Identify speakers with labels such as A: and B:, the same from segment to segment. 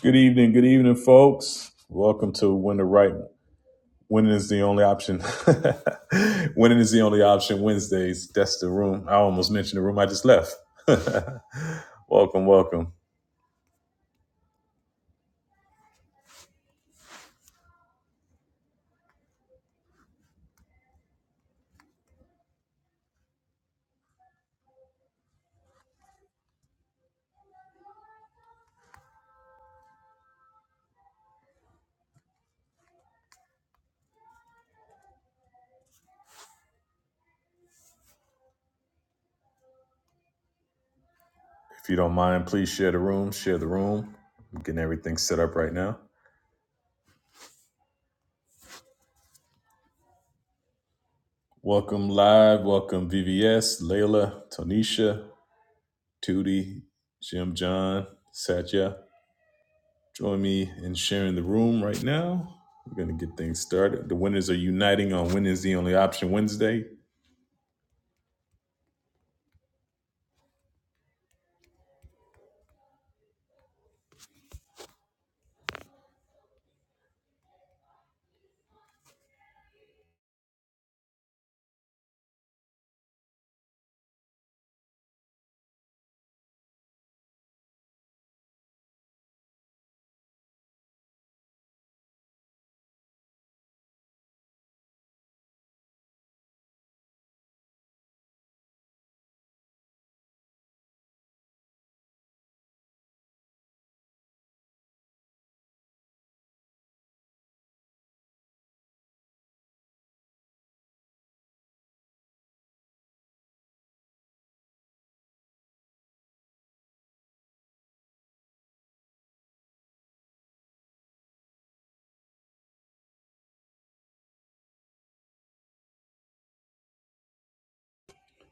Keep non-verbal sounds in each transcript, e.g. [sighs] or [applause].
A: Good evening, good evening, folks. Welcome to Win the Right. Winning is the only option. [laughs] Winning is the only option Wednesdays. That's the room. I almost mentioned the room I just left. [laughs] welcome, welcome. If you don't mind, please share the room. Share the room. I'm getting everything set up right now. Welcome live. Welcome VVS, Layla, Tonisha, Tootie, Jim John, Satya. Join me in sharing the room right now. We're going to get things started. The winners are uniting on Win is the Only Option Wednesday.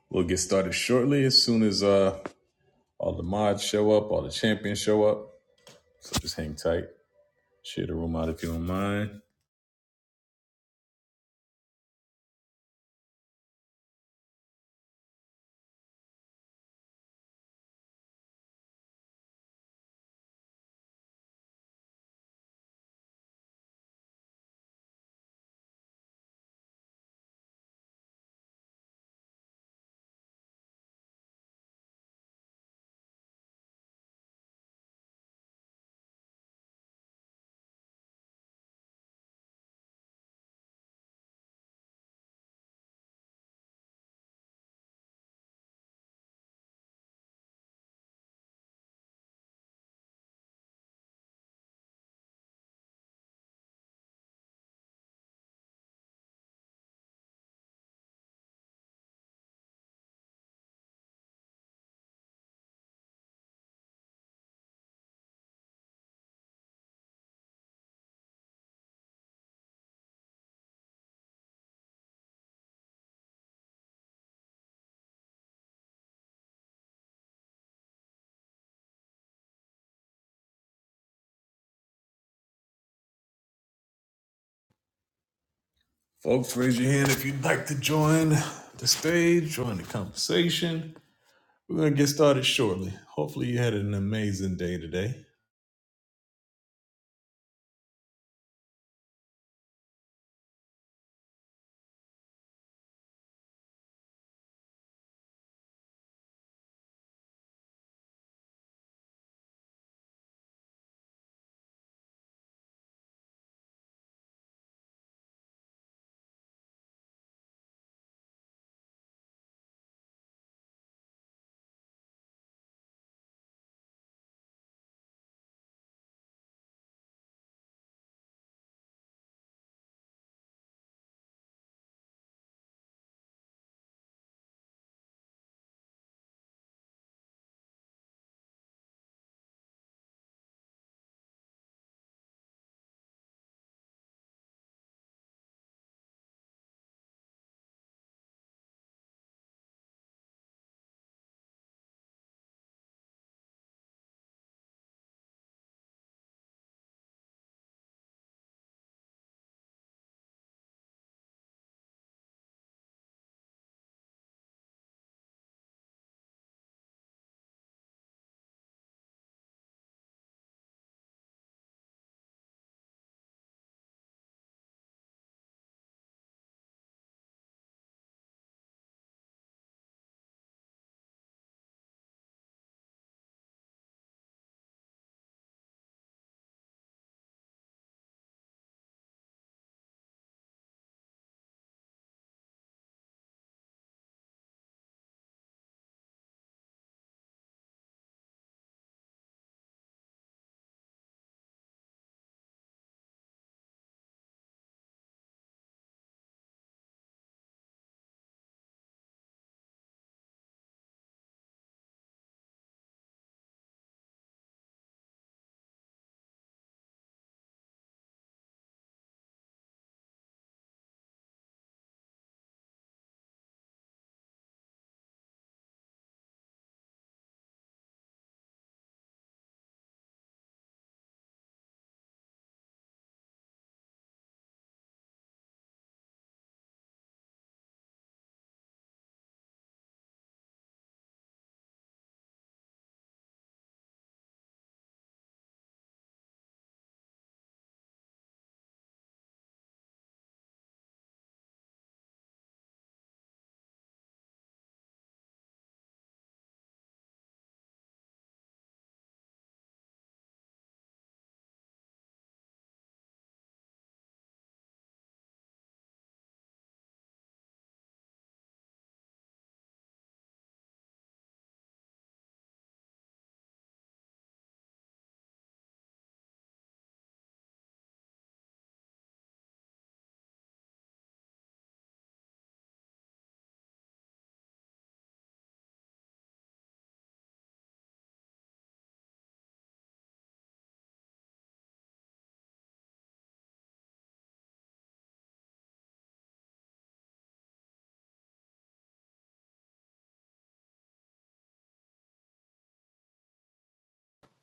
A: We'll get started shortly as soon as uh, all the mods show up, all the champions show up. So just hang tight. Share the room out if you don't mind. Folks, raise your hand if you'd like to join the stage, join the conversation. We're going to get started shortly. Hopefully, you had an amazing day today.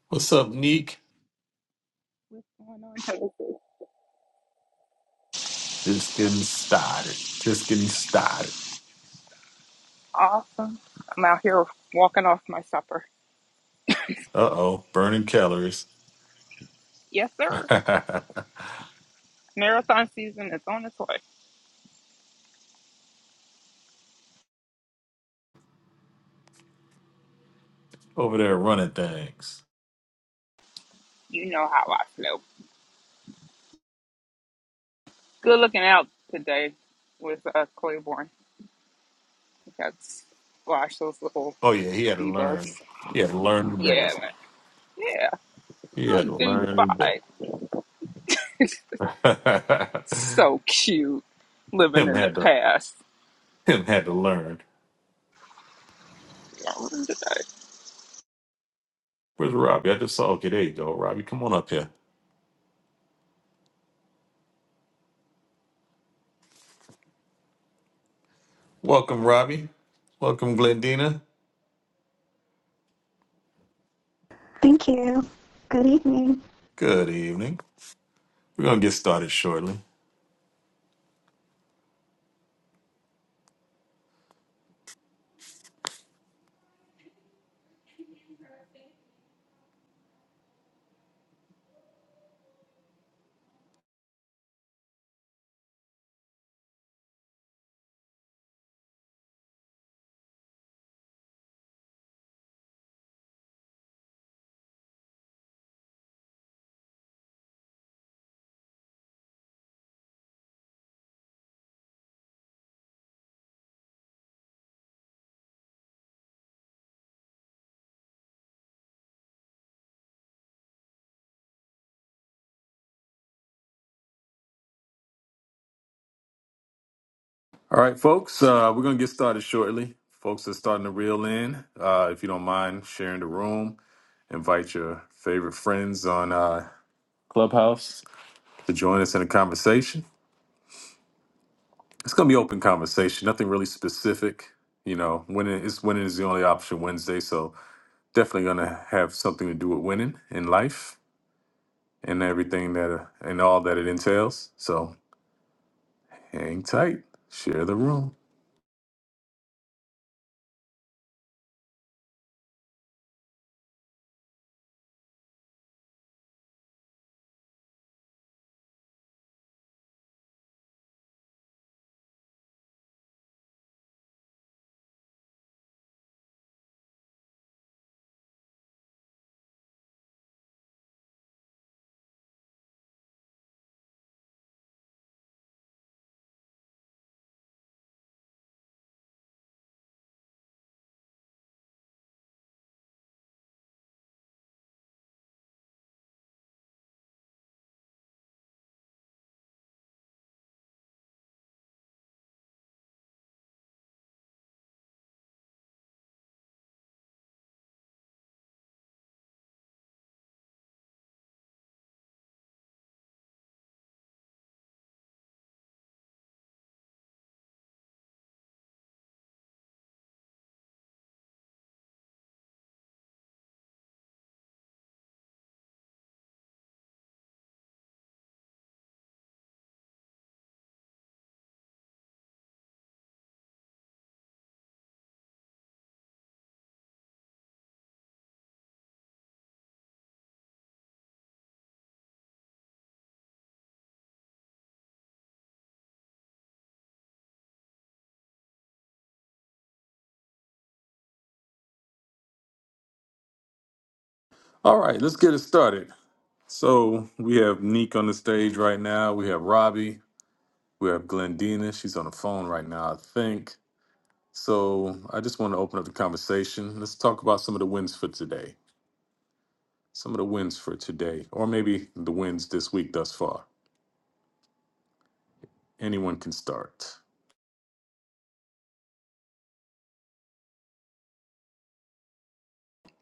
A: What's up, Neek?
B: going on here. This is
A: Just getting started. Just getting started.
B: awesome. I'm out here walking off my supper.
A: Uh oh, burning calories.
B: Yes,
A: [laughs]
B: sir. Marathon season is on its way.
A: Over there running things.
B: You know how I feel. Good looking out today with uh, Claiborne. We got to those little
A: Oh yeah, he had to
B: bee bugs.
A: learn. He had to learn the
B: Yeah,
A: days.
B: man. Yeah.
A: He
B: Oh,
A: had to
B: dude,
A: learn the days.
B: bye. [laughs] so
A: [laughs]
B: cute. Living
A: him
B: in the
A: had to
B: past.
A: him had to learn. Where's Robbie? I just saw okay, there you go, Robbie. Come on up here. Welcome, Robbie. Welcome, Glendina.
C: Thank you. Good evening.
A: Good evening. We're gonna get started shortly. All right, folks. Uh, we're gonna get started shortly. Folks are starting to reel in. Uh, if you don't mind sharing the room, invite your favorite friends on uh, Clubhouse to join us in a conversation. It's going to be open conversation, nothing really specific. You know, winning is winning is the only option Wednesday, so definitely going to have something to do with winning in life and everything that uh, and all that it entails. So hang tight, share the room. All right, let's get it started. So we have Neek on the stage right now. We have Robbie. We have Glendina. She's on the phone right now, I think. So I just want to open up the conversation. Let's talk about some of the wins for today. Some of the wins for today, or maybe the wins this week thus far. Anyone can start.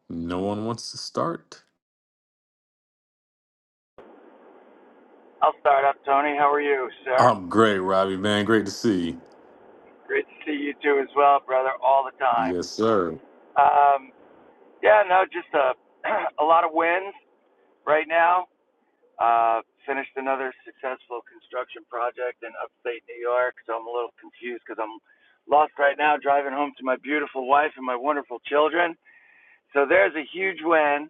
A: No one wants to start?
D: I'll start up, Tony. How are you, sir?
A: I'm great, Robbie, man. Great to see you.
D: Great to see you too as well, brother, all the time.
A: Yes, sir.
D: Um, yeah, no, just a, [clears throat] a lot of wins right now. Uh, finished another successful construction project in upstate New York, so I'm a little confused because I'm lost right now driving home to my beautiful wife and my wonderful children. So there's a huge win.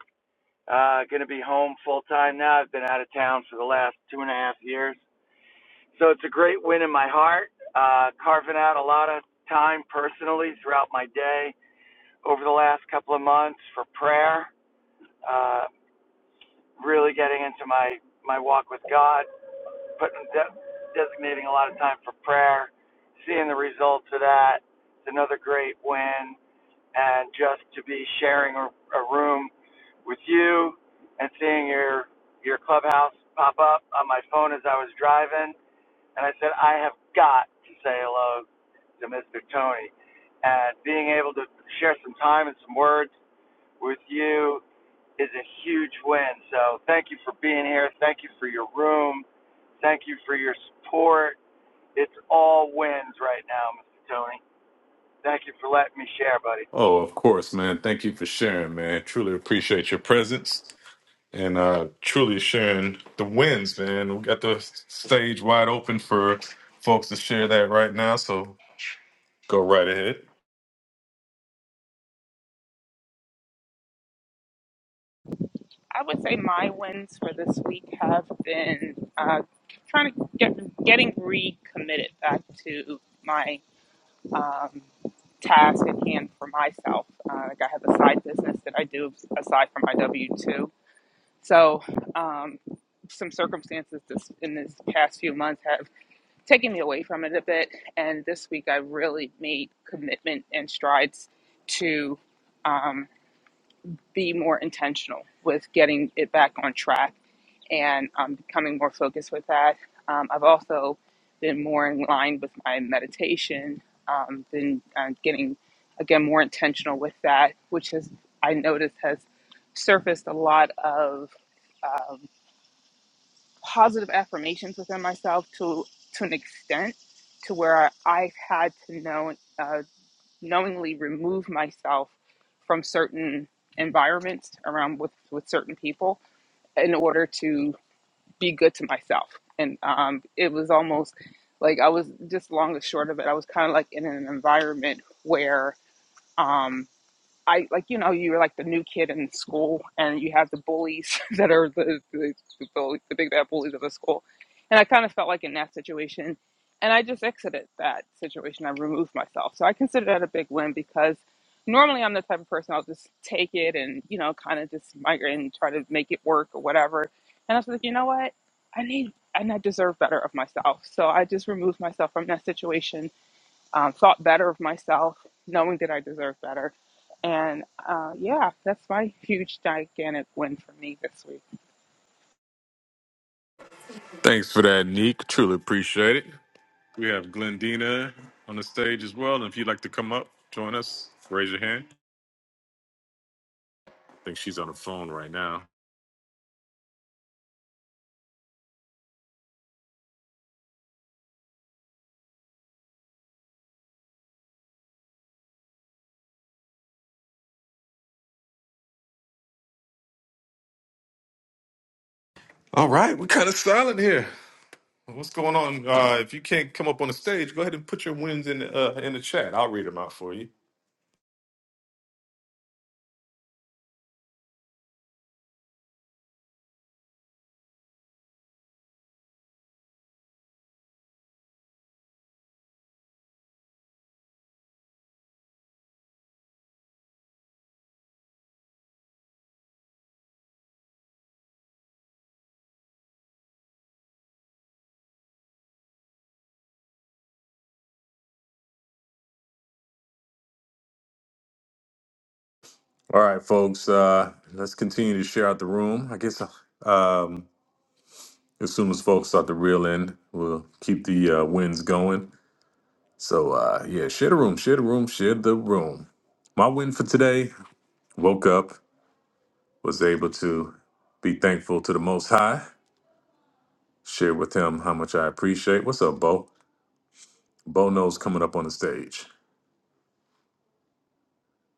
D: Uh, going to be home full time now. I've been out of town for the last two and a half years. So it's a great win in my heart, uh, carving out a lot of time personally throughout my day over the last couple of months for prayer, uh, really getting into my, my walk with God, putting de- designating a lot of time for prayer, seeing the results of that. It's another great win. And just to be sharing a, a room with you and seeing your, your clubhouse pop up on my phone as I was driving and I said, I have got to say hello to Mr. Tony. And being able to share some time and some words with you is a huge win. So thank you for being here. Thank you for your room. Thank you for your support. It's all wins right now, Mr. Tony. Thank you for letting me share, buddy.
A: Oh, of course, man. Thank you for sharing, man. Truly appreciate your presence and uh truly sharing the wins, man. We got the stage wide open for folks to share that right now, so go right ahead.
B: I would say my wins for this week have been uh, trying to get getting recommitted back to my um, task at hand for myself. Uh, like I have a side business that I do aside from my W two. So um, some circumstances this, in this past few months have taken me away from it a bit, and this week I really made commitment and strides to um, be more intentional with getting it back on track and I'm becoming more focused with that. Um, I've also been more in line with my meditation, um, been uh, getting again more intentional with that, which has I noticed has surfaced a lot of um, positive affirmations within myself to to an extent to where I've had to know uh, knowingly remove myself from certain environments around with with certain people in order to be good to myself. And um, it was almost like I was just long and short of it. I was kind of like in an environment where um, I like you know you're like the new kid in school and you have the bullies [laughs] that are the the, the, bully, the big bad bullies of the school, and I kind of felt like in that situation, and I just exited that situation. I removed myself, so I consider that a big win because normally I'm the type of person I'll just take it and you know kind of just migrate and try to make it work or whatever. And I was like, you know what, I need and I deserve better of myself, so I just removed myself from that situation um, thought better of myself, knowing that I deserve better. And uh, yeah, that's my huge, gigantic win for me this week.
A: Thanks for that, Neek. Truly appreciate it. We have Glendina on the stage as well. And if you'd like to come up, join us, raise your hand. I think she's on the phone right now. All right, we're kind of silent here. What's going on? Uh, if you can't come up on the stage, go ahead and put your wins in the, uh, in the chat. I'll read them out for you. All right, folks. Uh, let's continue to share out the room. I guess um, as soon as folks start the reel in, we'll keep the uh, wins going. So uh, yeah, share the room, share the room, share the room. My win for today: woke up. was able to be thankful to the Most High, share with him how much I appreciate. What's up, Bo? Bo knows coming up on the stage.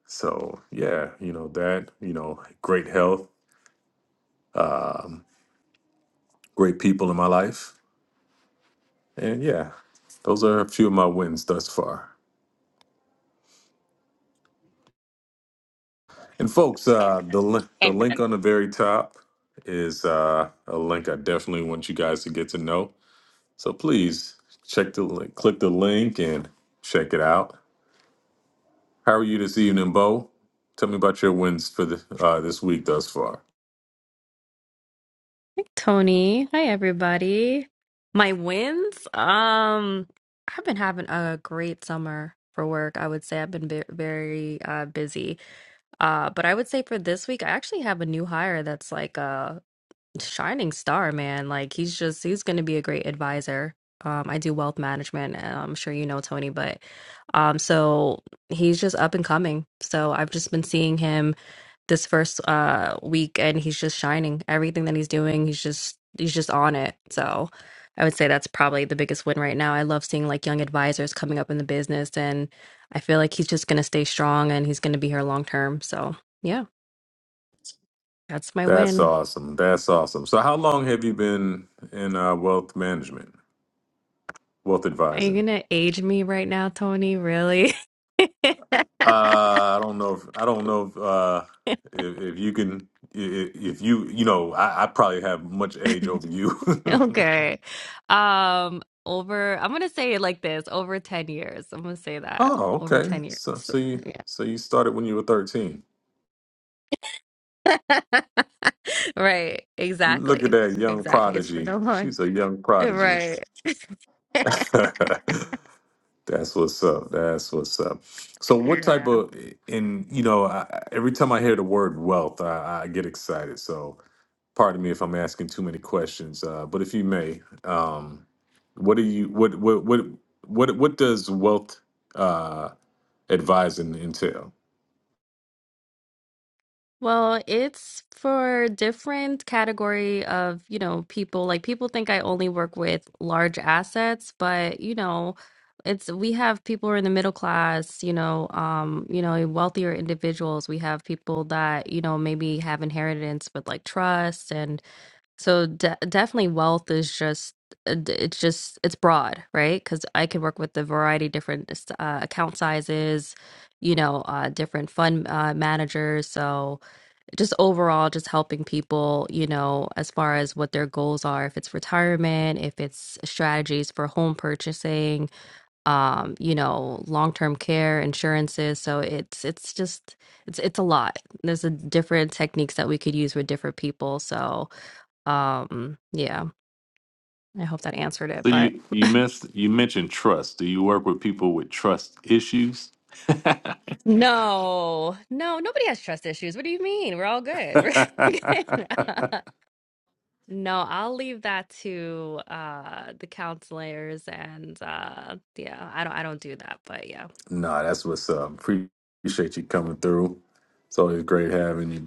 A: So, yeah, you know, that, you know, great health, great people in my life. And yeah, those are a few of my wins thus far. And folks, uh, the, li- the link
B: Amen.
A: on the very top is uh, a link I definitely want you guys to get to know. So please check the link, click the link and check it out. How are you this evening, Bo? Tell me about your wins for the, uh, this week thus far.
E: Hi, Tony. Hi everybody. My wins? Um I've been having a great summer for work. I would say I've been ve- very uh busy. Uh but I would say for this week I actually have a new hire that's like a shining star, man. Like he's just he's going to be a great advisor. Um I do wealth management. and I'm sure you know Tony, but um so he's just up and coming. So I've just been seeing him this first uh week and he's just shining everything that he's doing he's just he's just on it so i would say that's probably the biggest win right now i love seeing like young advisors coming up in the business and i feel like he's just going to stay strong and he's going to be here long term so yeah that's my
A: That's
E: win
A: awesome. That's awesome. So, how long have you been in uh, wealth management, wealth
E: are you
A: advising?
E: going to age me right now tony really [laughs]
A: Uh, I don't know. If, I don't know if, uh, if if you can. i- i- If you, you know, I, I probably have much age over you.
E: okay um over i'm going to say it like this over 10 years i'm going to say
A: [laughs]
E: that
A: oh,
E: over
A: okay.
E: 10 years
A: So, so you,
E: [laughs]
A: so you started when you were thirteen.
E: yeah [laughs] Right.
A: Look at
E: Exactly.
A: that young
E: Exactly. It's been
A: prodigy.
E: a long.
A: She's a young prodigy.
E: Right. [laughs]
A: [laughs] That's what's up. That's what's up. So, what type
E: Yeah.
A: of and you know, I, I- every time I hear the word wealth, I, I get excited. So, pardon me if I'm asking too many questions, uh, but if you may, um, what do you what what what what what does wealth uh, advising entail?
E: Well, it's for different category of, you know, people. Like people think I only work with large assets, but you know, it's we have people who are in the middle class, you know, um, you know, wealthier individuals. We have people that, you know, maybe have inheritance with like trusts and So de definitely wealth is just uh, d- it's just it's broad, right? Because I can work with a variety of different uh, account sizes, you know, uh, different fund uh, managers. So just overall, just helping people, you know, as far as what their goals are, if it's retirement, if it's strategies for home purchasing, um, you know, long-term care, insurances. So it's it's just it's it's a lot. There's a different techniques that we could use with different people. So. Um, yeah, I hope that answered it,
A: So
E: but
A: you you missed you mentioned trust. Do you work with people with trust issues?
E: no, no, nobody has trust issues. What do you mean? We're all good. [laughs] We're
A: [laughs]
E: good. [laughs] No, I'll leave that to uh the counselors and uh yeah, I don't I don't do that, but yeah.
A: nah, that's what's up. Appreciate you coming through. It's always great having you.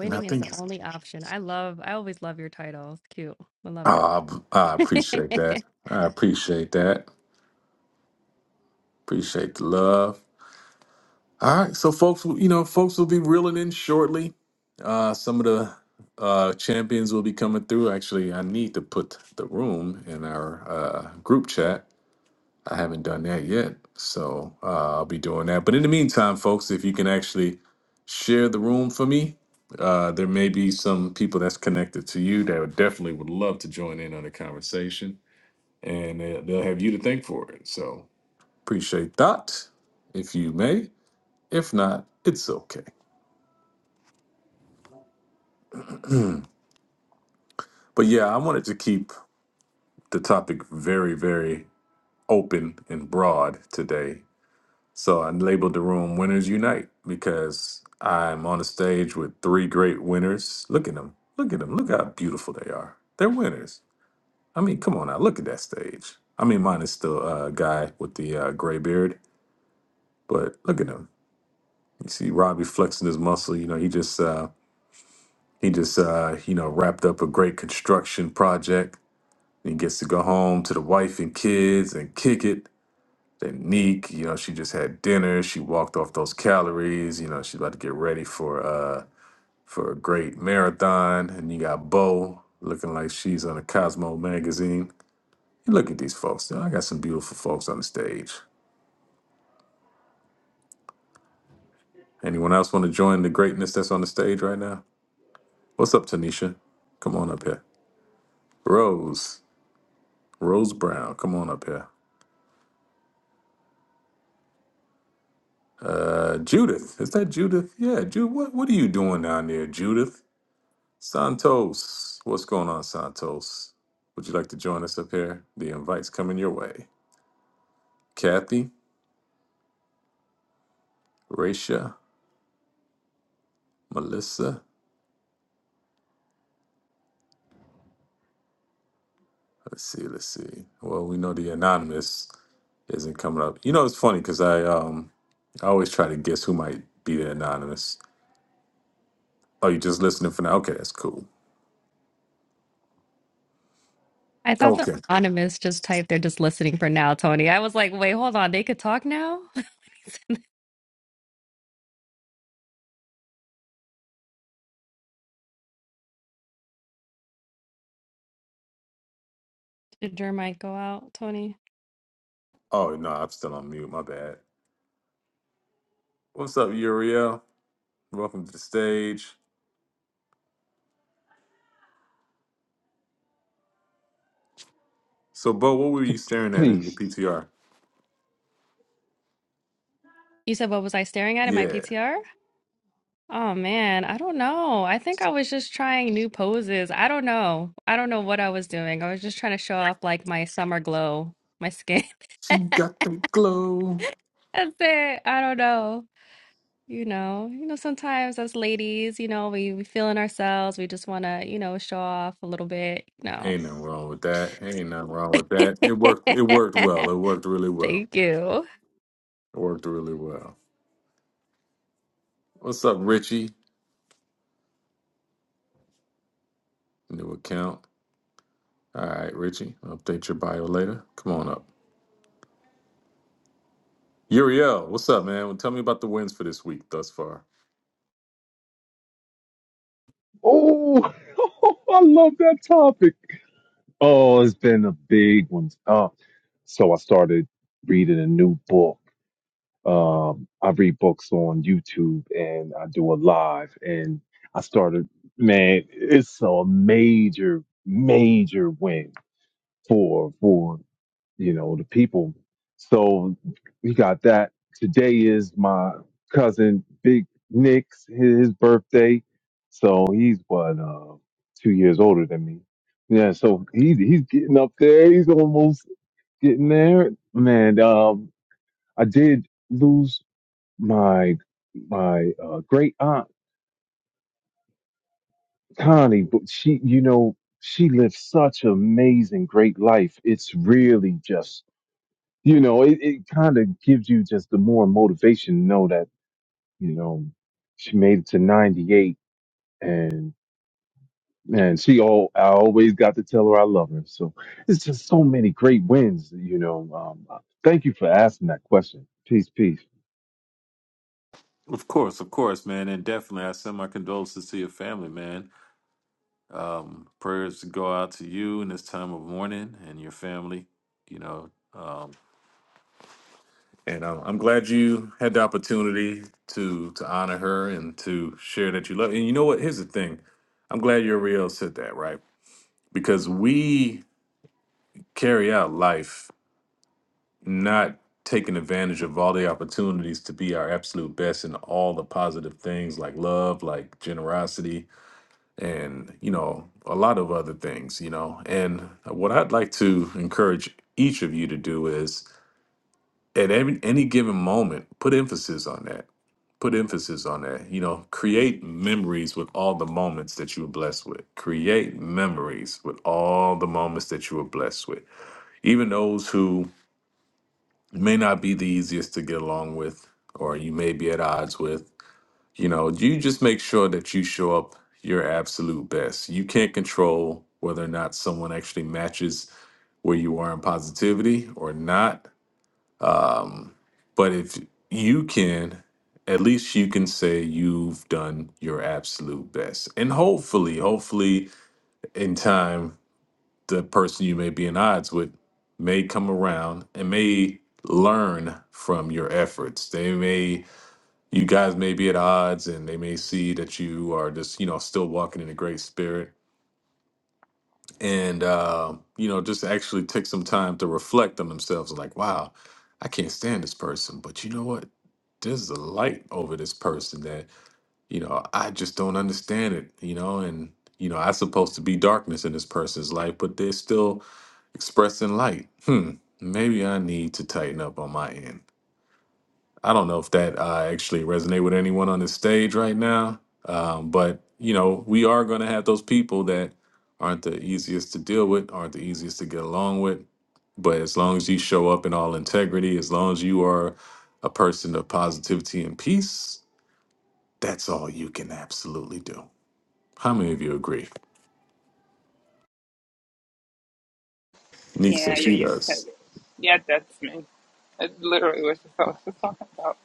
A: And I
E: is
A: think
E: the only option. I love I always love your titles. Cute. I love it.
A: Oh, I I appreciate that.
E: [laughs]
A: I appreciate that. Appreciate the love. All right, so folks, you know, folks will be reeling in shortly. Uh, some of the uh, champions will be coming through. Actually, I need to put the room in our uh, group chat. I haven't done that yet, so uh, I'll be doing that. But in the meantime, folks, if you can actually share the room for me, uh, there may be some people that's connected to you that would definitely would love to join in on the conversation. and they- they'll have you to thank for it. So appreciate that, if you may. If not, it's okay. But yeah, I wanted to keep the topic very, very open and broad today. So I labeled the room "Winners Unite" because I'm on a stage with three great winners. Look at them! Look at them! Look how beautiful they are. They're winners. I mean, come on now, look at that stage. I mean, mine is still a uh, guy with the uh, gray beard, but look at him. You see Robbie flexing his muscle. You know, he just uh, He just, uh, you know, wrapped up a great construction project. He gets to go home to the wife and kids and kick it. Then Neek, you know, she just had dinner. She walked off those calories. You know, she's about to get ready for uh for a great marathon. And you got Bo looking like she's on a Cosmo magazine. You look at these folks. You know, I got some beautiful folks on the stage. Anyone else want to join the greatness that's on the stage right now? What's up, Tanisha? Come on up here. Rose, Rose Brown, come on up here. Judith, is that Judith? Yeah, Judith. What What are you doing down there, Judith? Santos, what's going on, Santos? Would you like to join us up here? The invite's coming your way. Kathy, Raisha, Melissa. Let's see. Let's see. Well, we know the anonymous isn't coming up. You know, it's funny because I um I always try to guess who might be the anonymous. Oh, you just listening for now? Okay, that's cool.
E: I thought the
A: Okay.
E: anonymous just typed they're just listening for now, Tony. I was like, wait, hold on, they could talk now? [laughs] Did your mic go out, Tony?
A: Oh no, I'm still on mute. My bad. What's up, Uriel? Welcome to the stage. So, Bo, what were you staring at in the
F: Please.
A: PTR?
E: You said, what was I staring at in my
A: Yeah.
E: PTR? Oh man, I don't know. I think I was just trying new poses. I don't know. I don't know what I was doing. I was just trying to show off like my summer glow, my skin.
A: She got the glow.
E: [laughs] That's it. I don't know. You know, you know, sometimes as ladies, you know, we, we feeling ourselves. We just want to, you know, show off a little bit. No.
A: Ain't nothing wrong with that. Ain't nothing wrong with that.
E: [laughs]
A: It worked. It worked well. It worked really well.
E: Thank you.
A: It worked really well. What's up, Richie? New account. All right, Richie. Update your bio later. Come on up. Uriel, what's up, man? Well, tell me about the wins for this week thus far.
F: Oh, [laughs] I love that topic. Oh, it's been a big one. Uh, so I started reading a new book. Um, I read books on YouTube and I do a live. And I started, man, it's a major, major win for for you know, the people. So we got that. Today is my cousin Big Nick's his, his birthday. So he's what uh, two years older than me. Yeah, so he he's getting up there. He's almost getting there. Man, um, I did lose my my uh, great aunt Connie, but she, you know, she lived such an amazing, great life. It's really just you know, it, it kind of gives you just the more motivation to know that, you know, she made it to 98 and, and she all, I always got to tell her I love her. So it's just so many great wins, you know. Um, uh, thank you for asking that question. Peace, peace.
A: Of course, of course, man, and definitely, I send my condolences to your family, man. Um, prayers go out to you in this time of mourning and your family. You know, And um, I'm glad you had the opportunity to to honor her and to share that you love. And you know what? Here's the thing. I'm glad Uriel said that, right? Because we carry out life not taking advantage of all the opportunities to be our absolute best in all the positive things like love, like generosity, and you know, a lot of other things, you know. And what I'd like to encourage each of you to do is at every, any given moment, put emphasis on that. Put emphasis on that. You know, create memories with all the moments that you were blessed with. Create memories with all the moments that you were blessed with. Even those who may not be the easiest to get along with or you may be at odds with, you know, you just make sure that you show up your absolute best. You can't control whether or not someone actually matches where you are in positivity or not But if you can, at least you can say you've done your absolute best. And hopefully, hopefully, in time, the person you may be in odds with may come around and may learn from your efforts. They may, you guys may be at odds and they may see that you are just, you know, still walking in a great spirit and uh, you know just actually take some time to reflect on themselves like wow i can't stand this person but you know what there's a light over this person that you know i just don't understand it you know and you know i supposed to be darkness in this person's life but they're still expressing light hmm maybe i need to tighten up on my end I don't know if that uh, actually resonate with anyone on the stage right now, um, but you know, we are going to have those people that aren't the easiest to deal with, aren't the easiest to get along with. But as long as you show up in all integrity, as long as you are a person of positivity and peace, that's all you can absolutely do. How many of you agree? Neek
B: Yeah,
A: says
B: yeah,
A: she
B: that-
A: does.
B: yeah that's me. It literally was just what I was just talking about.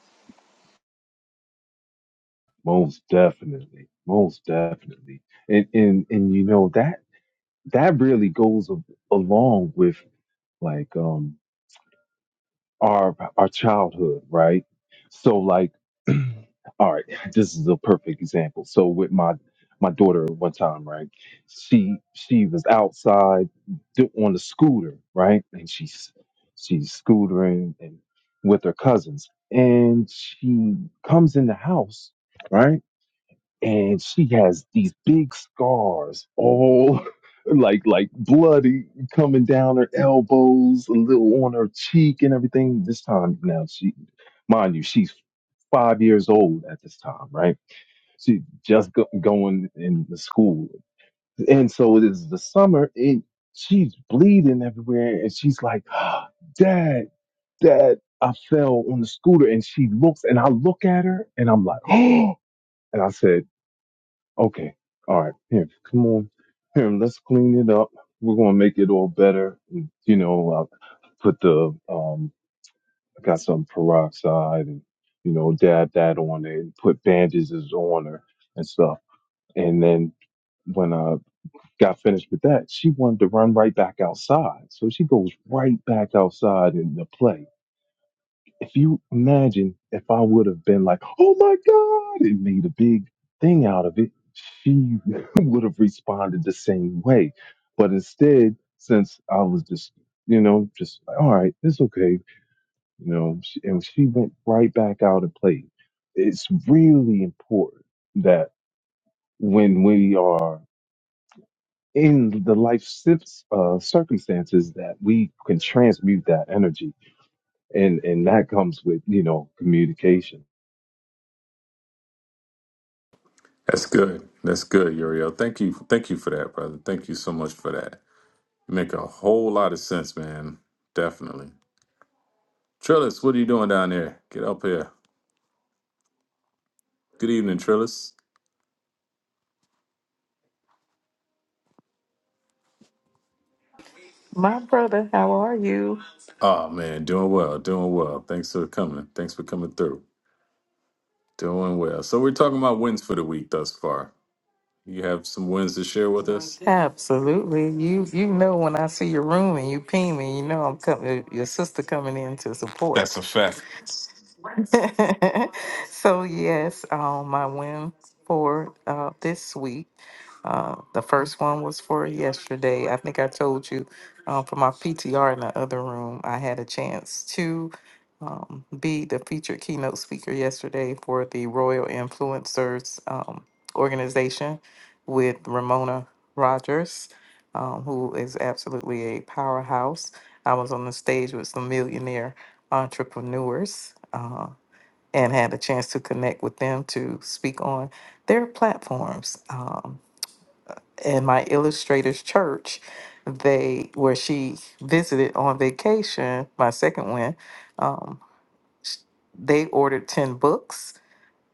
F: Most definitely. Most definitely. And, and, and you know, that, that really goes a, along with like, um, our our childhood, right? So like [clears throat] all right, this is a perfect example. So with my my daughter one time, right? She she was outside do- on the scooter, right? And she's she's scootering and with her cousins. And she comes in the house, right? and she has these big scars all [laughs] like like bloody coming down her elbows a little on her cheek and everything this time now she mind you she's five years old at this time right she just go, going in the school and so it is the summer and she's bleeding everywhere and she's like [gasps] dad dad i fell on the scooter and she looks and i look at her and i'm like [gasps] oh and i said Okay. All right. Here, come on. Here, let's clean it up. We're gonna make it all better. And, You know, I put the um, I got some peroxide and you know, dab that on it and put bandages on her and stuff. And then when I got finished with that, she wanted to run right back outside. So she goes right back outside in the play if you imagine if I would have been like, oh my God, and made a big thing out of it, she [laughs] would have responded the same way. But instead, since I was just, you know, just like, all right, it's okay, you know, she, and she went right back out and played. It's really important that when we are in the life cir- uh, circumstances that we can transmute that energy and and that comes with you know communication
A: That's good. That's good, Uriel. Thank you. Thank you for that, brother. Thank you so much for that. You make a whole lot of sense, man. Definitely. Trillis, what are you doing down there? Get up here. Good evening, Trillis.
G: My brother, how are you?
A: Oh man, doing well, doing well. Thanks for coming. Thanks for coming through. Doing well. So we're talking about wins for the week thus far. You have some wins to share with us?
G: Absolutely. You you know when I see your room and you ping me, you know I'm coming your sister coming in to support.
A: That's a fact.
G: [laughs] so yes, um, my win for uh, this week. Uh, the first one was for yesterday. I think I told you uh, for my PTR in the other room, I had a chance to um, be the featured keynote speaker yesterday for the Royal Influencers um, organization with Ramona Rogers, um, who is absolutely a powerhouse. I was on the stage with some millionaire entrepreneurs. uh, and had a chance to connect with them to speak on their platforms. Um, and my illustrator's church, they where she visited on vacation, my second one, um, sh- they ordered 10 books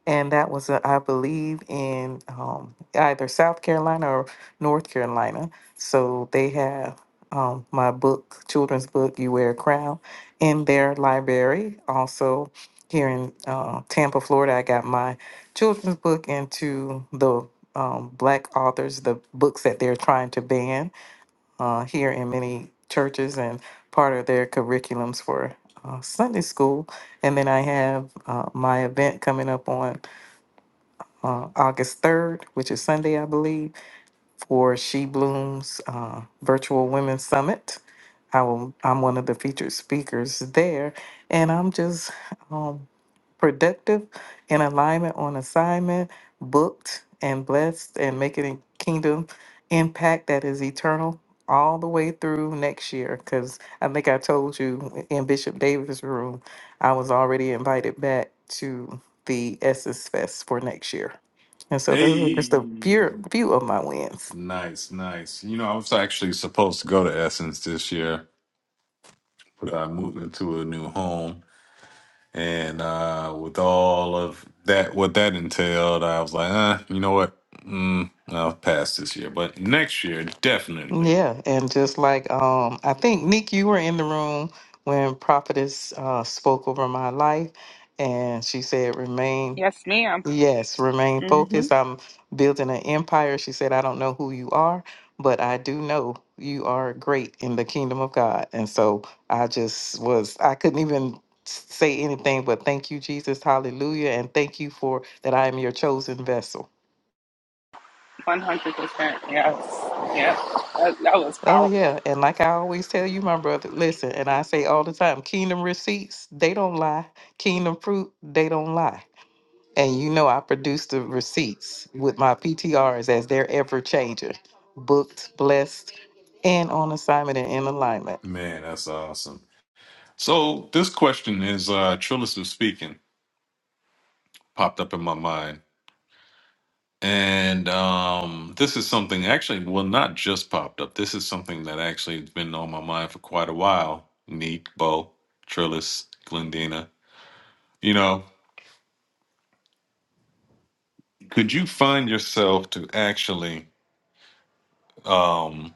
G: and that was, uh, I believe, in um, either South Carolina or North Carolina. So they have um, my book, children's book, You Wear a Crown, in their library. Also, here in uh, Tampa, Florida, I got my children's book into the um, Black authors, the books that they're trying to ban uh, here in many churches and part of their curriculums for uh, Sunday school. And then I have uh, my event coming up on uh, August 3rd, which is Sunday, I believe, for She Blooms uh, Virtual Women's Summit. I will, I'm one of the featured speakers there, and I'm just um, productive, in alignment on assignment, booked and blessed, and making a kingdom impact that is eternal all the way through next year. Because I think I told you in Bishop Davis' room, I was already invited back to the Essence Fest for next year. And so those are just
A: Hey,
G: a few, few of my wins.
A: nice, nice. You know, I was actually supposed to go to Essence this year, but I moved into a new home. And uh, with all of that, what that entailed, I was like, uh, you know what? Mm, I'll pass this year, but next year, definitely.
G: Yeah, and just like um, I think Nick, you were in the room when Prophetess uh, spoke over my life, and she said, "Remain,
B: Yes, madam
G: yes, remain
B: Mm-hmm.
G: focused. I'm building an empire." She said, "I don't know who you are, but I do know you are great in the kingdom of God." And so I just was, I couldn't even say anything but thank you, Jesus, Hallelujah, and thank you for that. I am your chosen vessel.
B: 100%. Yes. Yes. That, that was
G: Oh
B: powerful.
G: yeah, and like I always tell you, my brother, listen, and I say all the time, kingdom receipts, they don't lie. Kingdom fruit, they don't lie. And you know I produce the receipts with my PTRs as they're ever changing. Booked, blessed, and on assignment and in alignment.
A: Man, that's awesome. So this question is uh, Trillis was speaking, popped up in my mind. And um, this is something actually, well, not just popped up. This is something that actually has been on my mind for quite a while. Neek, Bo, Trillis, Glendina. You know, could you find yourself to actually? um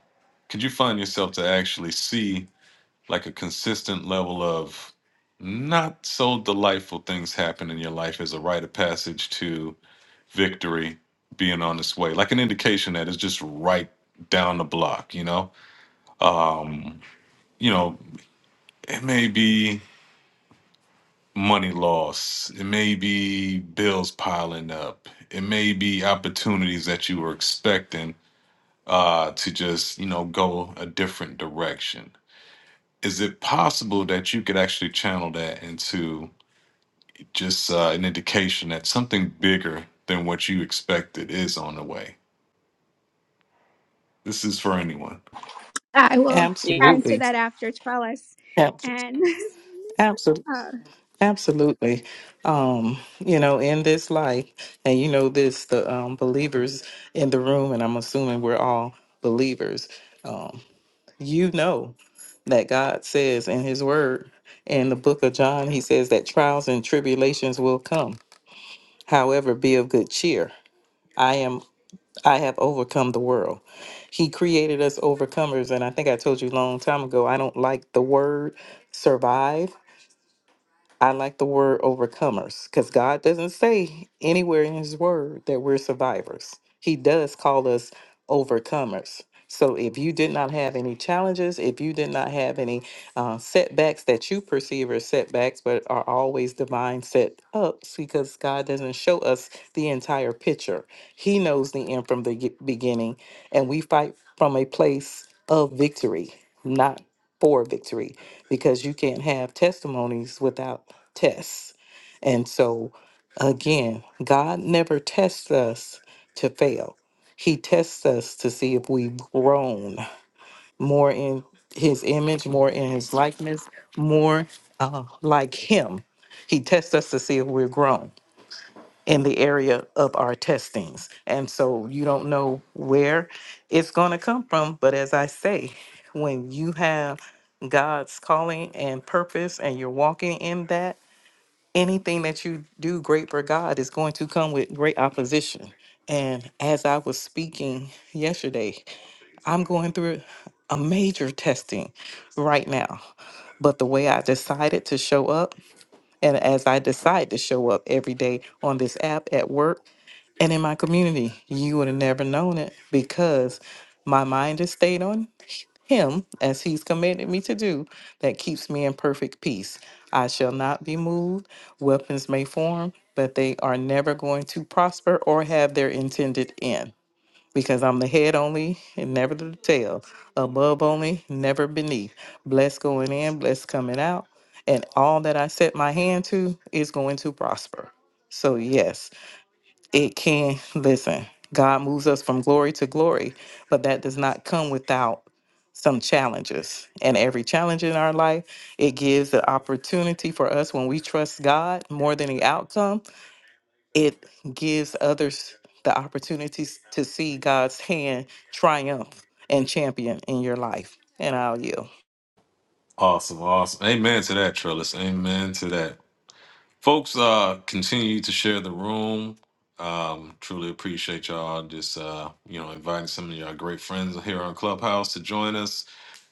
A: could you find yourself to actually see like a consistent level of not so delightful things happen in your life as a rite of passage to victory being on its way like an indication that it's just right down the block you know um you know it may be money loss it may be bills piling up it may be opportunities that you were expecting uh to just you know go a different direction is it possible that you could actually channel that into just uh, an indication that something bigger than what you expected is on the way? This is for anyone.
C: I will
B: Yes.
C: answer
G: Absolutely.
C: that after Trellis.
G: Absolutely.
C: And
G: Absolutely.
C: [laughs] uh,
G: Absolutely. Um, you know, in this life, and you know this, the um believers in the room, and I'm assuming we're all believers. Um, you know that God says in His Word. In the book of John, He says that trials and tribulations will come. However, be of good cheer. I am. I have overcome the world. He created us overcomers, and I think I told you a long time ago. I don't like the word survive I like the word overcomers because God doesn't say anywhere in His word that we're survivors. He does call us overcomers. So if you did not have any challenges, if you did not have any uh, setbacks that you perceive as setbacks, but are always divine set ups because God doesn't show us the entire picture. He knows the end from the ge- beginning, and we fight from a place of victory, not for victory because you can't have testimonies without tests. And so, again, God never tests us to fail, He tests us to see if we've grown more in His image, more in His likeness, more uh, like Him. He tests us to see if we're grown in the area of our testings. And so you don't know where it's going to come from. But as I say, when you have God's calling and purpose and you're walking in that, anything that you do great for God is going to come with great opposition. And as I was speaking yesterday, I'm going through a major testing right now. But the way I decided to show up and as I decide to show up every day on this app at work and in my community, you would have never known it because my mind has stayed on Him as He's commanded me to do. That keeps me in perfect peace. I shall not be moved. Weapons may form, but they are never going to prosper or have their intended end because I'm the head only and never the tail, above only, never beneath. Blessed going in, blessed coming out, and all that I set my hand to is going to prosper. So, yes, it can. Listen, God moves us from glory to glory, but that does not come without some challenges. And every challenge in our life, it gives the opportunity for us when we trust God more than the outcome it gives others the opportunities to see God's hand triumph and champion in your life. And I'll yield.
A: Awesome, awesome. Amen to that, Trellis. Amen to that. Folks, uh, continue to share the room. Um, truly appreciate y'all just uh, you know, inviting some of y'all great friends here on Clubhouse to join us.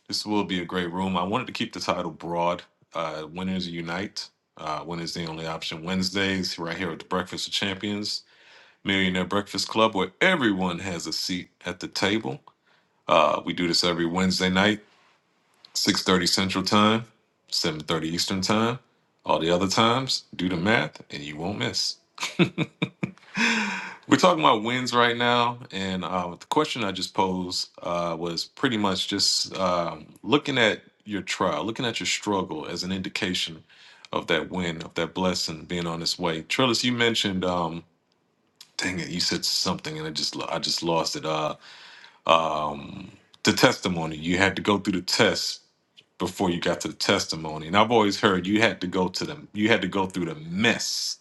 A: This will be a great room. I wanted to keep the title broad. Uh, Winners Unite. Uh, when is the only option? Wednesdays, right here at the Breakfast of Champions, Millionaire Breakfast Club, where everyone has a seat at the table. Uh, we do this every Wednesday night, 6.30 Central Time, 7.30 Eastern Time. All the other times, do the math and you won't miss. We're talking about wins right now, and uh, the question I just posed uh, was pretty much just um, looking at your trial, looking at your struggle as an indication of that win, of that blessing being on its way. Trillis, you mentioned, um, dang it, you said something, and I just I just lost it. Uh, um, the testimony you had to go through the test before you got to the testimony, and I've always heard you had to go to them, you had to go through the mess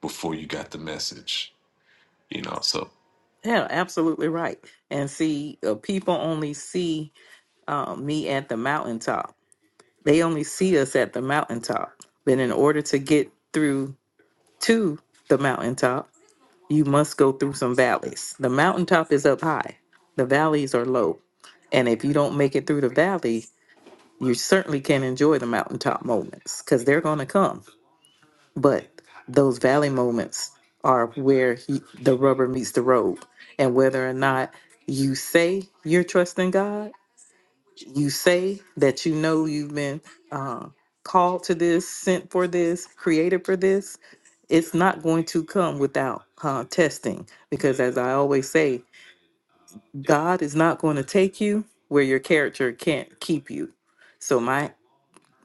A: before you got the message. You know, so
G: Yeah, absolutely right. And see, uh, people only see uh, me at the mountaintop. They only see us at the mountaintop. But in order to get through to the mountaintop, you must go through some valleys. The mountaintop is up high, the valleys are low. And if you don't make it through the valley, you certainly can enjoy the mountaintop moments because they're going to come. But those valley moments are where he, the rubber meets the road. And whether or not you say you're trusting God, you say that you know you've been uh, called to this, sent for this, created for this, it's not going to come without uh, testing. Because as I always say, God is not going to take you where your character can't keep you. So my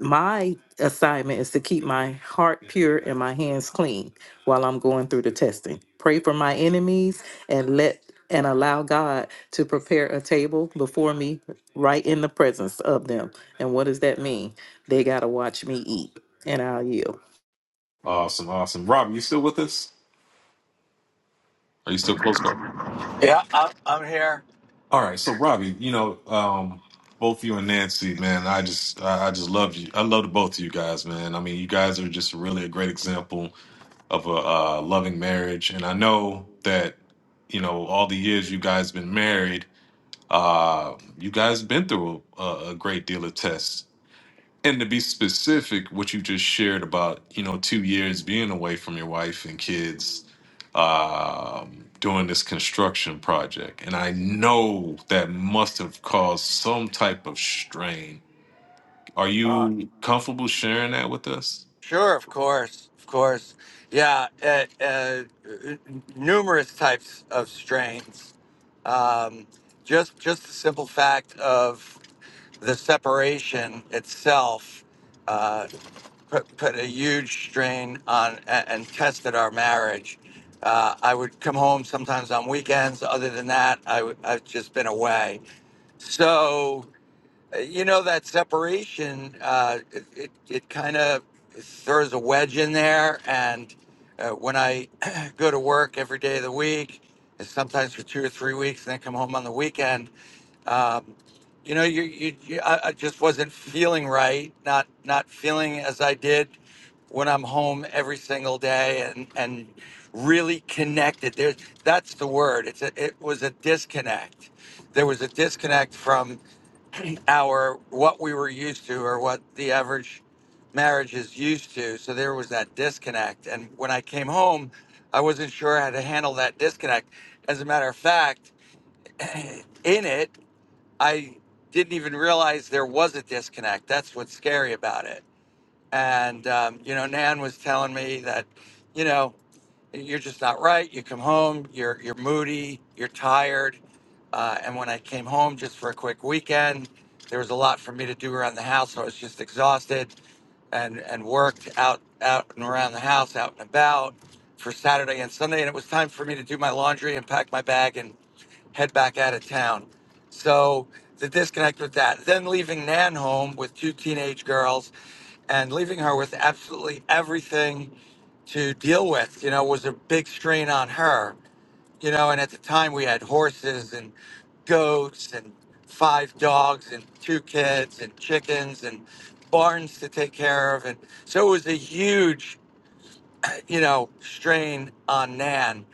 G: my assignment is to keep my heart pure and my hands clean while I'm going through the testing. Pray for my enemies and let and allow God to prepare a table before me right in the presence of them. And what does that mean? They got to watch me eat and I'll yield
A: Awesome, awesome. Rob, you still with us? Are you still close by?
D: Yeah, I'm, I'm here.
A: All right. So, Robbie, you know, um, both you and Nancy, man, I just, I I just love you. I love the both of you guys, man. I mean, you guys are just really a great example of a uh, loving marriage. And I know that, you know, all the years you guys been married, uh, you guys been through a, a great deal of tests. And to be specific, what you just shared about, you know, two years being away from your wife and kids um, doing this construction project. And I know that must have caused some type of strain. Are you comfortable sharing that with us?
D: Sure, of course, of course. Yeah, uh, uh, numerous types of strains. Um, just just the simple fact of the separation itself uh, put, put a huge strain on a- and tested our marriage. Uh, I would come home sometimes on weekends. Other than that, I would, I've just been away. So uh, You know that separation, uh, it it, it kind of throws a wedge in there. And uh, when I [clears throat] go to work every day of the week, and sometimes for two or three weeks, and then come home on the weekend, um, you know, you, you, you I, I just wasn't feeling right, not not feeling as I did when I'm home every single day, and and really connected. There, that's the word. It's a, it was a disconnect. There was a disconnect from our what we were used to or what the average marriage is used to. So there was that disconnect. And when I came home, I wasn't sure how to handle that disconnect. As a matter of fact, [clears throat] in it, I didn't even realize there was a disconnect. That's what's scary about it. And, um, you know, Nan was telling me that, you know, you're just not right. You come home, you're, you're moody, you're tired. Uh, and when I came home just for a quick weekend, there was a lot for me to do around the house. So I was just exhausted and, and worked out, out and around the house, out and about for Saturday and Sunday. And it was time for me to do my laundry and pack my bag and head back out of town. So the disconnect with that. Then leaving Nan home with two teenage girls and leaving her with absolutely everything to deal with, you know, was a big strain on her. You know, and at the time we had horses and goats and five dogs and two kids and chickens and barns to take care of. And so it was a huge, you know, strain on Nan.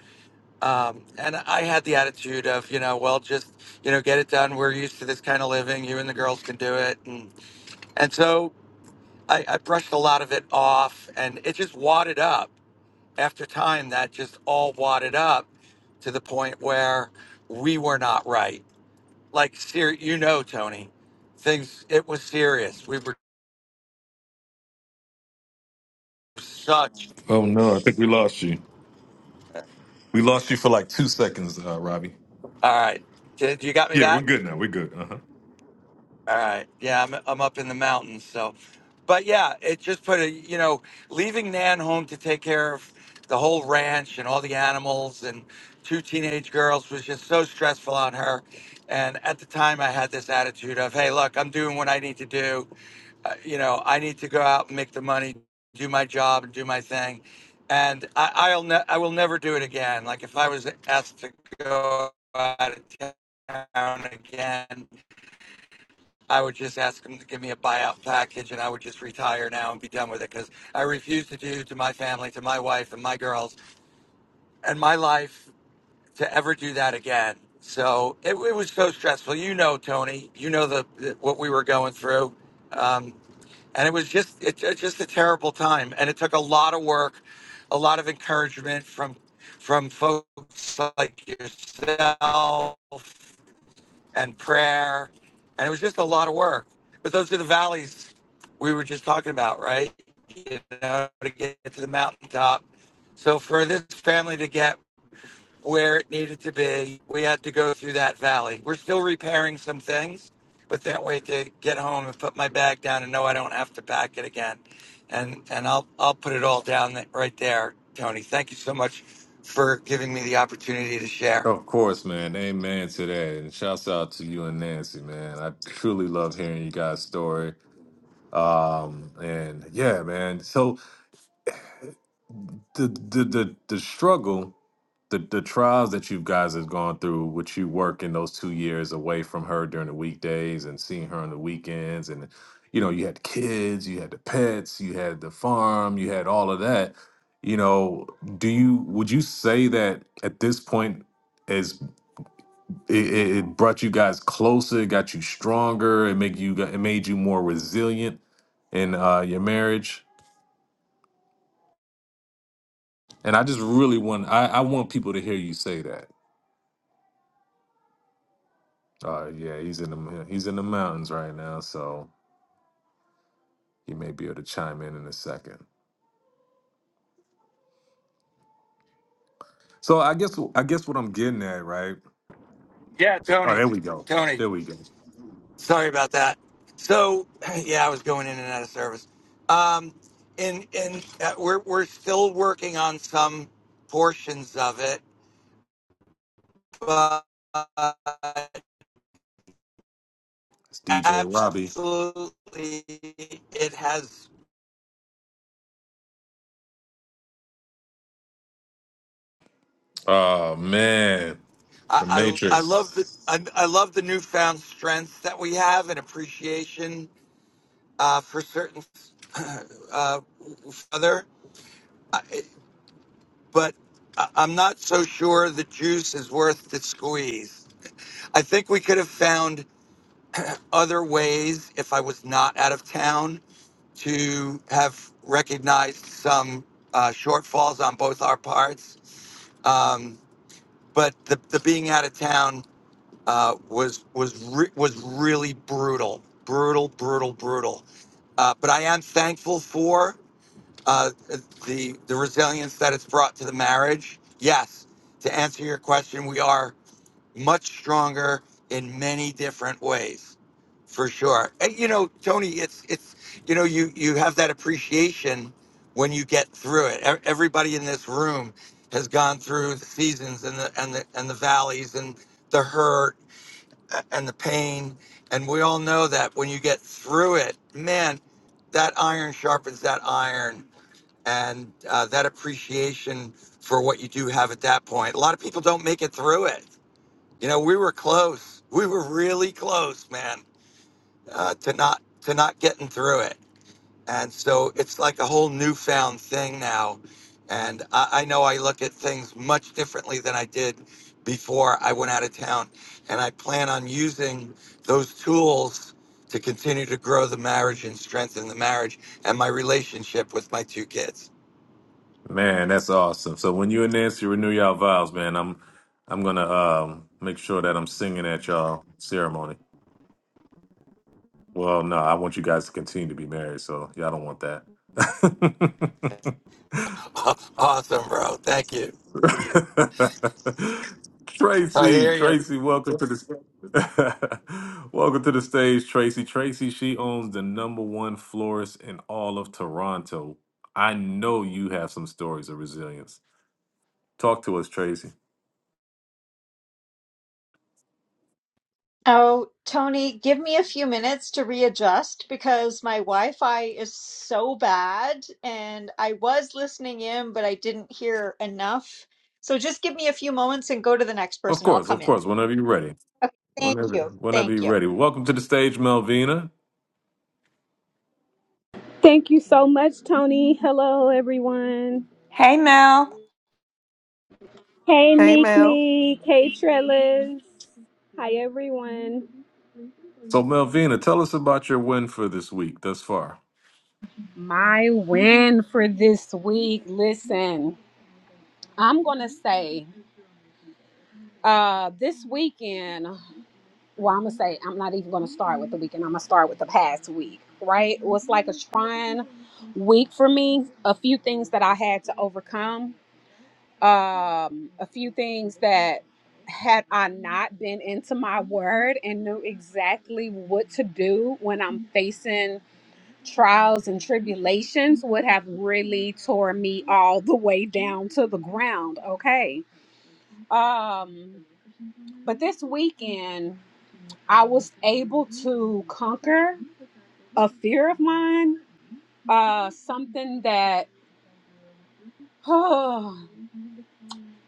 D: Um, and I had the attitude of, you know, well, just, you know, get it done. We're used to this kind of living. You and the girls can do it. And, and so I, I brushed a lot of it off and it just wadded up. After time, that just all wadded up to the point where we were not right. Like, ser- you know, Tony, things, it was serious. We were such.
A: Oh no, I think we lost you. We lost you for like two seconds, uh, Robbie.
D: All right. Did you got me
A: Yeah, we're
D: back?
A: good now. We're good. Uh huh.
D: All right. Yeah, I'm I'm up in the mountains, so but yeah, it just put a you know, leaving Nan home to take care of the whole ranch and all the animals and two teenage girls was just so stressful on her. And at the time I had this attitude of, "Hey, look, I'm doing what I need to do. Uh, you know, I need to go out and make the money, do my job and do my thing." And I, I'll ne- I will never do it again. Like if I was asked to go out of town again, I would just ask them to give me a buyout package and I would just retire now and be done with it because I refuse to do to my family, to my wife and my girls and my life to ever do that again. So it, it was so stressful. You know, Tony, you know the, the what we were going through. Um, and it was just it, it just a terrible time. And it took a lot of work, a lot of encouragement from from folks like yourself and prayer. And it was just a lot of work. But those are the valleys we were just talking about, right? You know, to get to the mountaintop. So for this family to get where it needed to be, we had to go through that valley. We're still repairing some things, but can't wait to get home and put my bag down and know I don't have to pack it again. And and I'll I'll put it all down th- right there, Tony. Thank you so much for giving me the opportunity to share.
A: Of course, man. Amen to that. And shouts out to you and Nancy, man. I truly love hearing you guys' story. Um, and yeah, man. So the the the, the struggle the the trials that you guys have gone through with you working those two years away from her during the weekdays and seeing her on the weekends and you know you had the kids you had the pets you had the farm you had all of that you know do you would you say that at this point is it, it it brought you guys closer it got you stronger it make you it made you more resilient in uh, your marriage And I just really want I, I want people to hear you say that. Uh yeah, he's in the he's in the mountains right now, so he may be able to chime in in a second. So I guess I guess what I'm getting at, right?
D: Yeah,
A: Oh,
D: Tony.
A: there we go.
D: Tony.
A: There we go. It's
D: Sorry about that. So, [clears throat] yeah, I was going in and out of service. Um, and and uh, we're we're still working on some portions of it, but uh,
A: DJ Robbie.
D: absolutely, it has.
A: Oh man, the
D: I, I, I love the
A: Matrix.
D: I, I love the newfound strength that we have and appreciation uh, for certain [clears throat] uh, other, I- but I- I'm not so sure the juice is worth the squeeze. I think we could have found other ways if I was not out of town to have recognized some uh, shortfalls on both our parts. Um, but the, the being out of town uh, was was re- was really brutal, brutal, brutal, brutal. Uh, but I am thankful for uh, the the resilience that it's brought to the marriage. Yes, to answer your question, we are. much stronger in many different ways for sure and you know tony it's it's you know you you have that appreciation when you get through it E- everybody in this room has gone through the seasons and the and the and the valleys and the hurt a- and the pain and we all know that when you get through it man that iron sharpens that iron and uh, that appreciation for what you do have at that point a lot of people don't make it through it you know, we were close. We were really close, man, uh, to not to not getting through it. And so it's like a whole newfound thing now. And I, I know I look at things much differently than I did before I went out of town. And I plan on using those tools to continue to grow the marriage and strengthen the marriage and my relationship with my two kids.
A: Man, that's awesome. So when you and Nancy renew y'all vows, man, I'm I'm gonna um make sure that I'm singing at y'all ceremony. Well, no, I want you guys to continue to be married, so y'all don't want that. [laughs]
D: [laughs] awesome, bro. Thank you.
A: [laughs]
D: I
A: Tracy,
D: hear you.
A: Tracy, welcome to the [laughs] welcome to the stage, Tracy. Tracy, she owns the number one florist in all of Toronto. I know you have some stories of resilience. Talk to us, Tracy.
H: Oh, Tony, give me a few minutes to readjust because my Wi-Fi is so bad and I was listening in, but I didn't hear enough. So just give me a few moments and go to the next
A: Of
H: person. I'll
A: course,
H: come
A: of
H: in.
A: course. Whenever you're ready.
H: Okay, thank
A: Whenever,
H: you.
A: whenever
H: Thank
A: you're
H: you.
A: ready. Welcome to the stage, Melvina.
I: Thank you so much, Tony. Hello, everyone. Hey,
G: Hey,
I: Neek
G: Mel.
I: Neek. Hey, Trellis. Hi, everyone.
A: So, Melvina, tell us about your win for this week thus far.
I: My win for this week. Listen, I'm going to say uh, this weekend, well, I'm going to say, I'm not even going to start with the weekend. I'm going to start with the past week, right? It was like a trying week for me, a few things that I had to overcome. um, a few things that had I not been into my word and knew exactly what to do when I'm facing trials and tribulations would have really tore me all the way down to the ground. Okay. Um, but this weekend I was able to conquer a fear of mine, uh, something that [sighs]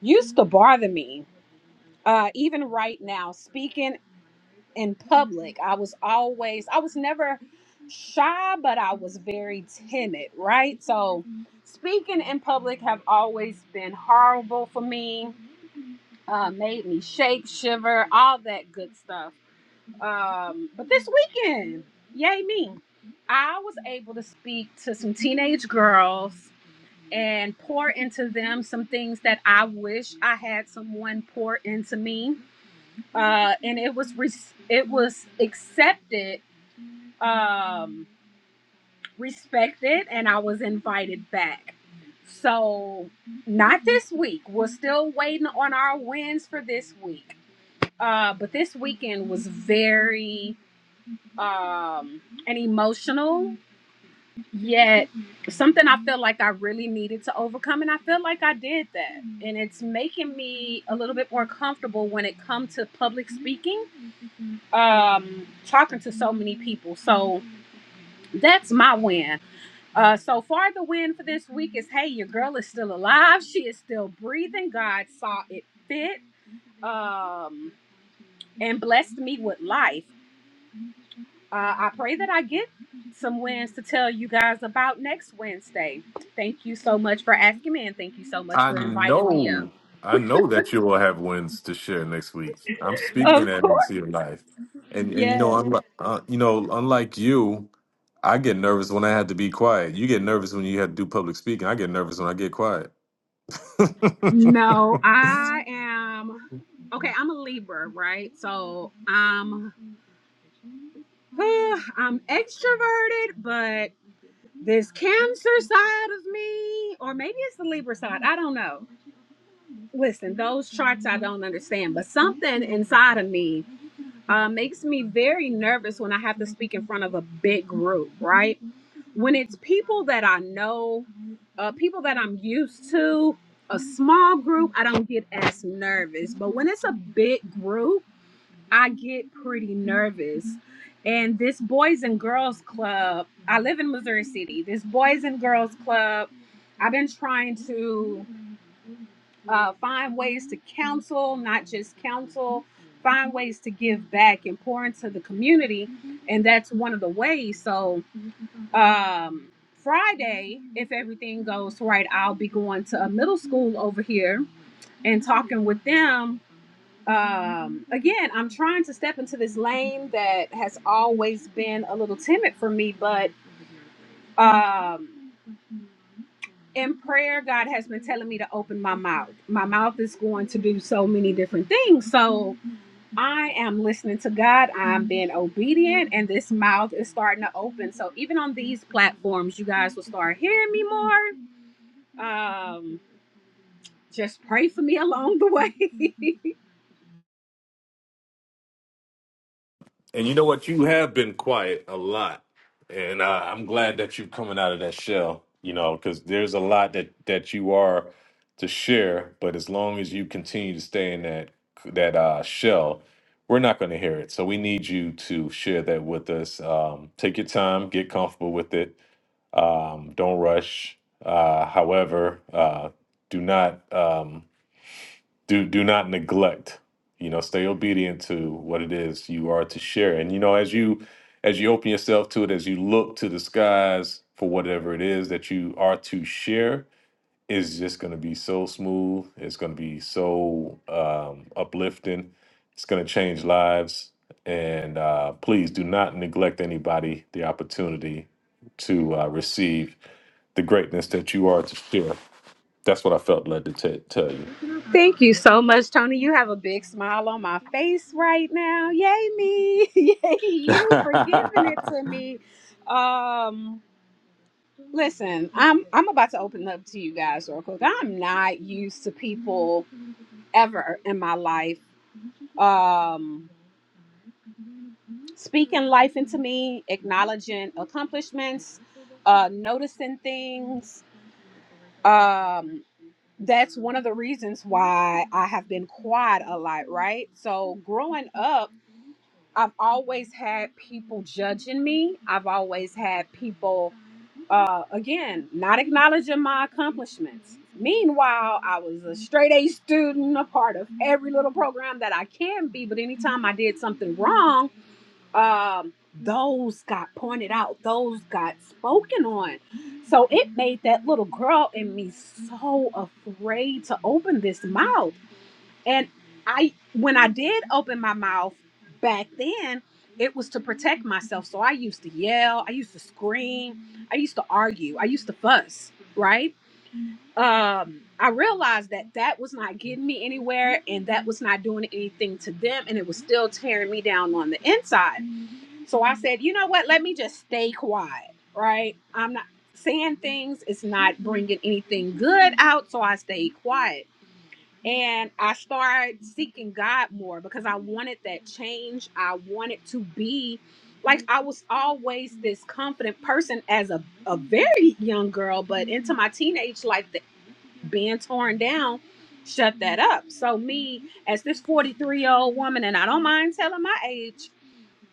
I: used to bother me uh, even right now, speaking in public. I was always, I was never shy, but I was very timid, right? So speaking in public have always been horrible for me. Uh, made me shake, shiver, all that good stuff. Um, but this weekend, yay me, I was able to speak to some teenage girls and pour into them some things that I wish I had someone pour into me uh, and it was re- it was accepted um respected and I was invited back. So not this week. We're still waiting on our wins for this week. Uh but this weekend was very um and emotional yet something I felt like I really needed to overcome and I feel like I did that. And it's making me a little bit more comfortable when it comes to public speaking, um talking to so many people. So that's my win. Uh, so far, the win for this week is hey, your girl is still alive. She is still breathing. God saw it fit um, and blessed me with life. Uh, I pray that I get some wins to tell you guys about next Wednesday. Thank you so much for asking me and thank you so much
A: I
I: for inviting me up.
A: know, I know that you will have wins to share next week. I'm speaking
I: Of
A: that
I: course.
A: into your life, and and you
I: Yes.
A: know, unlike uh, you know, unlike you, I get nervous when I have to be quiet. You get nervous when you have to do public speaking. I get nervous when I get quiet.
I: No,
A: [laughs]
I: I am. Okay, I'm a Libra, right? So I'm. [sighs] I'm extroverted, but. this cancer side of me or maybe it's the libra side i don't know listen those charts i don't understand but something inside of me uh, makes me very nervous when i have to speak in front of a big group right when it's people that i know uh, people that i'm used to a small group i don't get as nervous but when it's a big group I get pretty nervous. And this Boys and Girls Club, I live in Missouri City. This Boys and Girls Club, I've been trying to uh, find ways to counsel, not just counsel, find ways to give back and pour into the community. And that's one of the ways. So, um, Friday, if everything goes right, I'll be going to a middle school over here and talking with them um, again, I'm trying to step into this lane that has always been a little timid for me, but um, in prayer, God has been telling me to open my mouth. My mouth is going to do so many different things. So I am listening to God, I'm being obedient, and this mouth is starting to open. So even on these platforms, you guys will start hearing me more. Um, just pray for me [laughs] along the way. [laughs]
A: And you know what? You have been quiet a lot, and uh, I'm glad that you're coming out of that shell. You know, because there's a lot that that you are to share, but as long as you continue to stay in that that uh, shell, we're not going to hear it. So we need you to share that with us. Um, take your time, get comfortable with it. Um, don't rush. Uh, however, uh, do not. Um, do do not neglect you know stay obedient to what it is you are to share and you know as you as you open yourself to it as you look to the skies for whatever it is that you are to share it's just going to be so smooth it's going to be so um, uplifting it's going to change lives and uh, please do not neglect anybody the opportunity to uh, receive the greatness that you are to share that's what i felt led to t- tell you
I: Thank you so much, Tony. You have a big smile on my face right now. Yay, me. [laughs] Yay, you for
A: [laughs]
I: giving it to me. Um, listen, I'm I'm about to open up to you guys real quick. I'm not used to people ever in my life um speaking life into me, acknowledging accomplishments, uh noticing things. Um that's one of the reasons why I have been quiet a lot, right? So growing up I've always had people judging me. I've always had people, uh, again, not acknowledging my accomplishments. Meanwhile, I was a straight A student, a part of every little program that I can be. But anytime I did something wrong, um, those got pointed out, those got spoken on. So it made that little girl in me so afraid to open this mouth and I when I did open my mouth back then, it was to protect myself. So I used to yell, I used to scream, I used to argue, I used to fuss, right? Um, I realized that that was not getting me anywhere and that was not doing anything to them and it was still tearing me down on the inside. So I said, "You know what? Let me just stay quiet." Right? I'm not saying things, it's not bringing anything good out, so I stayed quiet and I started seeking God more because I wanted that change. I wanted to be like I was always this confident person as a, a very young girl, but into my teenage life, the, being torn down shut that up. So, me as this 43 year old woman, and I don't mind telling my age,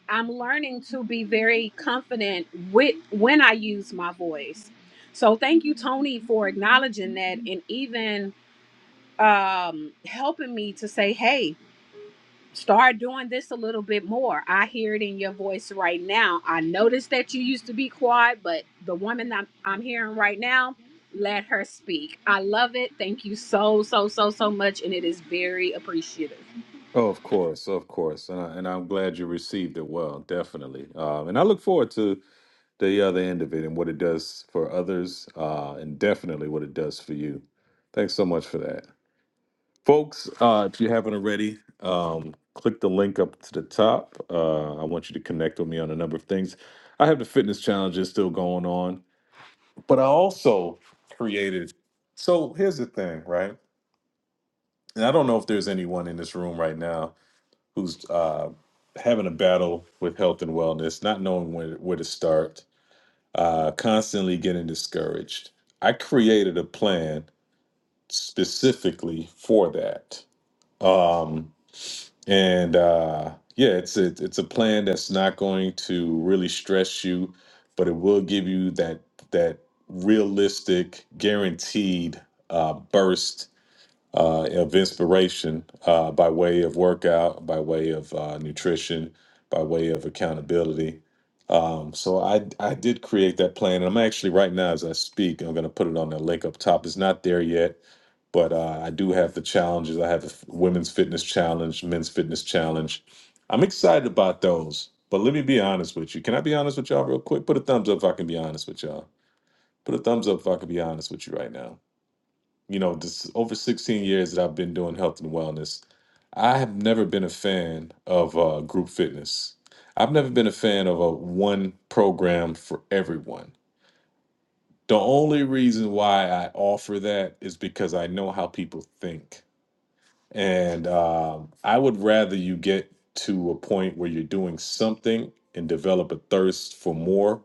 I: I'm learning to be very confident with when I use my voice. So, thank you, Tony, for acknowledging that and even um helping me to say hey start doing this a little bit more i hear it in your voice right now i noticed that you used to be quiet but the woman I'm, I'm hearing right now let her speak i love it thank you so so so so much and it is very appreciative
A: Oh, of course, of course, and I, and I'm glad you received it well, definitely. Um, and I look forward to the other end of it and what it does for others, uh, and definitely what it does for you. Thanks so much for that, folks. Uh, if you haven't already, um, click the link up to the top. Uh, I want you to connect with me on a number of things. I have the fitness challenges still going on, but I also created. So here's the thing, right? And I don't know if there's anyone in this room right now who's uh, having a battle with health and wellness, not knowing where where to start, uh, constantly getting discouraged. I created a plan specifically for that, um, and uh, yeah, it's a, it's a plan that's not going to really stress you, but it will give you that that realistic, guaranteed uh, burst uh, of inspiration uh, by way of workout, by way of uh, nutrition, by way of accountability. Um, so I I did create that plan, and I'm actually right now as I speak, I'm going to put it on that link up top. It's not there yet, but uh, I do have the challenges. I have a f- women's fitness challenge, men's fitness challenge. I'm excited about those. But let me be honest with you. Can I be honest with y'all real quick? Put a thumbs up if I can be honest with y'all. Put a thumbs up if I can be honest with you right now you know, this over 16 years that I've been doing health and wellness, I have never been a fan of uh, group fitness. I've never been a fan of a one program for everyone. The only reason why I offer that is because I know how people think. And um, I would rather you get to a point where you're doing something and develop a thirst for more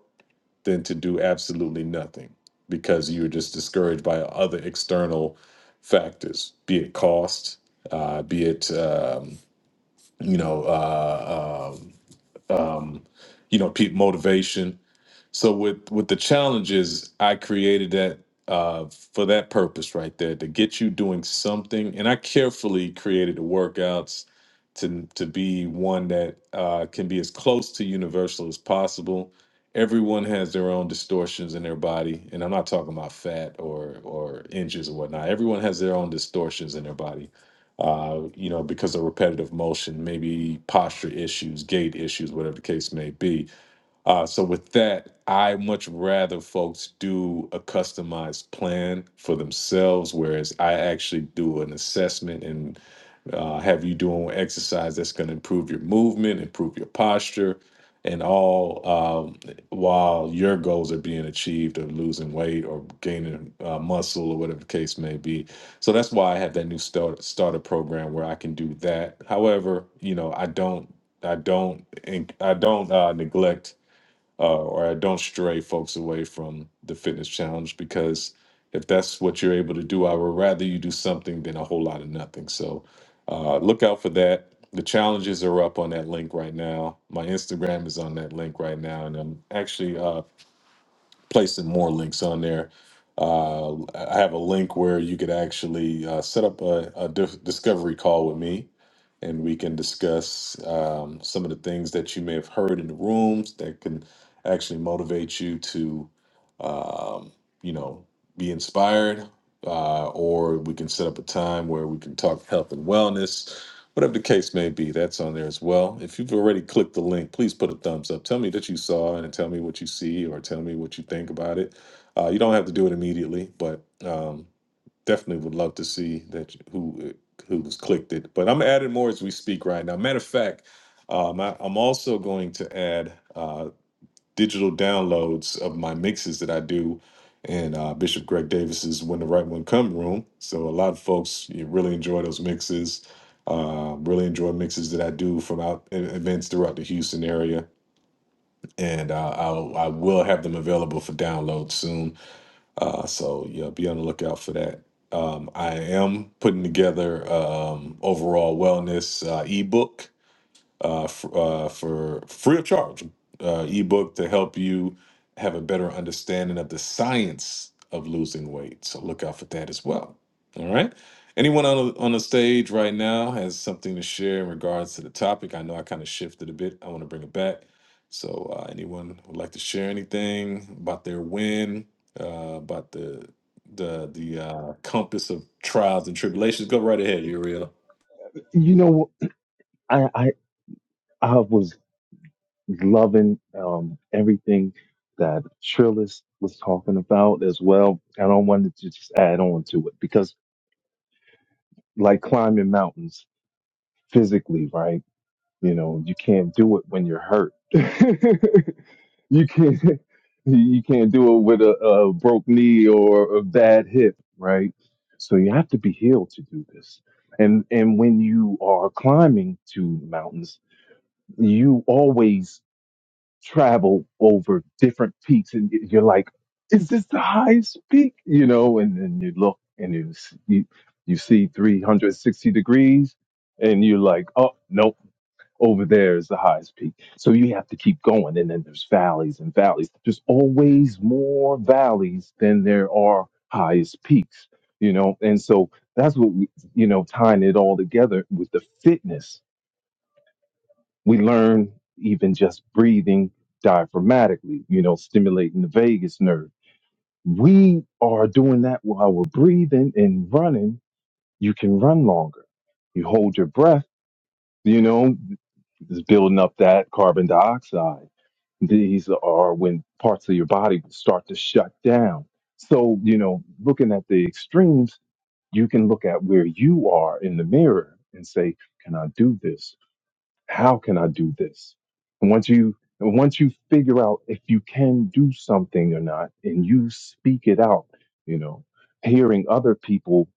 A: than to do absolutely nothing because you're just discouraged by other external factors, be it cost, uh, be it um, you know, uh, um, um, you know, pe- motivation so with with the challenges, I created that uh, for that purpose right there to get you doing something. And I carefully created the workouts to to be one that uh, can be as close to universal as possible. Everyone has their own distortions in their body, and I'm not talking about fat or or inches or whatnot. Everyone has their own distortions in their body. Uh, you know, because of repetitive motion, maybe posture issues, gait issues, whatever the case may be uh, so with that, I much rather folks do a customized plan for themselves, whereas I actually do an assessment and uh, have you doing exercise that's going to improve your movement, improve your posture, and all um, while your goals are being achieved of losing weight or gaining uh, muscle or whatever the case may be. So that's why I have that new start, starter program where I can do that. However, you know, I don't, I don't, inc- I don't uh, neglect uh, or I don't stray folks away from the fitness challenge because if that's what you're able to do, I would rather you do something than a whole lot of nothing. So uh, look out for that. The challenges are up on that link right now. My Instagram is on that link right now, and I'm actually uh, placing more links on there. Uh, I have a link where you could actually uh, set up a, a dis- discovery call with me, and we can discuss um, some of the things that you may have heard in the rooms that can actually motivate you to, um, you know, be inspired. Uh, or we can set up a time where we can talk health and wellness Whatever the case may be, that's on there as well. If you've already clicked the link, please put a thumbs up. Tell me that you saw it and tell me what you see or tell me what you think about it. Uh, you don't have to do it immediately, but um, definitely would love to see that you- who who's clicked it. But I'm adding more as we speak right now. Matter of fact, um, I, I'm also going to add. Uh, digital downloads of my mixes that I do in uh, Bishop Greg Davis's When the Right One Come room. So a lot of folks you really enjoy those mixes. Uh, really enjoy mixes that I do from out e- events throughout the Houston area, and uh, I'll, I will have them available for download soon. Uh, so yeah, be on the lookout for that. Um, I am putting together um, overall wellness uh, ebook uh, f- uh, for free of charge uh, ebook to help you have a better understanding of the science of losing weight. So look out for that as well. All right. Anyone on the, on the stage right now has something to share in regards to the topic? I know I kind of shifted a bit. I want to bring it back. So uh, anyone would like to share anything about their win, uh, about the the the uh, compass of trials and tribulations? Go right ahead, Uriel.
F: You know, I I, I was loving um, everything that Trillis was talking about as well, and I wanted to just add on to it because, like climbing mountains physically, right? You know, you can't do it when you're hurt. [laughs] you can't you can't do it with a, a broke knee or a bad hip, right? So you have to be healed to do this. And and when you are climbing to mountains, you always travel over different peaks and y- you're like is this the highest peak you know and then you look and you s- you, you see 360 degrees and you're like oh nope over there is the highest peak so you have to keep going and then there's valleys and valleys there's always more valleys than there are highest peaks you know and so that's what we, you know tying it all together with the fitness we learn even just breathing diaphragmatically, you know, stimulating the vagus nerve. We are doing that while we're breathing and running. You can run longer. You hold your breath, you know, is building up that carbon dioxide. These are when parts of your body start to shut down. So, you know, looking at the extremes, you can look at where you are in the mirror and say, Can I do this? how can I do this? And once you and once you figure out if you can do something or not, and you speak it out, you know, hearing other people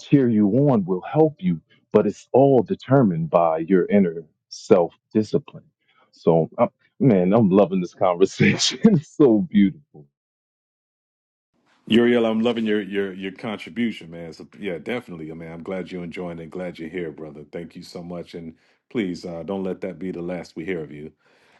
F: cheer you on will help you, but it's all determined by your inner self discipline. So, i man, I'm loving this conversation. [laughs] it's so beautiful
A: Uriel, I'm loving your your your contribution, man. So yeah, definitely. I mean, I'm glad you're enjoying it. Glad you're here, brother. Thank you so much. And please uh, don't let that be the last we hear of you.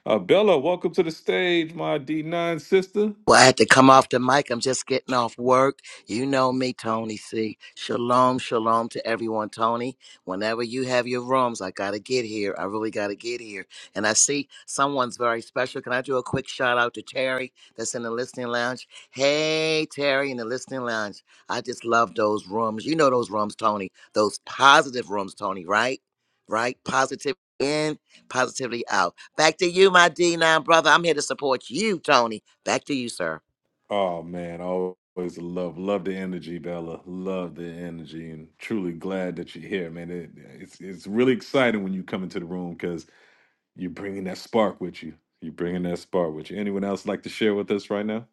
A: Uh, Bella, welcome to the stage, my D9 sister.
J: Well, I had to come off the mic. I'm just getting off work. You know me, Tony C. Shalom, shalom to everyone, Tony. Whenever you have your rooms, I got to get here. I really got to get here. And I see someone's very special. Can I do a quick shout out to Terry that's in the listening lounge? Hey, Terry in the listening lounge. I just love those rooms. You know those rooms, Tony. Those positive rooms, Tony, right? Right? Positive in, positively out. Back to you, my D9 brother. I'm here to support you, Tony. Back to you, sir.
A: Oh man, always love love the energy, Bella. Love the energy, and truly glad that you're here, man. It, it's it's really exciting when you come into the room because you're bringing that spark with you. You're bringing that spark with you. Anyone else like to share with us right now?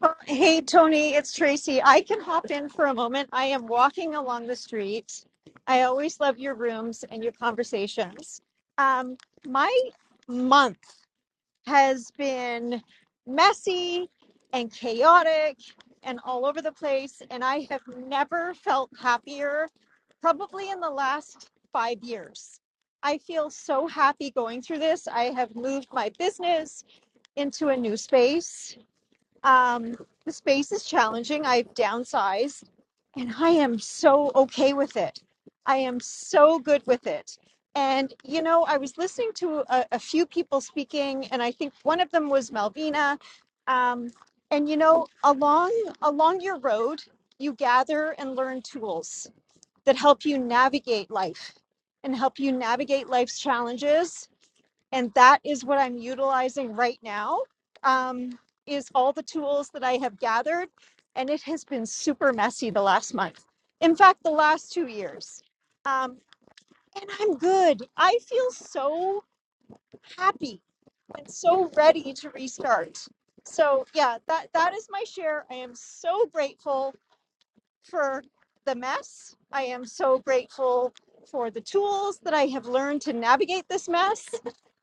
H: Uh, Hey, Tony, it's Tracy. I can hop in for a moment. I am walking along the street. I always love your rooms and your conversations. Um, my month. has been messy and chaotic and all over the place. And I have never felt happier, probably in the last five years. I feel so happy going through this. I have moved my business into a new space um, the space is challenging. I've downsized and I am so okay with it. I am so good with it. And, you know, I was listening to a, a few people speaking, and I think one of them was Malvina. Um, and, you know, along, along your road, you gather and learn tools that help you navigate life and help you navigate life's challenges and that is what i'm utilizing right now um, is all the tools that i have gathered and it has been super messy the last month in fact the last two years um, and i'm good i feel so happy and so ready to restart so yeah that that is my share i am so grateful for the mess. I am so grateful for the tools that I have learned to navigate this mess.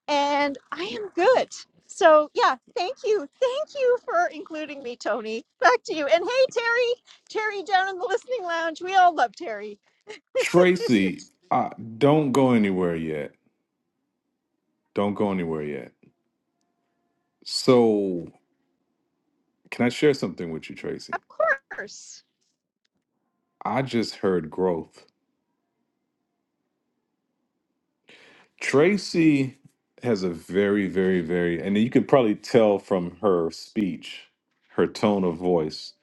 H: And I am good. So, yeah, thank you. Thank you for including me, Tony. Back to you. And hey, Terry, Terry down in the listening lounge. We all love Terry.
A: Tracy, uh, don't go anywhere yet. Don't go anywhere yet. So, can I share something with you, Tracy?
H: Of course.
A: I just heard growth. Tracy has a very, very, very, and you can probably tell from her speech, her tone of voice,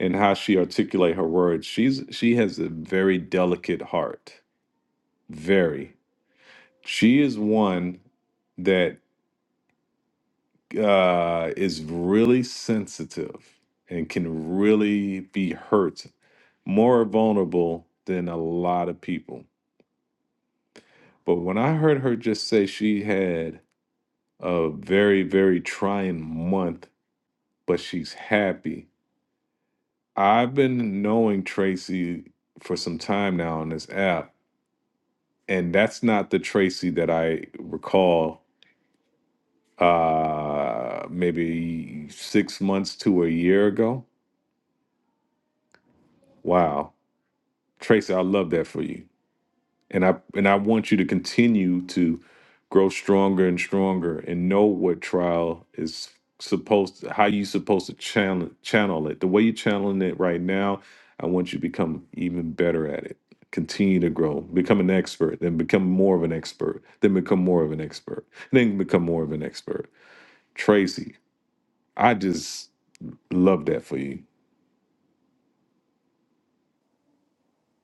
A: and how she articulate her words. She's she has a very delicate heart. Very. She is one that uh, is really sensitive and can really be hurt, more vulnerable than a lot of people. But when I heard her just say she had a very, very trying month, but she's happy, I've been knowing Tracy for some time now on this app, and that's not the Tracy that I recall uh maybe six months to a year ago wow Tracy, I love that for you. And I and I want you to continue to grow stronger and stronger and know what trial is supposed to, how you supposed to channel channel it. The way you're channeling it right now, I want you to become even better at it. Continue to grow, become an expert, then become more of an expert, then become more of an expert, then become more of an expert. Tracy, I just love that for you.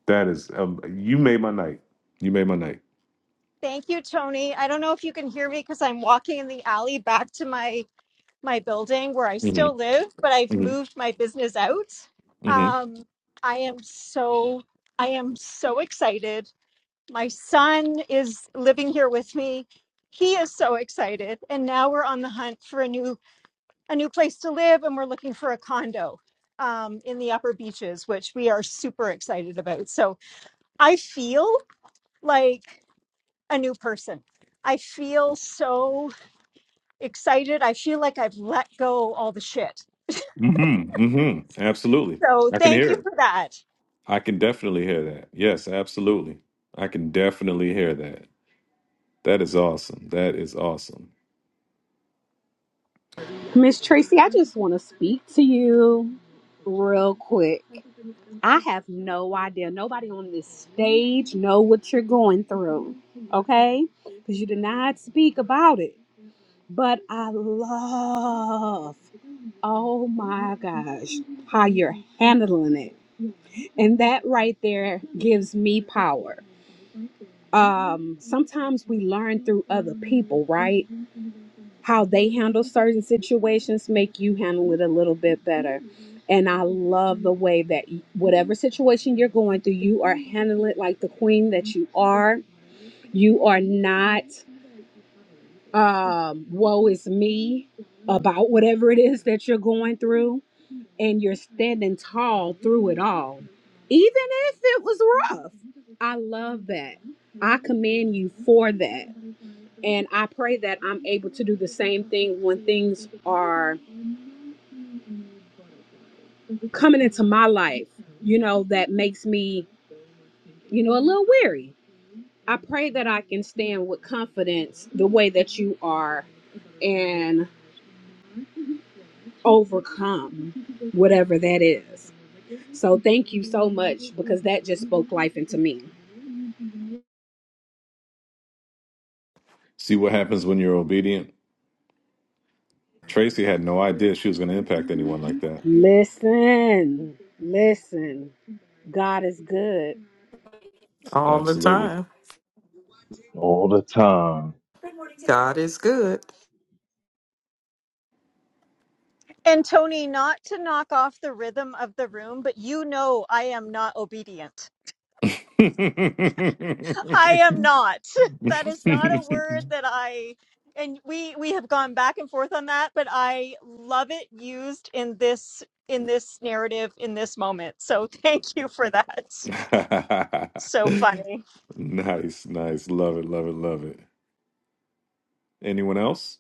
A: That is, um, you made my night. You made my night.
H: Thank you, Tony. I don't know if you can hear me because I'm walking in the alley back to my my building where I
A: hmm
H: still live, but I've
A: hmm
H: moved my business out.
A: hmm
H: Um, I am so I am so excited. My son is living here with me. He is so excited, and now we're on the hunt for a new a new place to live, and we're looking for a condo um, in the Upper Beaches, which we are super excited about. So I feel like a new person. I feel so excited. I feel like I've let go all the shit
A: Mm-hmm. Mm-hmm. Absolutely.
H: So
A: I can
H: thank
A: hear
H: you
A: it.
H: for that.
A: I can definitely hear that. Yes, absolutely. I can definitely hear that. That is awesome. That is awesome.
I: Miss Tracy, I just want to speak to you real quick. I have no idea. Nobody on this stage know what you're going through, okay? Because you did not speak about it. But I love, oh my gosh, how you're handling it. And that right there gives me power um sometimes we learn through other people right how they handle certain situations make you handle it a little bit better and i love the way that whatever situation you're going through you are handling it like the queen that you are you are not um woe is me about whatever it is that you're going through and you're standing tall through it all, even if it was rough. I love that. I commend you for that. And I pray that I'm able to do the same thing when things are coming into my life, you know, that makes me, you know, a little weary. I pray that I can stand with confidence the way that you are and overcome whatever that is. So thank you so much because that just spoke life into me.
A: See what happens when you're obedient? Tracy had no idea she was going to impact anyone like that.
I: Listen, listen. God is good.
G: all the
A: Absolutely.
G: time.
F: all the time.
G: God is good.
H: And Tony, not to knock off the rhythm of the room, but you know I am not obedient.
A: [laughs]
H: I am not. [laughs] That is not a word that I and we we have gone back and forth on that, but I love it used in this in this narrative in this moment. So [laughs] thank you for that. So funny.
A: nice, nice. Love it, love it, love it. Anyone else?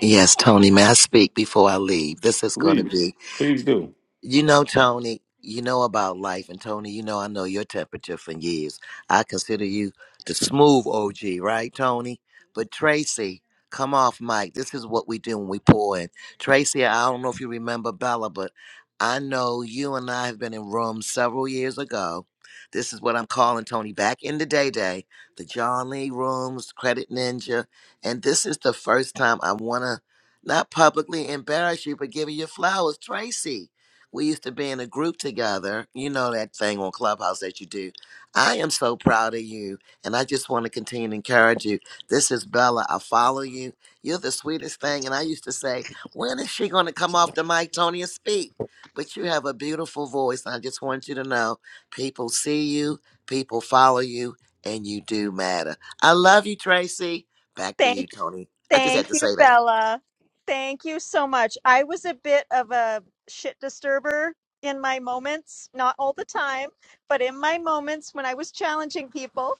J: Yes, Tony, may I speak before I leave? This is going to be
A: Please, please do.
J: You know, Tony, you know about life. And Tony, you know I know your temperature for years. I consider you the smooth OG, right, Tony? But Tracy, come off mic. This is what we do when we pour in. Tracy, I don't know if you remember Bella, but I know you and I have been in rooms several years ago. This is what I'm calling Tony back in the day day, the John Lee rooms, Credit Ninja. And this is the first time I want to not publicly embarrass you, but give you your flowers, Tracy we used to be in a group together. You know that thing on Clubhouse that you do. I am so proud of you, and I just want to continue to encourage you. This is Bella. I follow you. You're the sweetest thing. And I used to say, when is she going to come off the mic, Tony, and speak? But you have a beautiful voice. I just want you to know people see you, people follow you, and you do matter. I love you, Tracy. Back to
H: Thank
J: you, Tony. I just had
H: Thank
J: to
H: you,
J: say that.
H: Bella. Thank you so much. I was a bit of a shit disturber in my moments, not all the time, but in my moments when I was challenging people.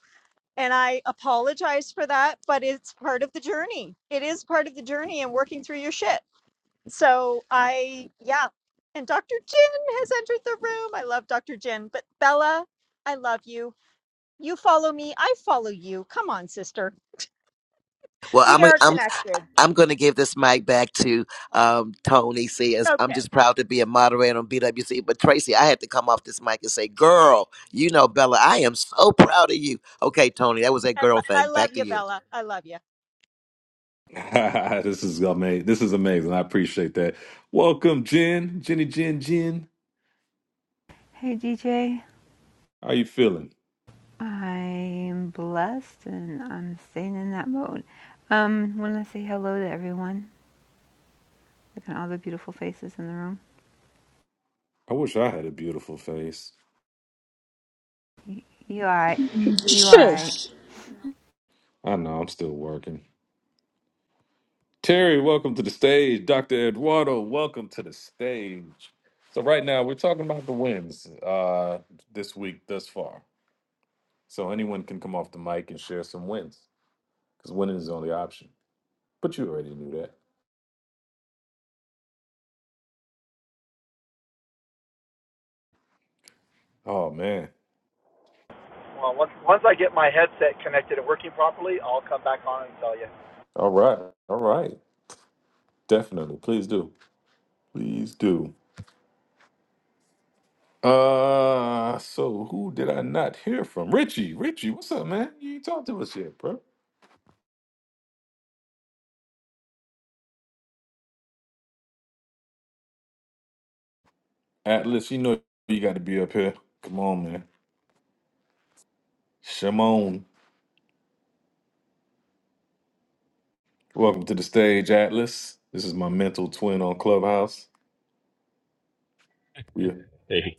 H: And I apologize for that, but it's part of the journey. It is part of the journey and working through your shit. So I, yeah. And Dr. Jin has entered the room. I love Dr. Jin, but Bella, I love you. You follow me. I follow you. Come on, sister.
J: Well,
H: We
J: I'm a,
H: are
J: I'm
H: connected.
J: I'm going to give this mic back to um, Tony Sears. I'm
H: Okay.
J: just proud to be a moderator on BWC. But Tracy, I had to come off this mic and say, "Girl, you know Bella, I am so proud of you." Okay, Tony, that was that
H: I,
J: girl
H: lo- I
J: thing.
H: love
J: Back to
H: you,
J: you,
H: Bella. I love you.
A: [laughs] this is amazing. This is amazing. I appreciate that. Welcome, Jen. Jenny, Jen, Jen.
K: Hey DJ,
A: How you feeling?
K: I'm blessed and I'm staying in that mode. Um, want to say hello to everyone. Look at all the beautiful faces in the room.
A: I wish I had a beautiful face.
K: You alright? You
I: Sure.
K: alright?
A: I know I'm still working. Terry, welcome to the stage. Dr. Eduardo, welcome to the stage. So right now we're talking about the wins uh, this week thus far. So anyone can come off the mic and share some wins because winning is the only option. But you already knew that. Oh man.
L: Well, once once I get my headset connected and working properly, I'll come back on and tell you.
A: All right. All right. Definitely. Please do. Please do. Uh, so who did I not hear from? Richie, Richie, what's up, man? You ain't talked to us yet, bro. Atlas, you know you got to be up here. Come on, man. Shimon, welcome to the stage, Atlas. This is my mental twin on Clubhouse. We
M: Hey.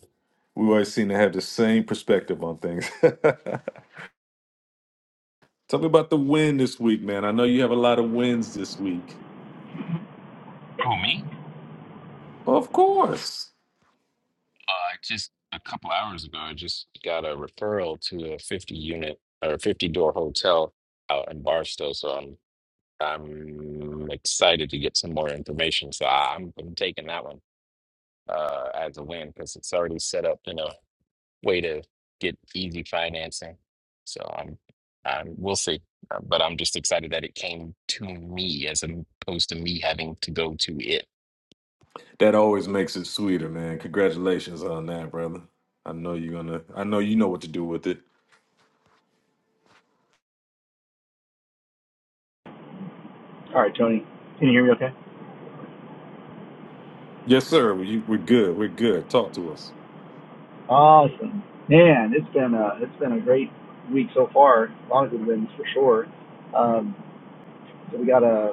A: we always seem to have the same perspective on things. [laughs] Tell me about the win this week, man. I know you have a lot of wins this week.
M: Oh, me?
A: Of course.
M: Uh, just a couple hours ago, I just got a referral to a 50 unit or 50 door hotel out in Barstow. So I'm I'm excited to get some more information. So I- I'm, I'm taking that one uh, as a win because it's already set up in a way to get easy financing. So I'm, I'm we'll see. Uh, But I'm just excited that it came to me as opposed to me having to go to it.
A: That always makes it sweeter, man. Congratulations on that, brother. I know you're gonna. I know you know what to do with it.
L: All right, Tony. Can you hear me okay?
A: Yes, sir. We, we're good. We're good. Talk to us,
L: Awesome. Man, it's been a, it's been a great week so far. A lot of good wins for sure. Um, so we got a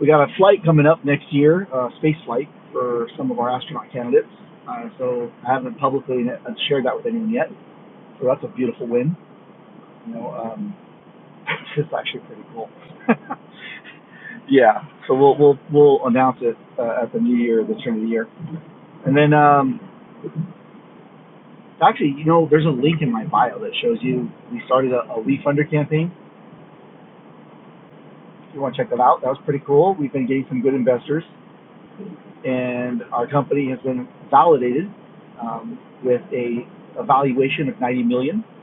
L: we got a flight coming up next year, uh, space flight for some of our astronaut candidates. Uh, so I haven't publicly shared that with anyone yet. So that's a beautiful win. You know, um, [laughs] it's actually pretty cool. [laughs] Yeah. So we'll we'll we'll announce it uh, at the new year, the turn of the year, and then um, actually, you know, there's a link in my bio that shows you we started a, a Leaf Under campaign. If you want to check that out, that was pretty cool. We've been getting some good investors, and our company has been validated um, with a, a valuation of 90 million. dollars.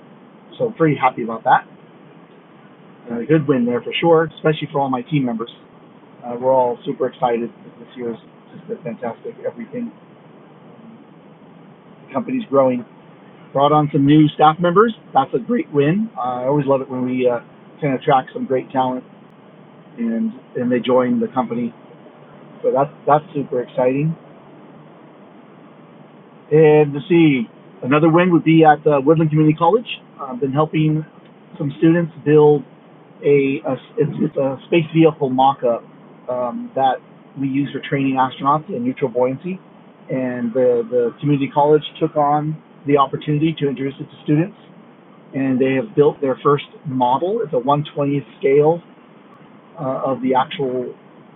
L: So pretty happy about that. And a good win there for sure, especially for all my team members. Uh, we're all super excited. This year's just been fantastic. Everything, the company's growing brought on some new staff members. That's a great win. Uh, I always love it when we uh, can attract some great talent and and they join the company. So that's that's super exciting. And to see another win would be at uh, Woodland Community College. I've been helping some students build a, a it's, it's a space vehicle mock-up um, that we use for training astronauts in neutral buoyancy. And the, the community college took on the opportunity to introduce it to students and they have built their first model. It's a 120th scale uh, of the actual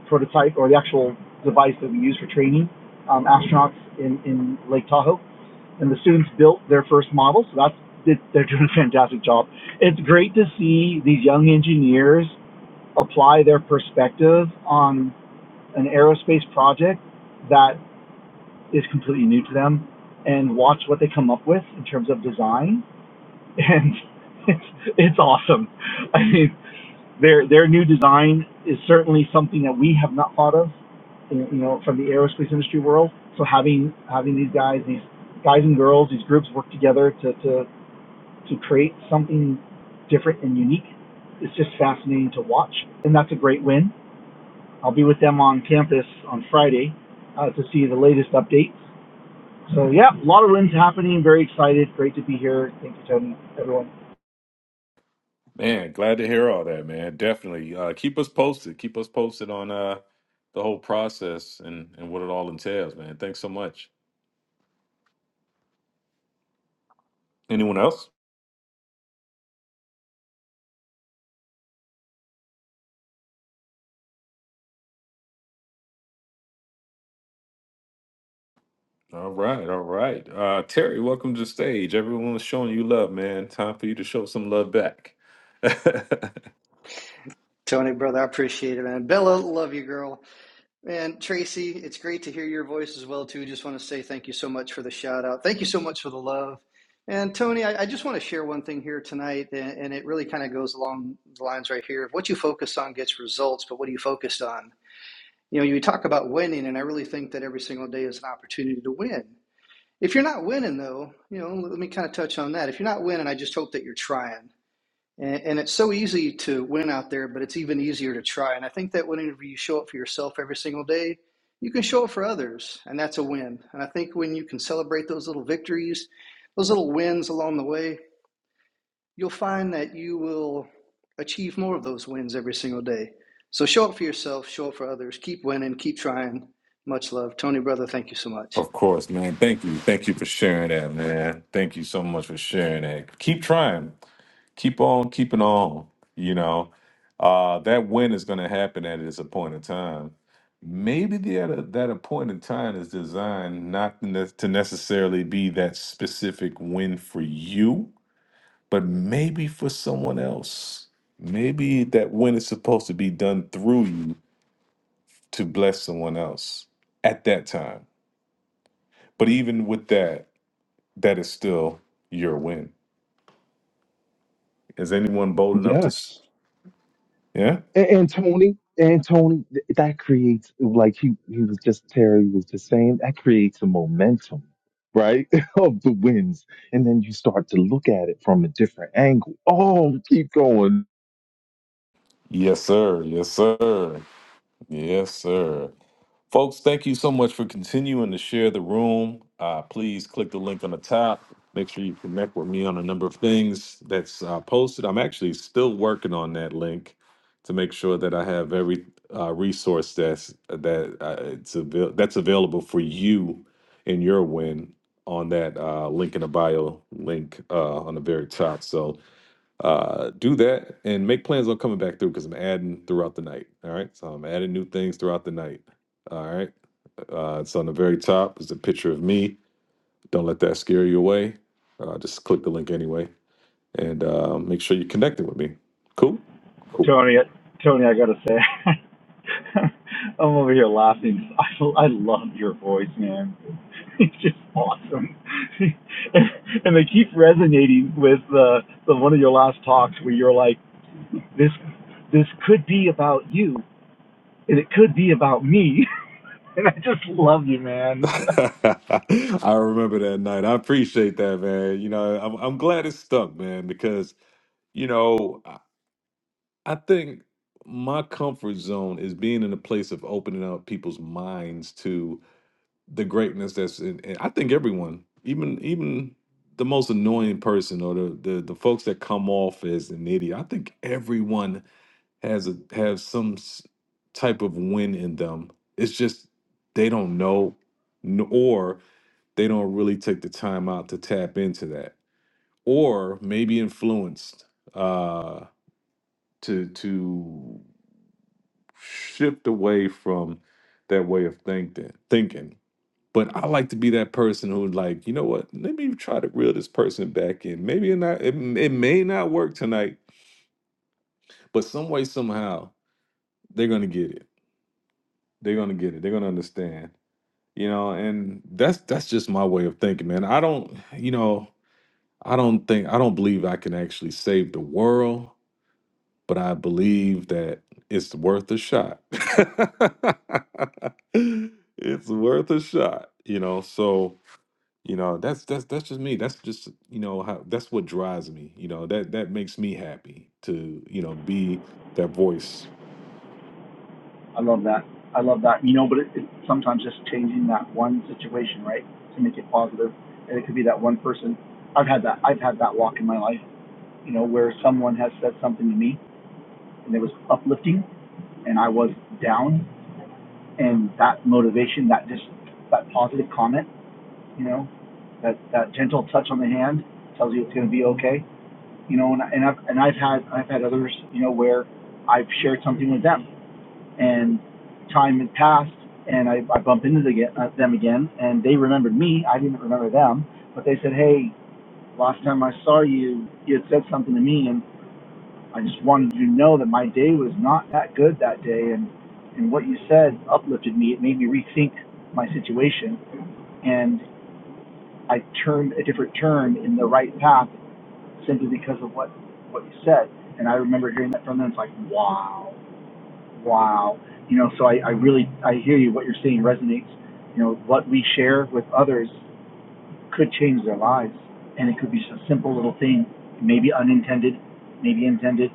L: prototype or the actual device that we use for training um, astronauts in, in Lake Tahoe. And the students built their first model, so that's it, they're doing a fantastic job. It's great to see these young engineers apply their perspective on an aerospace project that is completely new to them and watch what they come up with in terms of design and [laughs] it's, it's awesome. I mean, their their new design is certainly something that we have not thought of, you know, from the aerospace industry world. So having having these guys, these guys and girls, these groups work together to to to create something different and unique is just fascinating to watch, and that's a great win. I'll be with them on campus on Friday uh, to see the latest updates. So yeah, a lot of wins happening. Very excited. Great to be here. Thank you, Tony. Everyone.
A: man. Glad to hear all that, man. Definitely. Uh, keep us posted. Keep us posted on uh, the whole process and and what it all entails, man. Thanks so much. Anyone else? All right, all right. Uh, Terry, welcome to the stage. Everyone was showing you love, man. Time for you to show some love back. [laughs] of
N: Tony, brother, I appreciate it, man. Bella, love you, girl. Man, Tracy, it's great to hear your voice as well, too. Just want to say thank you so much for the shout out. Thank you so much for the love. And Tony, I, I just want to share one thing here tonight, and, and it really kind of goes along the lines right here. What you focus on gets results, but what are you focused on? You know, you talk about winning, and I really think that every single day is an opportunity to win. If you're not winning, though, you know, let me kind of touch on that. If you're not winning, I just hope that you're trying and, and it's so easy to win out there, but it's even easier to try. And I think that whenever you show up for yourself every single day, you can show up for others, and that's a win. And I think when you can celebrate those little victories, those little wins along the way, you'll find that you will achieve more of those wins every single day. So show up for yourself, show up for others, keep winning, keep trying. Much love. Tony, brother, thank you so much.
A: course, man. Thank you. Thank you for sharing that, man. Thank you so much for sharing that. Keep trying. keep on keeping on. You know, uh, that win is going to happen at its appointed time. Maybe the at that appointed time is designed not to ne- to necessarily be that specific win for you, but maybe for someone else. Maybe that win is supposed to be done through you to bless someone else at that time. But even with that, that is still your win. Is anyone bold enough to? s-
F: Yes.
A: Yeah.
F: and, and Tony, and Tony, th- that creates like he he was just Terry was just saying that creates a momentum, right, [laughs] of the wins, and then you start to look at it from a different angle. Oh, keep going.
A: Yes, sir. Yes, sir. Yes, sir. Folks, thank you so much for continuing to share the room. Uh, please click the link on the top. Make sure you connect with me on a number of things that's uh, posted. I'm actually still working on that link to make sure that I have every uh, resource that's that uh, it's avail- that's available for you and your win on that uh, link in the bio link uh, on the very top. So uh, do that and make plans on coming back through because I'm adding throughout the night. All right. So I'm adding new things throughout the night. All right. Uh, it's on the very top is a picture of me. Don't let that scare you away. Uh, just click the link anyway and uh, make sure you're connecting with me. Cool. Cool.
L: Tony, Tony, I gotta say, [laughs] I'm over here laughing. I, I love your voice, man. [laughs] It's just awesome, [laughs] and and they keep resonating with uh, the one of your last talks where you're like, "This, this could be about you, and it could be about me," [laughs] and I just love you,
A: [laughs]
L: man.
A: I remember that night. I appreciate that, man. You know, I'm, I'm glad it stuck, man, because, you know, I, I think my comfort zone is being in a place of opening up people's minds to the greatness that's in, in I think everyone, even even the most annoying person or the, the the folks that come off as an idiot, I think everyone has a has some s- type of win in them. It's just they don't know, n- or they don't really take the time out to tap into that, or maybe influenced uh, to to shift away from that way of thinking. Thinking but I like to be that person who, like, you know what? Let me try to reel this person back in. Maybe it not. It, it may not work tonight, but some way, somehow, they're gonna get it. They're gonna get it. They're gonna understand. You know, and that's that's just my way of thinking, man. I don't, you know, I don't think I don't believe I can actually save the world, but I believe that it's worth a shot. [laughs] it's worth a shot, you know. So You know, that's that's that's just me. That's just you know how that's what drives me. You know that that makes me happy to you know be that voice.
L: [laughs] I love that. I love that. You know, but it, it sometimes just changing that one situation, right, to make it positive, and it could be that one person. I've had that. I've had that walk in my life you know, where someone has said something to me and it was uplifting and I was down and that motivation, that just that positive comment, you know, that that gentle touch on the hand tells you it's going to be okay, you know, and I- and I've and I've had I've had others, you know, where I've shared something with them and time has passed and I, I bump into the, uh, them again and they remembered me, I didn't remember them, but they said, "Hey, last time I saw you, you had said something to me and I just wanted you to know that my day was not that good that day, and and what you said uplifted me. It made me rethink my situation, and I turned a different turn in the right path simply because of what what you said. And I remember hearing that from them. It's like wow, wow, you know. So I, I really I hear you. What you're saying resonates. You know what we share with others could change their lives, and it could be just a simple little thing, maybe unintended, maybe intended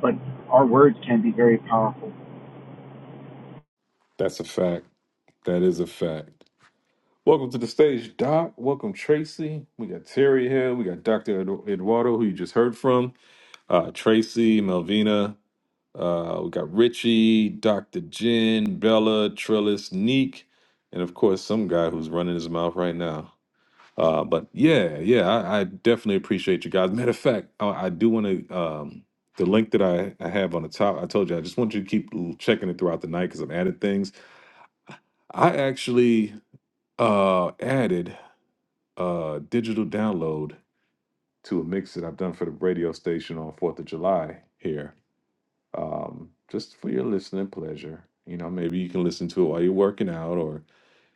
L: but our words can be very powerful.
A: That's a fact. That is a fact. Welcome to the stage, Doc. Welcome, Tracy. We got Terry here. We got Doctor Edu- Eduardo, who you just heard from. Uh, Tracy, Melvina. Uh, we got Richie, Doctor Jen, Bella, Trillis, Neek, and of course some guy who's running his mouth right now. Uh, but yeah, yeah, I, I definitely appreciate you guys. Matter of fact, I, I do want to um, the link that I, I have on the top. I told you I just want you to keep l- checking it throughout the night because I've added things. I actually uh, added a digital download to a mix that I've done for the radio station on Fourth of July here, um, just for your listening pleasure. You know, maybe you can listen to it while you're working out, or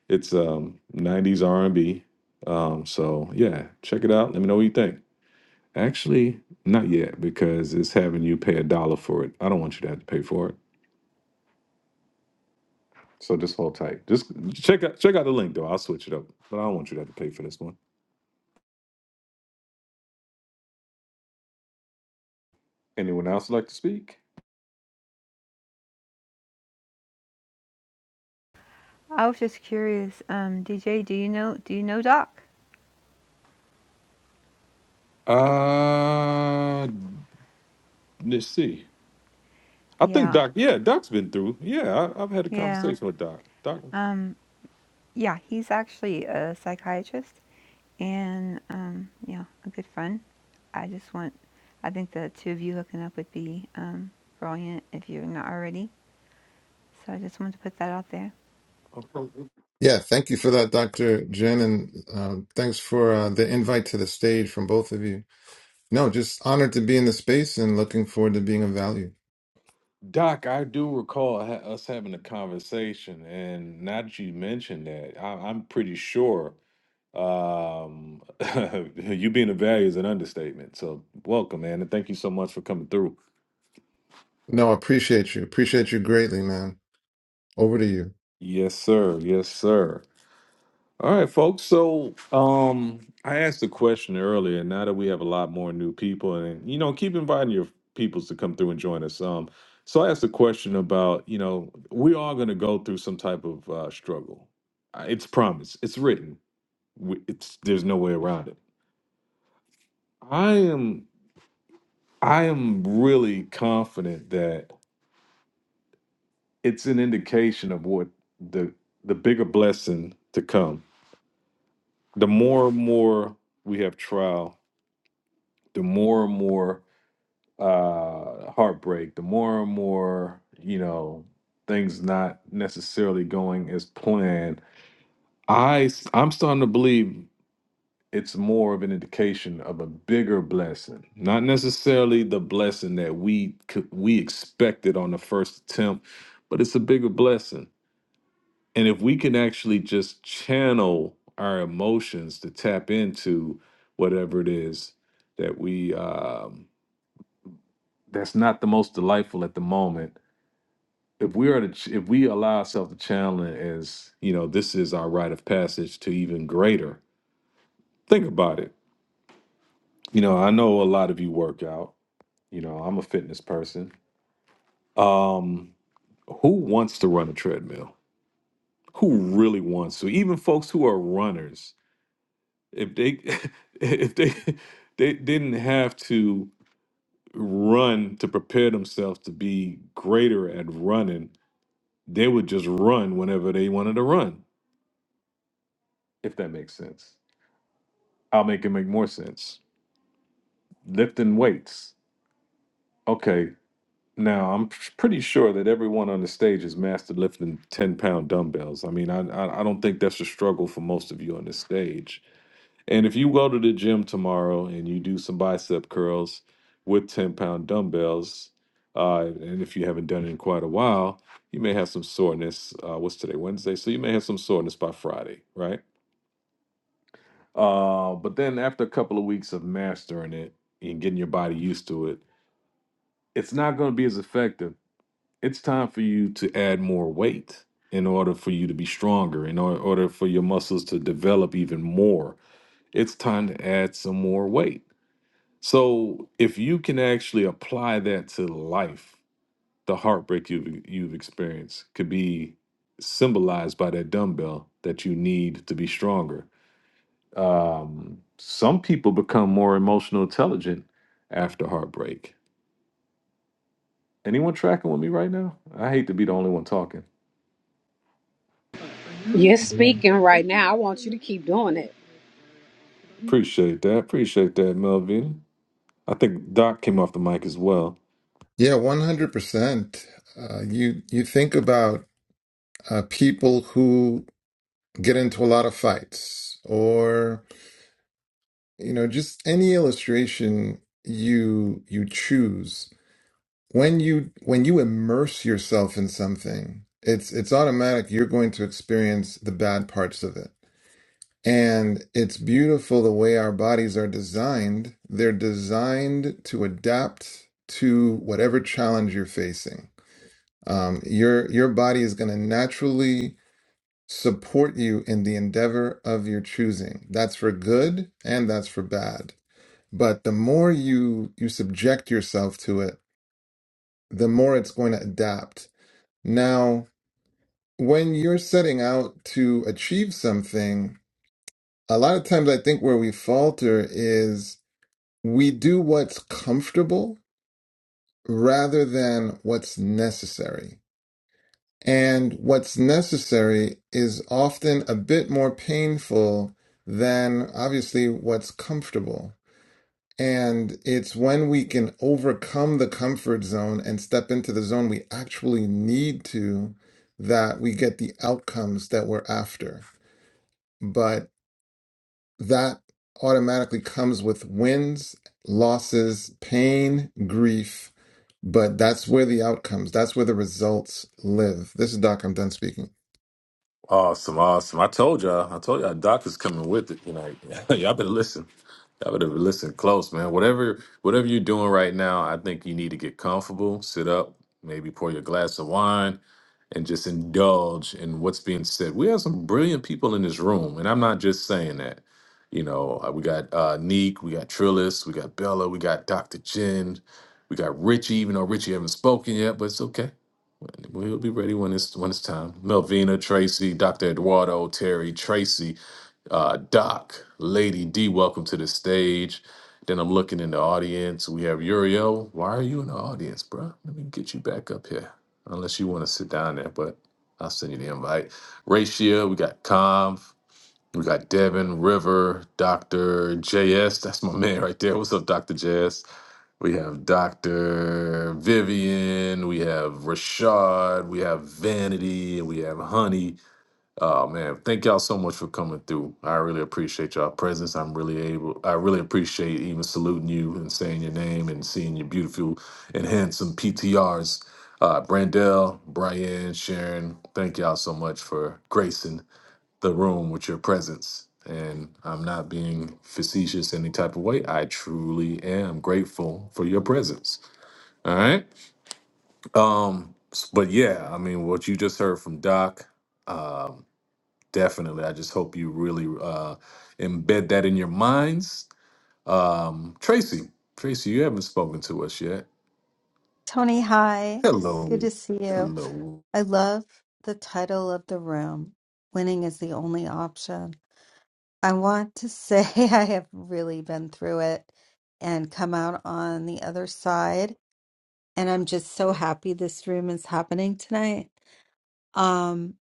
A: it's um, '90s R&B. Um, so yeah, check it out. Let me know what you think. Actually, not yet, because it's having you pay a dollar for it. I don't want you to have to pay for it. So just hold tight. Just check out check out the link though. I'll switch it up. But I don't want you to have to pay for this one. Anyone else like to speak?
K: I was just curious. Um, DJ, do you know? Do you know Doc?
A: Uh let's see. I think
K: Yeah,
A: Doc, yeah, Doc's been through. Yeah, I, I've had a
K: yeah.
A: conversation with Doc. Doc
K: Um, yeah. He's actually a psychiatrist and um, yeah, a good friend. I just want. I think the two of you hooking up would be um brilliant if you're not already. So I just wanted to put that out there.
O: Yeah, thank you for that, Dr. Jen, and um, thanks for uh, the invite to the stage from both of you. No, just honored to be in the space and looking forward to being of value.
A: Doc, I do recall ha- us having a conversation, and now that you mentioned that, I- I'm pretty sure Um, [laughs] you being a value is an understatement. So welcome, man, and thank you so much for coming through.
O: No, appreciate you. Appreciate you greatly, man. Over to you.
A: Yes, sir. Yes, sir. All right, folks. So, um, I asked a question earlier, and now that we have a lot more new people, and you know, keep inviting your peoples to come through and join us. Um, so I asked a question about, you know, we are going to go through some type of uh, struggle. Uh, It's promised. It's written. We- It's there's no way around it. I am I am really confident that it's an indication of what the the bigger blessing to come. The more and more we have trial, the more and more uh, heartbreak, the more and more you know things not necessarily going as planned. I i s- I'm starting to believe it's more of an indication of a bigger blessing, not necessarily the blessing that we could, we expected on the first attempt, but it's a bigger blessing And if we can actually just channel our emotions to tap into whatever it is that we um, that's not the most delightful at the moment, if we are to ch- if we allow ourselves to channel it as you know, this is our rite of passage to even greater. Think about it. You know, I know a lot of you work out. You know, I'm a fitness person. Um, who wants to run a treadmill? Who really wants to? Even folks who are runners, if they [laughs] if they they didn't have to run to prepare themselves to be greater at running they would just run whenever they wanted to run if that makes sense i'll make it make more sense lifting weights okay now i'm p- pretty sure that everyone on the stage has mastered lifting 10 pound dumbbells i mean i i, I don't think that's a struggle for most of you on the stage And if you go to the gym tomorrow and you do some bicep curls with 10 pound dumbbells, uh, and if you haven't done it in quite a while, you may have some soreness. Uh, what's today, Wednesday? So you may have some soreness by Friday, right? Uh, but then after a couple of weeks of mastering it and getting your body used to it, it's not going to be as effective. It's time for you to add more weight in order for you to be stronger, in or- order for your muscles to develop even more. It's time to add some more weight So if you can actually apply that to life, the heartbreak you've e, you've experienced could be symbolized by that dumbbell that you need to be stronger. Um, some people become more emotional intelligent after heartbreak. Anyone tracking with me right now? I hate to be the only one talking.
I: You're
O: Yeah,
I: speaking right now. I want you to keep doing it.
A: Appreciate that. Appreciate that, Melvin. I think Doc came off the mic as well.
O: Yeah, 100%. Uh, you you think about uh, people who get into a lot of fights or, you know, just any illustration you you choose when you when you immerse yourself in something it's it's automatic you're going to experience the bad parts of it and it's beautiful the way our bodies are designed they're designed to adapt to whatever challenge you're facing um, your your body is going to naturally support you in the endeavor of your choosing that's for good and that's for bad but the more you you subject yourself to it the more it's going to adapt Now, when you're setting out to achieve something, a lot of times I think where we falter is we do what's comfortable rather than what's necessary. And what's necessary is often a bit more painful than obviously what's comfortable. And it's when we can overcome the comfort zone and step into the zone we actually need to that we get the outcomes that we're after. But that automatically comes with wins, losses, pain, grief. But that's where the outcomes, that's where the results live. This is Doc. I'm done speaking.
A: Awesome, awesome. I told y'all, I told y'all, Doc is coming with it tonight. [laughs] y'all better listen. Y'all better listen close, man. Whatever, whatever you're doing right now, I think you need to get comfortable, sit up, maybe pour your glass of wine, and just indulge in what's being said. We have some brilliant people in this room, and I'm not just saying that. You know, uh, we got uh, Neek, we got Trillis, we got Bella, we got Dr. Jen, we got Richie. Even though Richie haven't spoken yet, but it's okay. We'll be ready when it's when it's time. Melvina, Tracy, Dr. Eduardo, Terry, Tracy, uh, Doc, Lady D, welcome to the stage. Then I'm looking in the audience. We have Uriel. Why are you in the audience, bruh? Let me get you back up here. Unless you want to sit down there, but I'll send you the invite. Ratio, we got Conv, we got Devin, River, Dr. JS. That's my [laughs] man right there. What's up, Dr. JS? We have Dr. Vivian, we have Rashad, we have Vanity, and we have Honey. Oh man, thank y'all so much for coming through. I really appreciate y'all presence. I'm really able I really appreciate even saluting you and saying your name and seeing your beautiful and handsome PTRs. Uh Brandell, Brian, Sharon, thank y'all so much for gracing the room with your presence. And I'm not being facetious any type of way. I truly am grateful for your presence. All right. Um, s- but yeah, I mean, what you just heard from Doc, um, definitely. I just hope you really uh, embed that in your minds. Um, Tracy, Tracy, you haven't spoken to us yet.
P: Tony, hi. Good
A: Hello.
P: to see you.
A: Hello.
P: I love the title of the room, Winning is the Only Option. I want to say [laughs] I have really been through it and come out on the other side. And I'm just so happy this room is happening tonight. Um,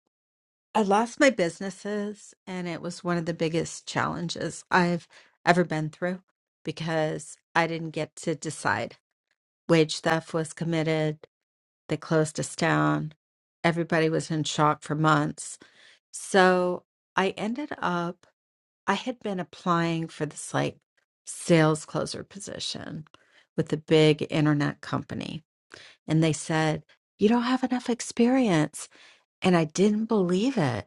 P: I lost my businesses, and it was one of the biggest challenges I've ever been through because I didn't get to decide. Wage theft was committed They closed us down. Everybody was in shock for months. So I ended up, I had been applying for this like sales closer position with a big internet company. And they said, You don't have enough experience. And I didn't believe it.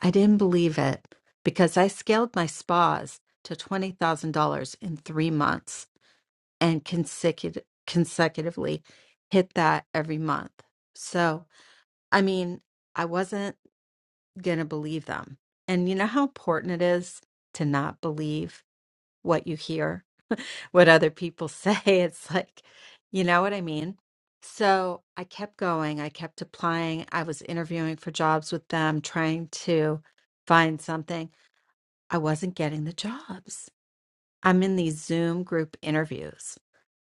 P: I didn't believe it because I scaled my spas to $20,000 in three months and consecutive, consecutively hit that every month. So, I mean, I wasn't going to believe them. And you know how important it is to not believe what you hear, what other people say. [laughs] It's like, you know what I mean? So I kept going. I kept applying. I was interviewing for jobs with them, trying to find something. I wasn't getting the jobs. I'm in these Zoom group interviews.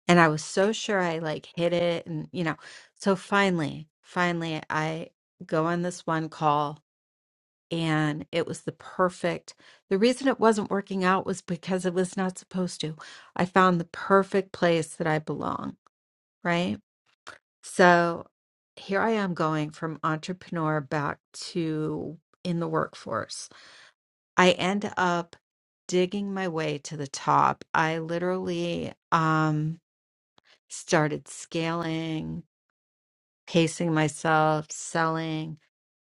P: And I was so sure I like hit it. And, you know, so finally, finally, I go on this one call and it was the perfect the reason it wasn't working out was because it was not supposed to i found the perfect place that i belong right so here i am going from entrepreneur back to in the workforce i end up digging my way to the top i literally um started scaling pacing myself selling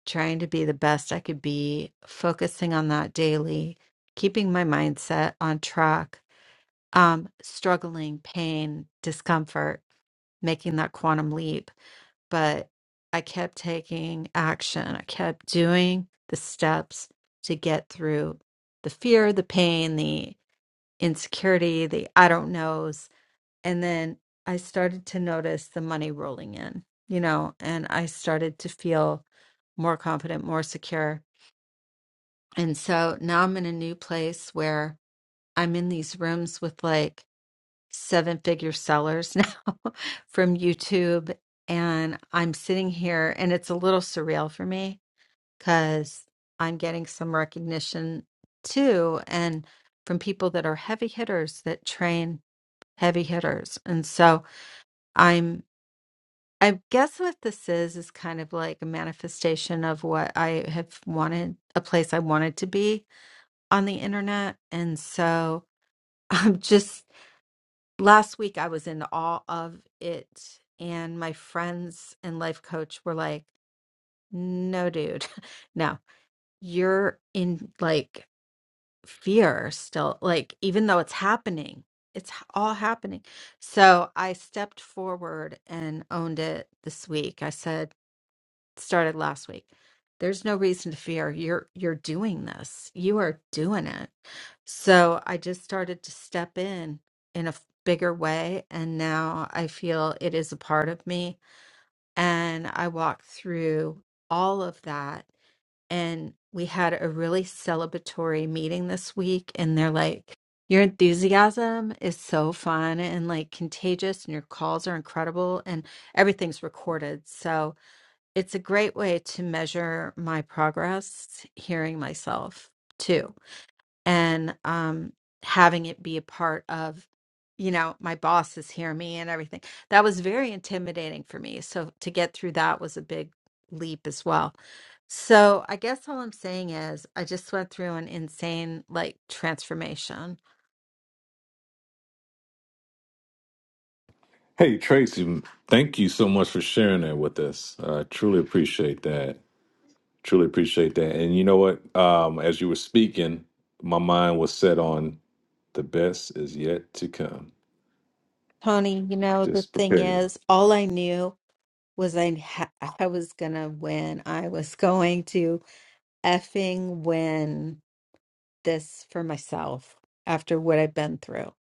P: trying to be the best I could be, focusing on that daily, keeping my mindset on track, um, struggling, pain, discomfort, making that quantum leap. But I kept taking action, I kept doing the steps to get through the fear, the pain, the insecurity, the I don't knows and then I started to notice the money rolling in, you know, and I started to feel more confident, more secure. And so now I'm in a new place where I'm in these rooms with like seven figure sellers [laughs] now from YouTube. And I'm sitting here and it's a little surreal for me because I'm getting some recognition too. And from people that are heavy hitters that train heavy hitters. And so, I'm. I guess what this is is kind of like a manifestation of what I have wanted, a place I wanted to be on the internet. And so [laughs] I'm just, last week I was in awe of it. And my friends and life coach were like, no, dude, [laughs] no, you're in like fear still. Like, even though it's happening, it's h- all happening. So I stepped forward and owned it this week. I said, started last week. There's no reason to fear. You're you're doing this. You are doing it. So I just started to step in in a f- bigger way and now I feel it is a part of me and I walk through all of that and we had a really celebratory meeting this week and they're like your enthusiasm is so fun and like contagious and your calls are incredible and everything's recorded. So it's a great way to measure my progress hearing myself too and um having it be a part of you know my bosses hear me and everything that was very intimidating for me so to get through that was a big leap as well so i guess all i'm saying is i just went through an insane like transformation
A: Hey, Tracy, thank you so much for sharing that with us. I truly appreciate that. Truly appreciate that. And you know what? Um, as you were speaking, my mind was set on the best is yet to come.
P: tony you know the
A: Just
P: thing
A: prepare.
P: is all i knew was i ha- i was going to win i was going to effing win this for myself after what I've been through.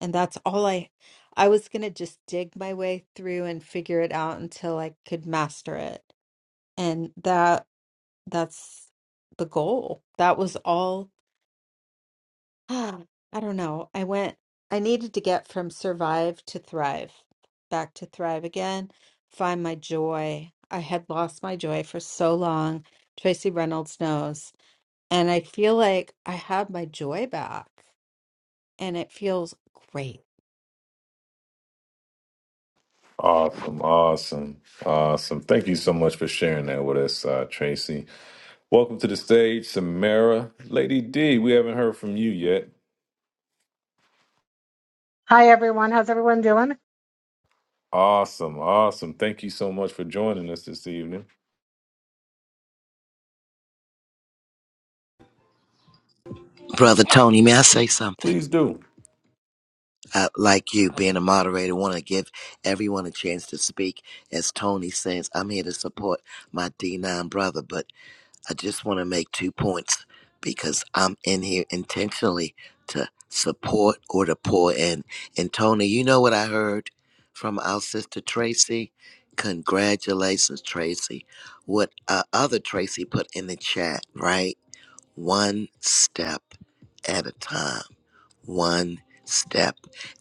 P: And that's all I I was going to just dig my way through and figure it out until I could master it. And that that's the goal. That was all [sighs] I don't know. I went I needed to get from survive to thrive, back to thrive again, find my joy. I had lost my joy for so long. Tracy Reynolds knows And I feel like I have my joy back and it feels great.
A: Awesome, awesome, awesome. Thank you so much for sharing that with us, uh, Tracy. Welcome to the stage, Samara. Lady D, we haven't heard from you yet.
Q: Hi, everyone. How's everyone doing?
A: Awesome, awesome. Thank you so much for joining us this evening.
J: brother Tony. May I say something?
A: Please do.
J: I, like you being a moderator, want to give everyone a chance to speak. As Tony says, I'm here to support my D9 brother, but I just want to make two points because I'm in here intentionally to support or to pour in. And Tony, you know what I heard from our sister Tracy? Congratulations, Tracy. What uh, other Tracy put in the chat, right? One step at a time one step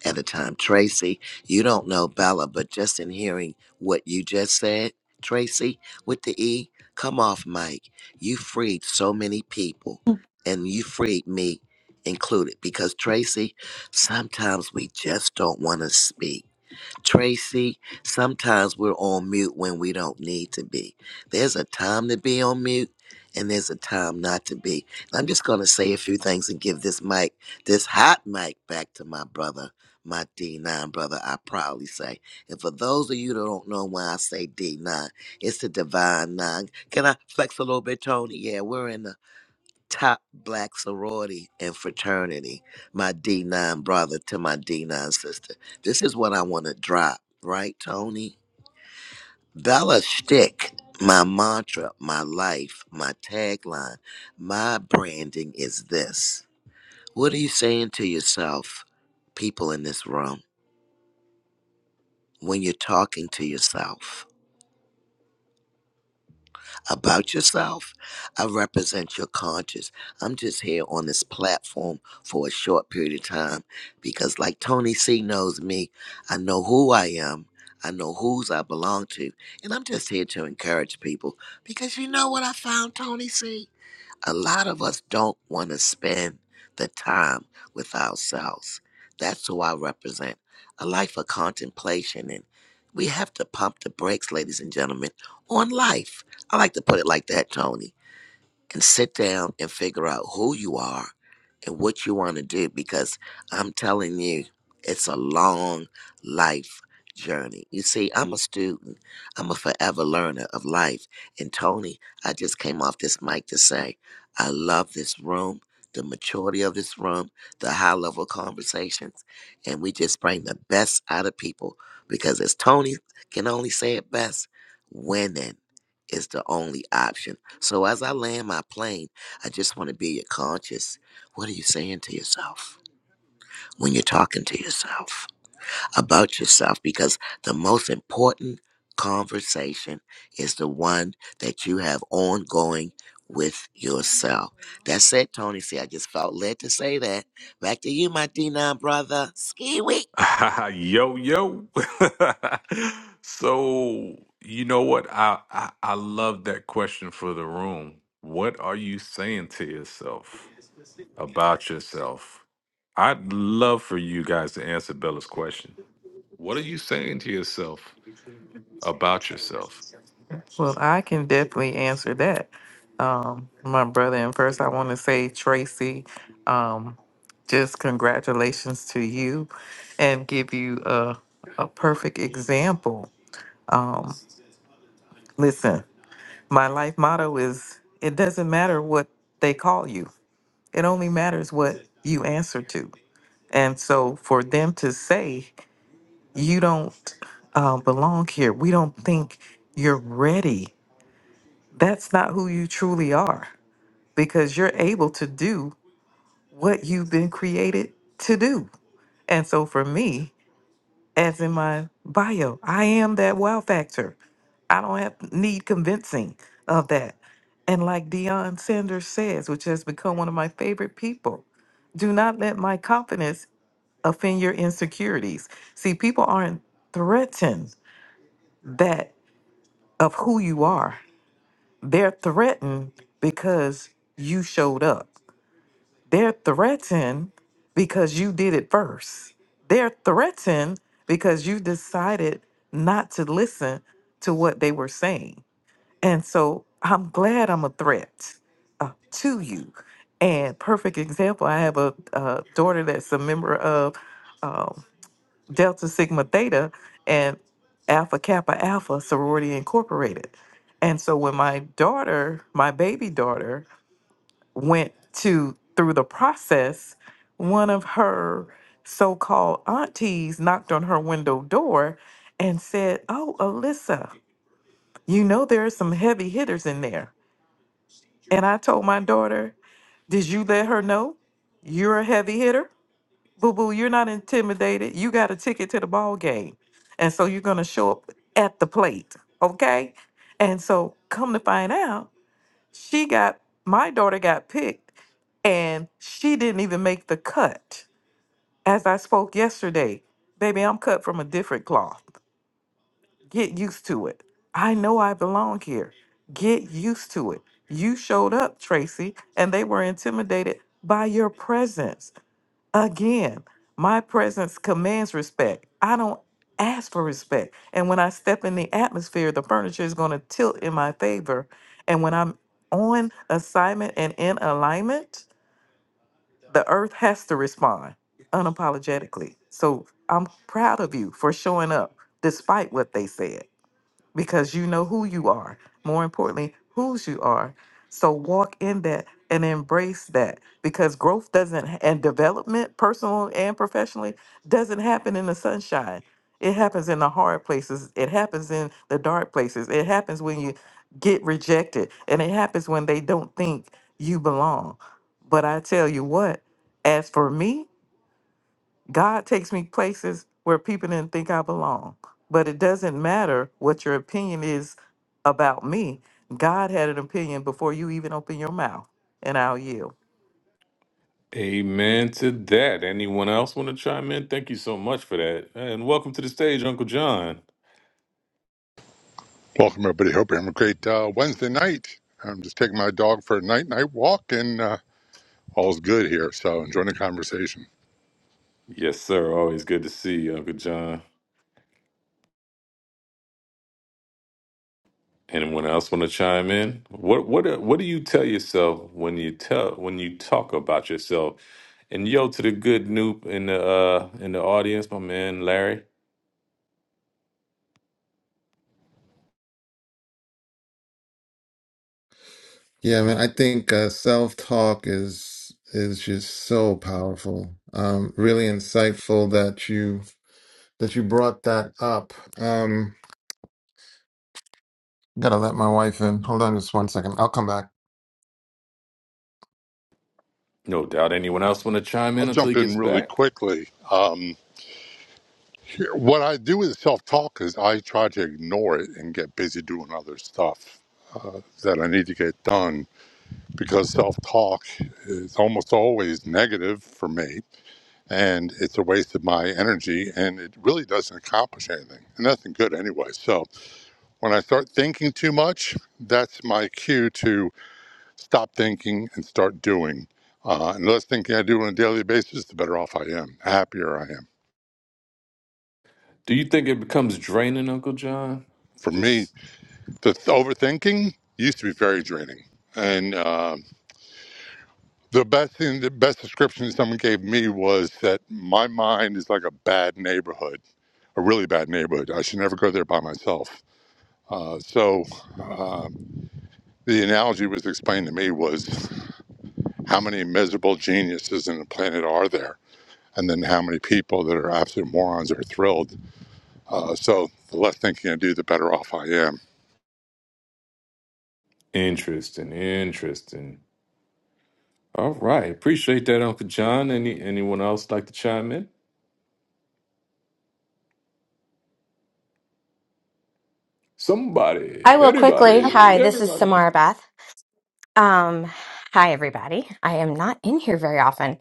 J: at a time. Tracy, you don't know Bella, but just in hearing what you just said, Tracy, with the E, come off, Mike. You freed so many people, and you freed me included, because Tracy, sometimes we just don't want to speak. Tracy, sometimes we're on mute when we don't need to be. There's a time to be on mute and there's a time not to be. I'm just going to say a few things and give this mic, this hot mic, back to my brother, my D9 brother, I proudly say. And for those of you that don't know why I say D9, it's the divine nine. Can I flex a little bit, Tony? Yeah, we're in the top black sorority and fraternity, my D9 brother to my D9 sister. This is what I want to drop, right, Tony? Bella Stick, my mantra, my life, my tagline, my branding is this. What are you saying to yourself, people in this room, when you're talking to yourself? about yourself. I represent your conscience. I'm just here on this platform for a short period of time because, like Tony C knows me, I know who I am. I know whose I belong to. And I'm just here to encourage people because you know what I found, Tony C? a lot of us don't want to spend the time with ourselves. That's who I represent a life of contemplation. And we have to pump the brakes, ladies and gentlemen, on life. I like to put it like that, Tony and sit down and figure out who you are and what you want to do because I'm telling you, it's a long life journey. You see, I'm a student, I'm a forever learner of life. And Tony, I just came off this mic to say, I love this room, the maturity of this room, the high level conversations, and we just bring the best out of people because as Tony can only say it best, winning is the only option so as I land my plane, I just want to be conscious. What are you saying to yourself when you're talking to yourself about yourself? Because the most important conversation is the one that you have ongoing with yourself. That's it, Tony. See, I just felt led to say that. Back to you, my D9 brother. Ski week.
A: [laughs] yo yo [laughs] so you know what I, I i love that question for the room what are you saying to yourself about yourself i'd love for you guys to answer bella's question what are you saying to yourself about yourself
G: Well, I can definitely answer that. Um, my brother, and first I want to say, Tracy, um, just congratulations to you and give you a, a perfect example. Um, listen, my life motto is it doesn't matter what they call you, it only matters what you answer to. And so for them to say, you don't uh, belong here, we don't think you're ready, that's not who you truly are because you're able to do what you've been created to do. And so for me, as in my bio, I am that wow factor. I don't have need convincing of that. And like Deion Sanders says, which has become one of my favorite people, do not let my confidence offend your insecurities. See, people aren't threatened that of who you are. They're threatened because you showed up. They're threatened because you did it first. They're threatened because you decided not to listen to what they were saying. And so I'm glad I'm a threat uh, to you. And perfect example, I have a, uh daughter that's a member of um, Delta Sigma Theta and Alpha Kappa Alpha Sorority Incorporated. And so when my daughter, my baby daughter, went to through the process, one of her so-called aunties knocked on her window door and said, "Oh, Alyssa, you know there are some heavy hitters in there." And I told my daughter, "Did you let her know you're a heavy hitter? Boo boo, you're not intimidated. You got a ticket to the ball game, and so you're gonna show up at the plate, okay?" And so, come to find out. She got my daughter got picked and she didn't even make the cut. As I spoke yesterday, baby, I'm cut from a different cloth. Get used to it. I know I belong here. Get used to it. You showed up, Tracy, and they were intimidated by your presence. Again, my presence commands respect. I don't ask for respect. And when I step in the atmosphere, the furniture is going to tilt in my favor. And when I'm on assignment and in alignment, the earth has to respond unapologetically. So I'm proud of you for showing up despite what they said because you know who you are. More importantly, whose you are. So walk in that and embrace that because growth doesn't and development, personal and professionally, doesn't happen in the sunshine. It happens in the hard places. It happens in the dark places. It happens when you get rejected and it happens when they don't think you belong. But I tell you what, as for me, God takes me places where people didn't think I belong. But it doesn't matter what your opinion is about me. God had an opinion before you even open your mouth, and I'll yield.
A: amen to that anyone else want to chime in thank you so much for that and welcome to the stage uncle john
R: Welcome, everybody. Hope you're having a great uh, Wednesday night. I'm just taking my dog for a night night walk, and uh, all's good here. So, enjoying the conversation.
A: yes sir always good to see you uncle john Anyone else want to chime in? What what uh, what do you tell yourself when you tell when you talk about yourself? And yo to the good noob in the uh in the audience, my man Larry.
O: Yeah, man. I think uh, self-talk is is just so powerful. Um, really insightful that you that you brought that up. Um, gotta let my wife in. Hold on just one second. I'll come back.
A: No doubt anyone else want to chime in
R: I'll
A: until he
R: jump
A: gets
R: in really
A: back?
R: quickly. Um, here, what I do with self talk is I try to ignore it and get busy doing other stuff that I need to get done because self talk is almost always negative for me, and it's a waste of my energy, and it really doesn't accomplish anything, and nothing good anyway. So, When I start thinking too much, that's my cue to stop thinking and start doing. Uh, and the less thinking I do on a daily basis, the better off I am, happier I am.
A: Do you think it becomes draining, Uncle John?
R: For me,
A: Just
R: the th- overthinking used to be very draining. And uh, the best thing, the best description someone gave me was that my mind is like a bad neighborhood a really bad neighborhood. I should never go there by myself. Uh, so uh, the analogy was explained to me was How many miserable geniuses in the planet are there? And then how many people that are absolute morons are thrilled? Uh, so the less thinking I do, the better off I am.
A: interesting, interesting. All right. Appreciate that, Uncle John. Any anyone else like to chime in? Somebody,
S: I will quickly.
A: anybody,
S: Hi, this is
A: everybody.
S: Samara Beth. Um, hi, everybody. I am not in here very often.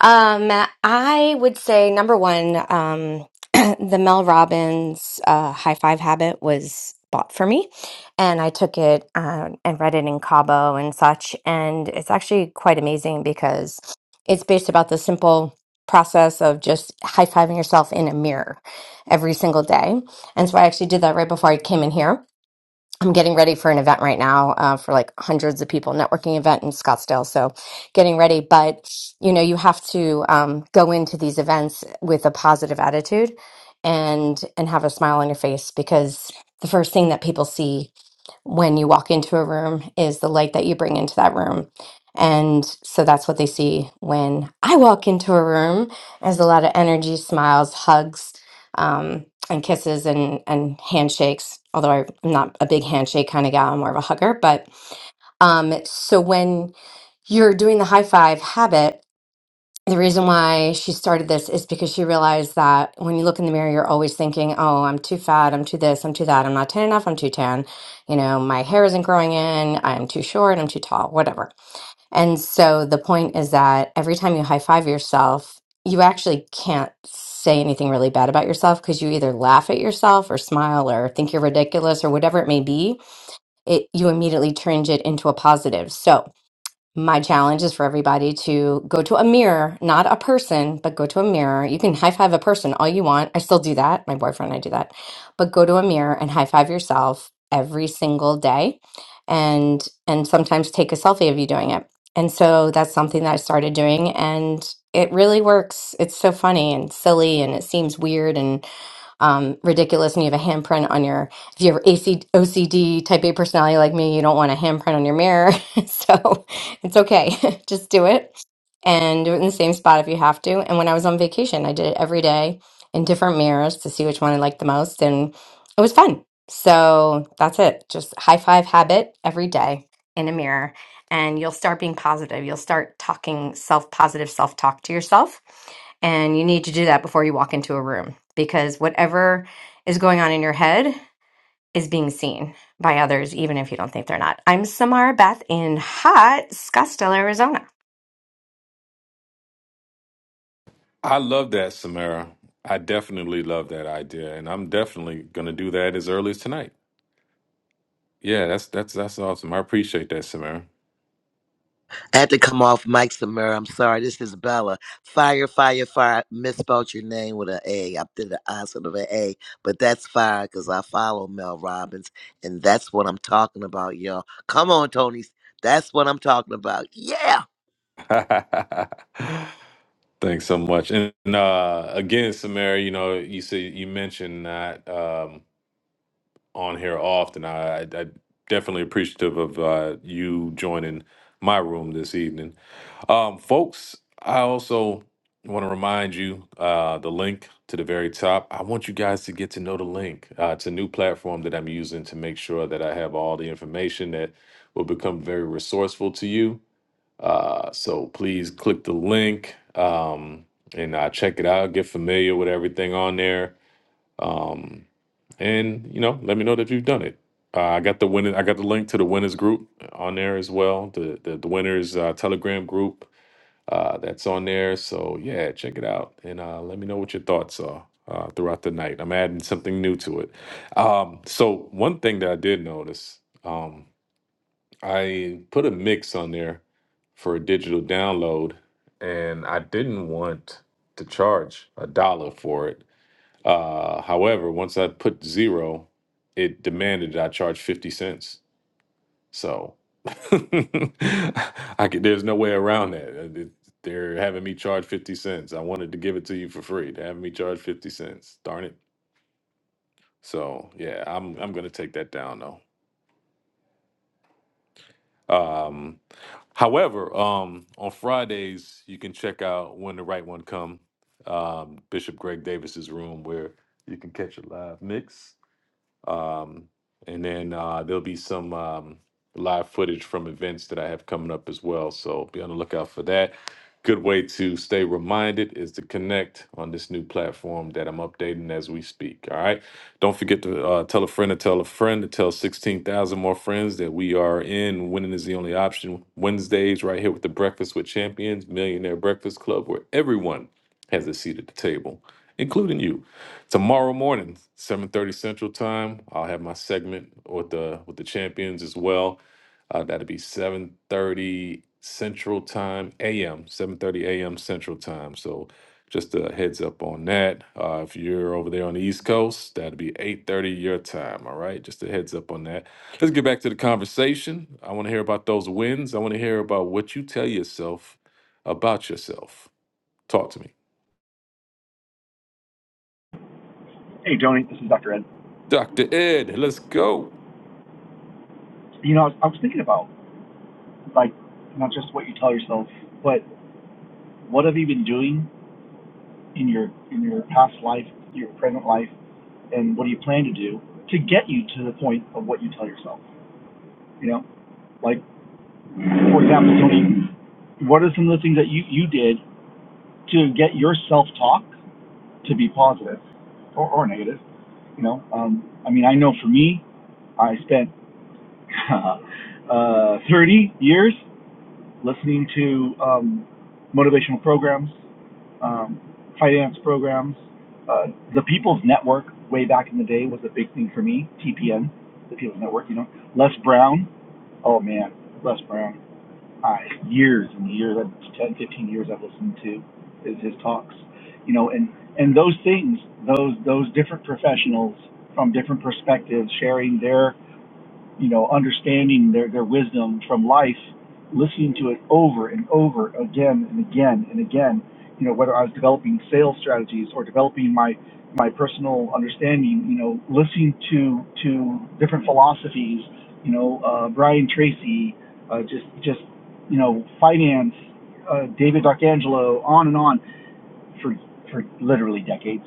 S: Um, I would say number one, um, [clears throat] the Mel Robbins uh, High Five Habit was bought for me, and I took it um, and read it in Cabo and such. And it's actually quite amazing because it's based about the simple process of just high fiving yourself in a mirror every single day. And so I actually did that right before I came in here I'm getting ready for an event right now uh, for like hundreds of people networking event in Scottsdale. So getting ready, but you know, you have to um, go into these events with a positive attitude and and have a smile on your face because the first thing that people see when you walk into a room is the light that you bring into that room. And so that's what they see when I walk into a room. There's a lot of energy, smiles, hugs. Um, and kisses and and handshakes. Although I'm not a big handshake kind of gal, I'm more of a hugger. But um, so when you're doing the high five habit, the reason why she started this is because she realized that when you look in the mirror, you're always thinking, "Oh, I'm too fat. I'm too this. I'm too that. I'm not tan enough. I'm too tan. You know, my hair isn't growing in. I'm too short. I'm too tall. Whatever." And so the point is that every time you high five yourself, you actually can't say anything really bad about yourself because you either laugh at yourself or smile or think you're ridiculous or whatever it may be. It you immediately change it into a positive. So my challenge is for everybody to go to a mirror, not a person, but go to a mirror. You can high five a person all you want. I still do that. My boyfriend and I do that. But go to a mirror and high five yourself every single day and and sometimes take a selfie of you doing it. And so that's something that I started doing and it really works. It's so funny and silly and it seems weird and um, ridiculous and you have a handprint on your, if you have AC, OCD type A personality like me, you don't want a handprint on your mirror. [laughs] so it's okay. [laughs] Just do it and do it in the same spot if you have to. And when I was on vacation, I did it every day in different mirrors to see which one I liked the most. And it was fun. So that's it. Just high five habit every day in a mirror. And you'll start being positive. You'll start talking self positive self talk to yourself. And you need to do that before you walk into a room because whatever is going on in your head is being seen by others, even if you don't think they're not. I'm Samara Beth in hot Scottsdale, Arizona.
A: I love that, Samara. I definitely love that idea, and I'm definitely gonna do that as early as tonight. Yeah, that's that's that's awesome. I appreciate that, Samara.
J: I had to come off Mike Samura. I'm sorry. This is Bella. Fire, fire, fire. Misspelled your name with an A. I did the I instead of an A, but that's fire because I follow Mel Robbins, and that's what I'm talking about, y'all. Come on, Tony. That's what I'm talking about. Yeah.
A: [laughs] Thanks so much. And uh, again, Samara, you know, you see, you mentioned not um, on here often. I, I, I definitely appreciative of uh, you joining my room this evening. Um, folks, I also want to remind you uh, the link to the very top. I want you guys to get to know the link. Uh, it's a new platform that I'm using to make sure that I have all the information that will become very resourceful to you. Uh, so please click the link um, and uh, check it out. Get familiar with everything on there, um, and you know, let me know that you've done it. Uh, I got the winning. I got the link to the winners group on there as well. The the, the winners uh, Telegram group uh, that's on there. So yeah, check it out and uh, let me know what your thoughts are uh, throughout the night. I'm adding something new to it. Um, so one thing that I did notice, um, I put a mix on there for a digital download, and I didn't want to charge a dollar for it. Uh, however, once I put zero, it demanded that I charge fifty cents. So [laughs] I could, there's no way around that. Uh, th- They're having me charge 50 cents. I wanted to give it to you for free. They're having me charge 50 cents. Darn it. So yeah, I'm I'm gonna take that down though. Um, however, um, on Fridays you can check out when the right one come. Um, Bishop Greg Davis's room where you can catch a live mix Um, and then uh, there'll be some um, live footage from events that I have coming up as well. So be on the lookout for that. Good way to stay reminded is to connect on this new platform that I'm updating as we speak. All right. Don't forget to uh, tell a friend to tell a friend to tell 16,000 more friends that we are in Winning is the Only Option Wednesdays right here with the Breakfast with Champions Millionaire Breakfast Club, where everyone has a seat at the table, including you. Tomorrow morning, 7:30 Central Time, I'll have my segment with the with the champions as well. Uh, that'll be 7:30 Central Time AM, 7:30 AM Central Time. So just a heads up on that. Uh, if you're over there on the East Coast, that'll be 8:30 your time. All right, just a heads up on that. Let's get back to the conversation. I want to hear about those wins. I want to hear about what you tell yourself about yourself. Talk to me,
L: Hey, Joni, this is Dr. Ed.
A: Dr. Ed. Let's go.
L: You know, I was, I was thinking about like not just what you tell yourself, but what have you been doing in your in your past life, your present life, and what do you plan to do to get you to the point of what you tell yourself? You know, like for example, Tony, what are some of the things that you you did to get your self talk to be positive or, or negative? You know, um, I mean, I know for me, I spent [laughs] uh, 30 years listening to um, motivational programs, um, finance programs. Uh, the People's Network way back in the day was a big thing for me. TPN, the People's Network, you know. Les Brown. Oh man, Les Brown. I years and years, 10, 15 years I've listened to is his talks, you know, and, and those things, those, those different professionals from different perspectives sharing their you know, understanding their, their wisdom from life, listening to it over and over again and again and again, you know, whether I was developing sales strategies or developing my, my personal understanding, you know, listening to, to different philosophies, you know, uh, Brian Tracy, uh, just, just, you know, finance, uh, David D'Arcangelo, on and on for, for literally decades.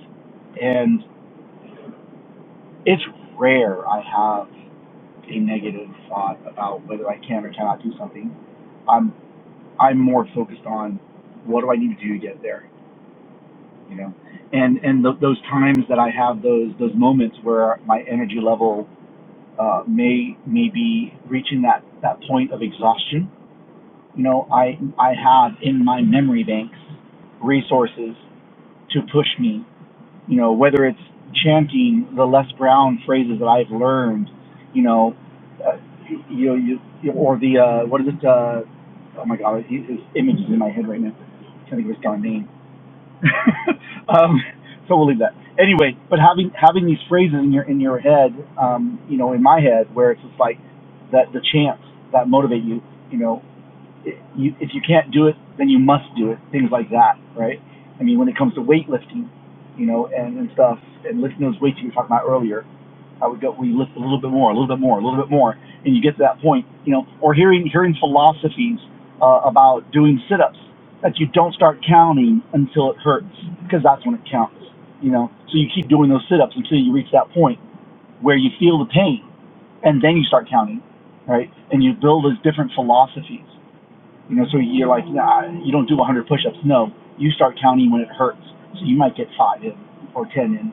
L: And it's rare I have a negative thought about whether I can or cannot do something. I'm I'm more focused on what do I need to do to get there, you know. And and th- those times that I have those those moments where my energy level uh, may may be reaching that that point of exhaustion, you know, I I have in my memory banks resources to push me you know, whether it's chanting the Les Brown phrases that I've learned, you know, uh, you you, you- or the uh, what is it? Uh, oh my God, his his image is in my head right now. I can't think of his darn name. [laughs] um, so we'll leave that anyway. But having having these phrases in your in your head, um, you know, in my head, where it's just like that the chants that motivate you, you know, you, if you can't do it, then you must do it. Things like that, right? I mean, when it comes to weightlifting, you know, and, and stuff, and lifting those weights you were talking about earlier, I would go, we lift a little bit more, a little bit more, a little bit more, and you get to that point, you know, or hearing hearing philosophies uh, about doing sit-ups that you don't start counting until it hurts, because that's when it counts, you know. So you keep doing those sit-ups until you reach that point where you feel the pain, and then you start counting, right? And you build those different philosophies you know, so you're like, nah, you don't do 100 push-ups. No, you start counting when it hurts. So you might get five in or 10 in.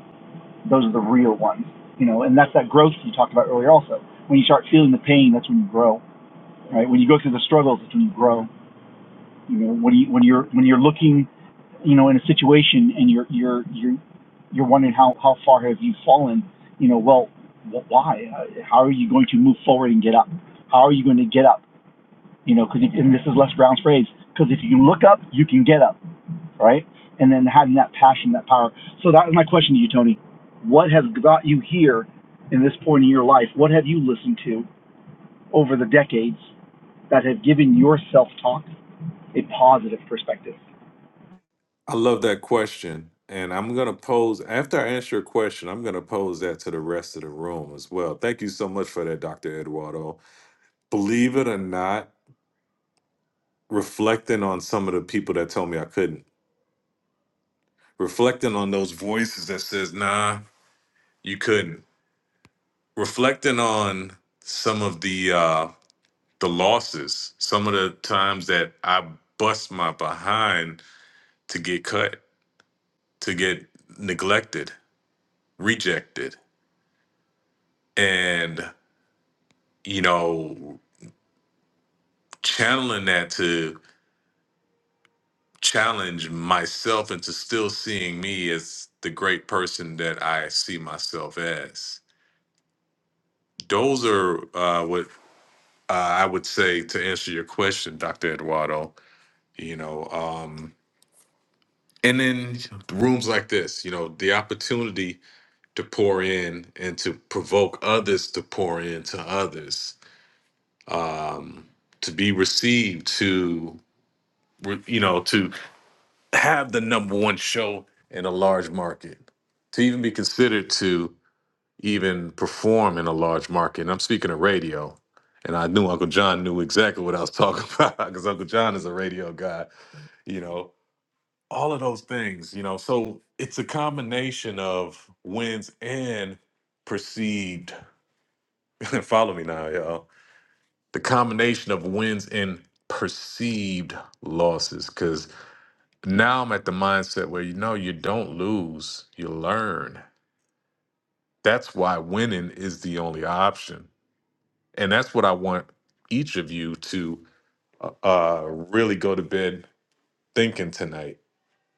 L: Those are the real ones. You know, and that's that growth you talked about earlier. Also, when you start feeling the pain, that's when you grow. Right? When you go through the struggles, that's when you grow. You know, when you when you're when you're looking, you know, in a situation and you're you're you're you're wondering how how far have you fallen. You know, well, why? Uh, How are you going to move forward and get up? How are you going to get up? you know, because and this is Les Brown's phrase, because if you look up, you can get up, right? And then having that passion, that power. So that was my question to you, Tony. What has got you here in this point in your life? What have you listened to over the decades that have given your self-talk a positive perspective?
A: I love that question. And I'm going to pose, after I answer your question, I'm going to pose that to the rest of the room as well. Thank you so much for that, Dr. Eduardo. Believe it or not, reflecting on some of the people that told me I couldn't, reflecting on those voices that says, nah, you couldn't, reflecting on some of the, uh, the losses, some of the times that I bust my behind to get cut, to get neglected, rejected. And you know, channeling that to challenge myself into still seeing me as the great person that I see myself as. Those are uh, what uh, I would say to answer your question, Dr. Eduardo. You know, um, and then rooms like this, you know, the opportunity to pour in and to provoke others to pour into others, to be received, to you know, to have the number one show in a large market to even be considered to even perform in a large market. And I'm speaking of radio. And I knew Uncle John knew exactly what I was talking [laughs] about because Uncle John is a radio guy, you know, all of those things, you know. So it's a combination of wins and perceived. [laughs] Follow me now, y'all. The combination of wins and perceived losses. because. Now I'm at the mindset where you know you don't lose, you learn. That's why winning is the only option. And that's what I want each of you to uh, uh, really go to bed thinking tonight,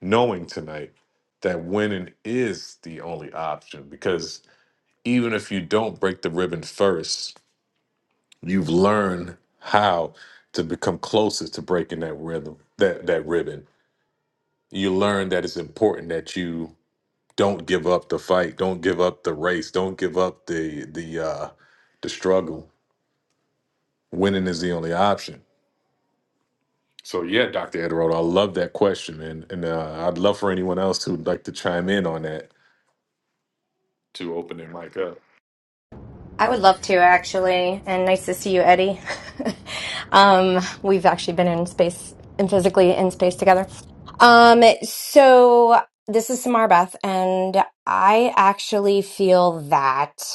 A: knowing tonight that winning is the only option. Because even if you don't break the ribbon first, you've learned how to become closer to breaking that rhythm, that, that ribbon. You learn that it's important that you don't give up the fight don't give up the race don't give up the the uh the struggle winning is the only option so yeah dr Ederold, i love that question man and uh, i'd love for anyone else who'd like to chime in on that to open their mic up
S: I would love to actually, and nice to see you, Eddie. [laughs] um, we've actually been in space and physically in space together. Um, so this is Samara Beth, and I actually feel that.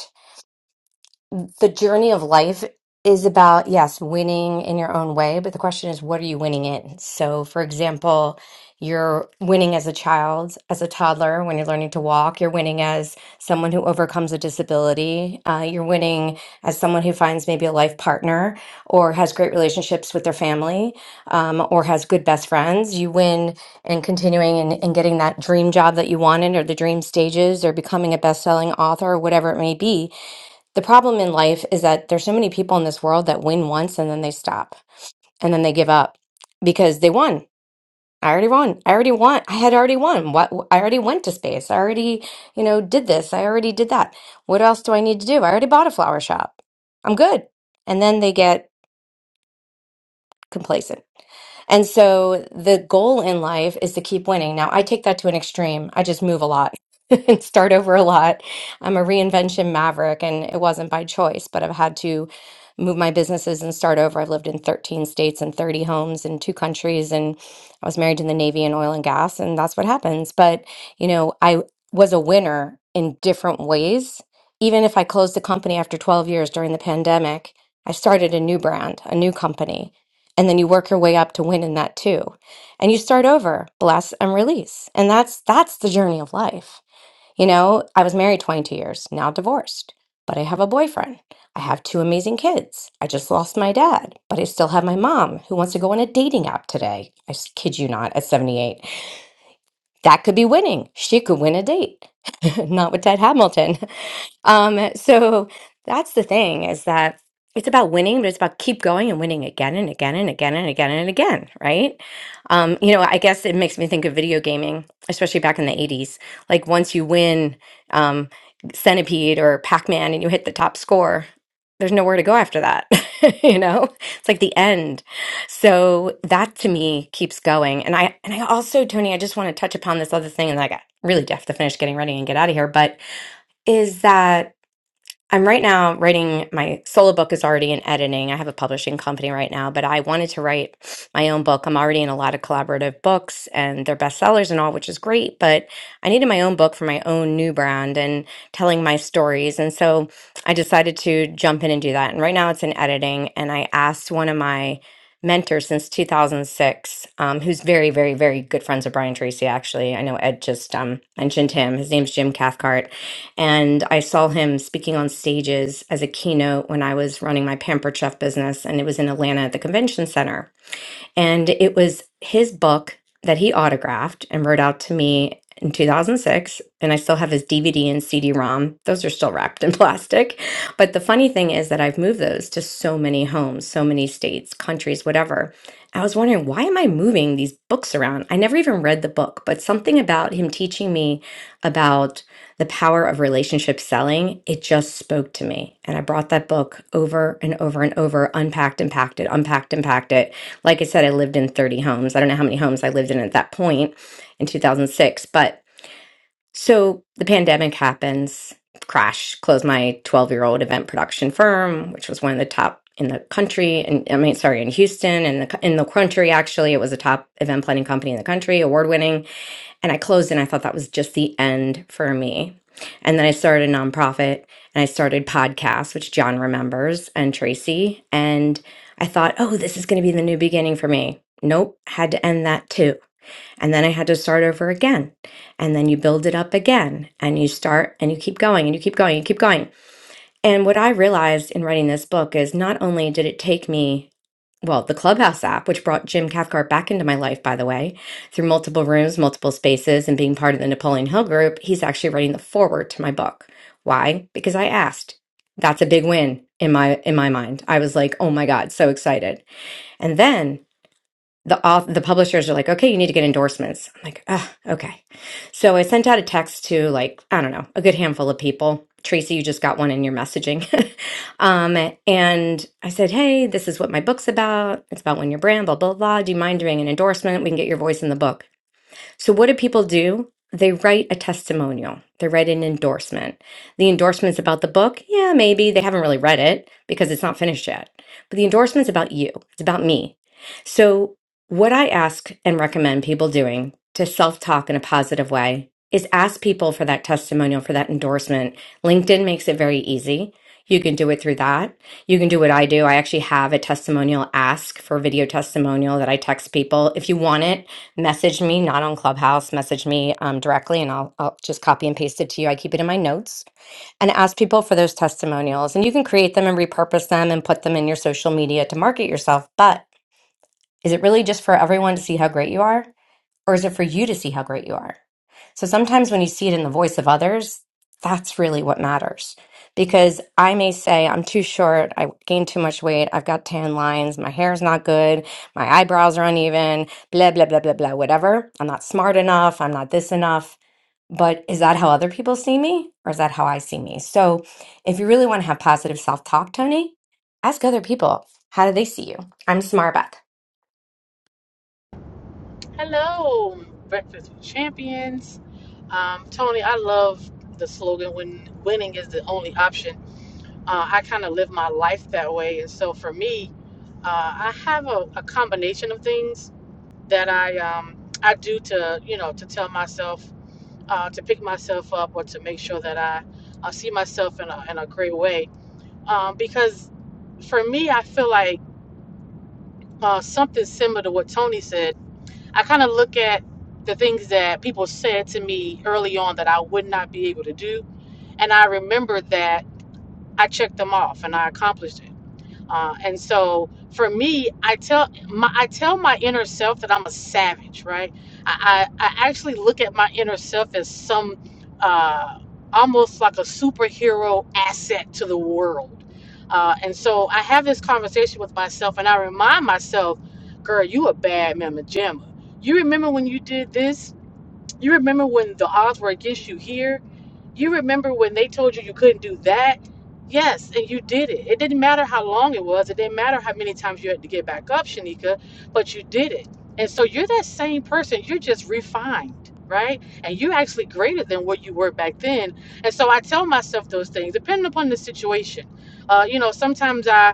S: the journey of life is about, yes, winning in your own way, but the question is, what are you winning in? So, for example, you're winning as a child, as a toddler, when you're learning to walk. You're winning as someone who overcomes a disability. Uh, you're winning as someone who finds maybe a life partner or has great relationships with their family um, or has good best friends. You win in continuing and, and getting that dream job that you wanted or the dream stages or becoming a best selling author or whatever it may be the problem in life is that there's so many people in this world that win once and then they stop and then they give up because they won. I already won. I already won. I had already won. What I already went to space. I already, you know, did this. I already did that. What else do I need to do? I already bought a flower shop. I'm good. And then they get complacent. And so the goal in life is to keep winning. Now, I take that to an extreme. I just move a lot [laughs] and start over a lot. I'm a reinvention maverick, and it wasn't by choice, but I've had to move my businesses and start over. I've lived in 13 states and 30 homes in two countries, and I was married in the Navy and oil and gas, and that's what happens. But, you know, I was a winner in different ways. Even if I closed the company after 12 years during the pandemic, I started a new brand, a new company and then you work your way up to win in that too and you start over bless and release and that's that's the journey of life you know i was married 22 years now divorced but i have a boyfriend i have two amazing kids i just lost my dad but i still have my mom who wants to go on a dating app today i s- kid you not at 78 that could be winning she could win a date [laughs] not with ted hamilton [laughs] Um, [laughs] so that's the thing is that it's about winning, but it's about keep going and winning again and again and again and again and again, right? Um, you know, I guess it makes me think of video gaming, especially back in the 80s. Like once you win um, Centipede or Pac-Man and you hit the top score, there's nowhere to go after that. [laughs] You know, it's like the end. So that to me keeps going. And I and I also, Tony, I just want to touch upon this other thing, and then I got really have to finish getting ready and get out of here. But is that I'm right now writing my solo book is already in editing. I have a publishing company right now, but I wanted to write my own book. I'm already in a lot of collaborative books and they're bestsellers and all, which is great, but I needed my own book for my own new brand and telling my stories. And so I decided to jump in and do that. And right now it's in editing. And I asked one of my mentors since 2006, um, who's very, very, very good friends with Brian Tracy, actually. I know Ed just um, mentioned him. His name's Jim Cathcart and I saw him speaking on stages as a keynote when I was running my Pampered Chef business, and it was in Atlanta at the convention center. And it was his book that he autographed and wrote out to me in 2006. And I still have his DVD and CD ROM. Those are still wrapped in [laughs] plastic. But the funny thing is that I've moved those to so many homes, so many states, countries, whatever. I was wondering, why am I moving these books around? I never even read the book, but something about him teaching me about the power of relationship selling, it just spoke to me. And I brought that book over and over and over, unpacked and packed it, unpacked and packed it like I said, I lived in 30 homes. I don't know how many homes I lived in at that point in 2006. But so the pandemic happens, crash, close my 12 year old event production firm, which was one of the top in the country. And I mean, sorry, in Houston and the, in the country, actually, it was a top event planning company in the country, award winning and I closed and I thought that was just the end for me. And then I started a nonprofit and I started podcasts, which John remembers and Tracy. And I thought, oh, this is going to be the new beginning for me. Nope, had to end that too. And then I had to start over again. And then you build it up again and you start and you keep going and you keep going and you keep going. And what I realized in writing this book is not only did it take me, well, the Clubhouse app, which brought Jim Cathcart back into my life, by the way, through multiple rooms, multiple spaces, and being part of the Napoleon Hill group, he's actually writing the foreword to my book. Why? Because I asked. That's a big win in my in my mind. I was like, "Oh my god, so excited." And then the auth- the publishers are like, okay, you need to get endorsements. I'm like, ah, okay. So I sent out a text to like, I don't know, a good handful of people. Tracy, you just got one in your messaging. [laughs] um, and I said, hey, this is what my book's about. It's about when your brand, blah, blah, blah. Do you mind doing an endorsement? We can get your voice in the book. So, what do people do? They write a testimonial, they write an endorsement. The endorsement's about the book. Yeah, maybe they haven't really read it because it's not finished yet. But the endorsement's about you, it's about me. So, what I ask and recommend people doing to self talk in a positive way is ask people for that testimonial, for that endorsement. LinkedIn makes it very easy. You can do it through that. You can do what I do. I actually have a testimonial ask for video testimonial that I text people. If you want it, message me, not on Clubhouse, message me um, directly, and I'll, I'll just copy and paste it to you. I keep it in my notes and ask people for those testimonials. And you can create them and repurpose them and put them in your social media to market yourself. But is it really just for everyone to see how great you are? Or is it for you to see how great you are? So sometimes when you see it in the voice of others, that's really what matters. Because I may say, I'm too short, I gained too much weight, I've got tan lines, my hair's not good, my eyebrows are uneven, blah, blah, blah, blah, blah, whatever. I'm not smart enough, I'm not this enough. But is that how other people see me? Or is that how I see me? So if you really want to have positive self talk, Tony, ask other people, how do they see you? I'm Smarbeth.
T: Hello, Breakfast with Champions. Um, Tony, I love the slogan when winning is the only option. Uh, I kind of live my life that way. And so for me, uh, I have a, a combination of things that I, um, I do to, you know, to tell myself, uh, to pick myself up or to make sure that I, I see myself in a, in a great way. Um, because for me, I feel like uh, something similar to what Tony said I kind of look at the things that people said to me early on that I would not be able to do. And I remember that I checked them off and I accomplished it. Uh, and so for me, I tell my I tell my inner self that I'm a savage, right? I I, I actually look at my inner self as some uh, almost like a superhero asset to the world. Uh, and so I have this conversation with myself, and I remind myself, "Girl, you a bad mama jamma. You remember when you did this? You remember when the odds were against you here? You remember when they told you you couldn't do that? Yes, and you did it. It didn't matter how long it was. It didn't matter how many times you had to get back up, Shanika, but you did it. And so you're that same person. You're just refined, right? And you're actually greater than what you were back then. And so I tell myself those things, depending upon the situation. Uh, you know, sometimes I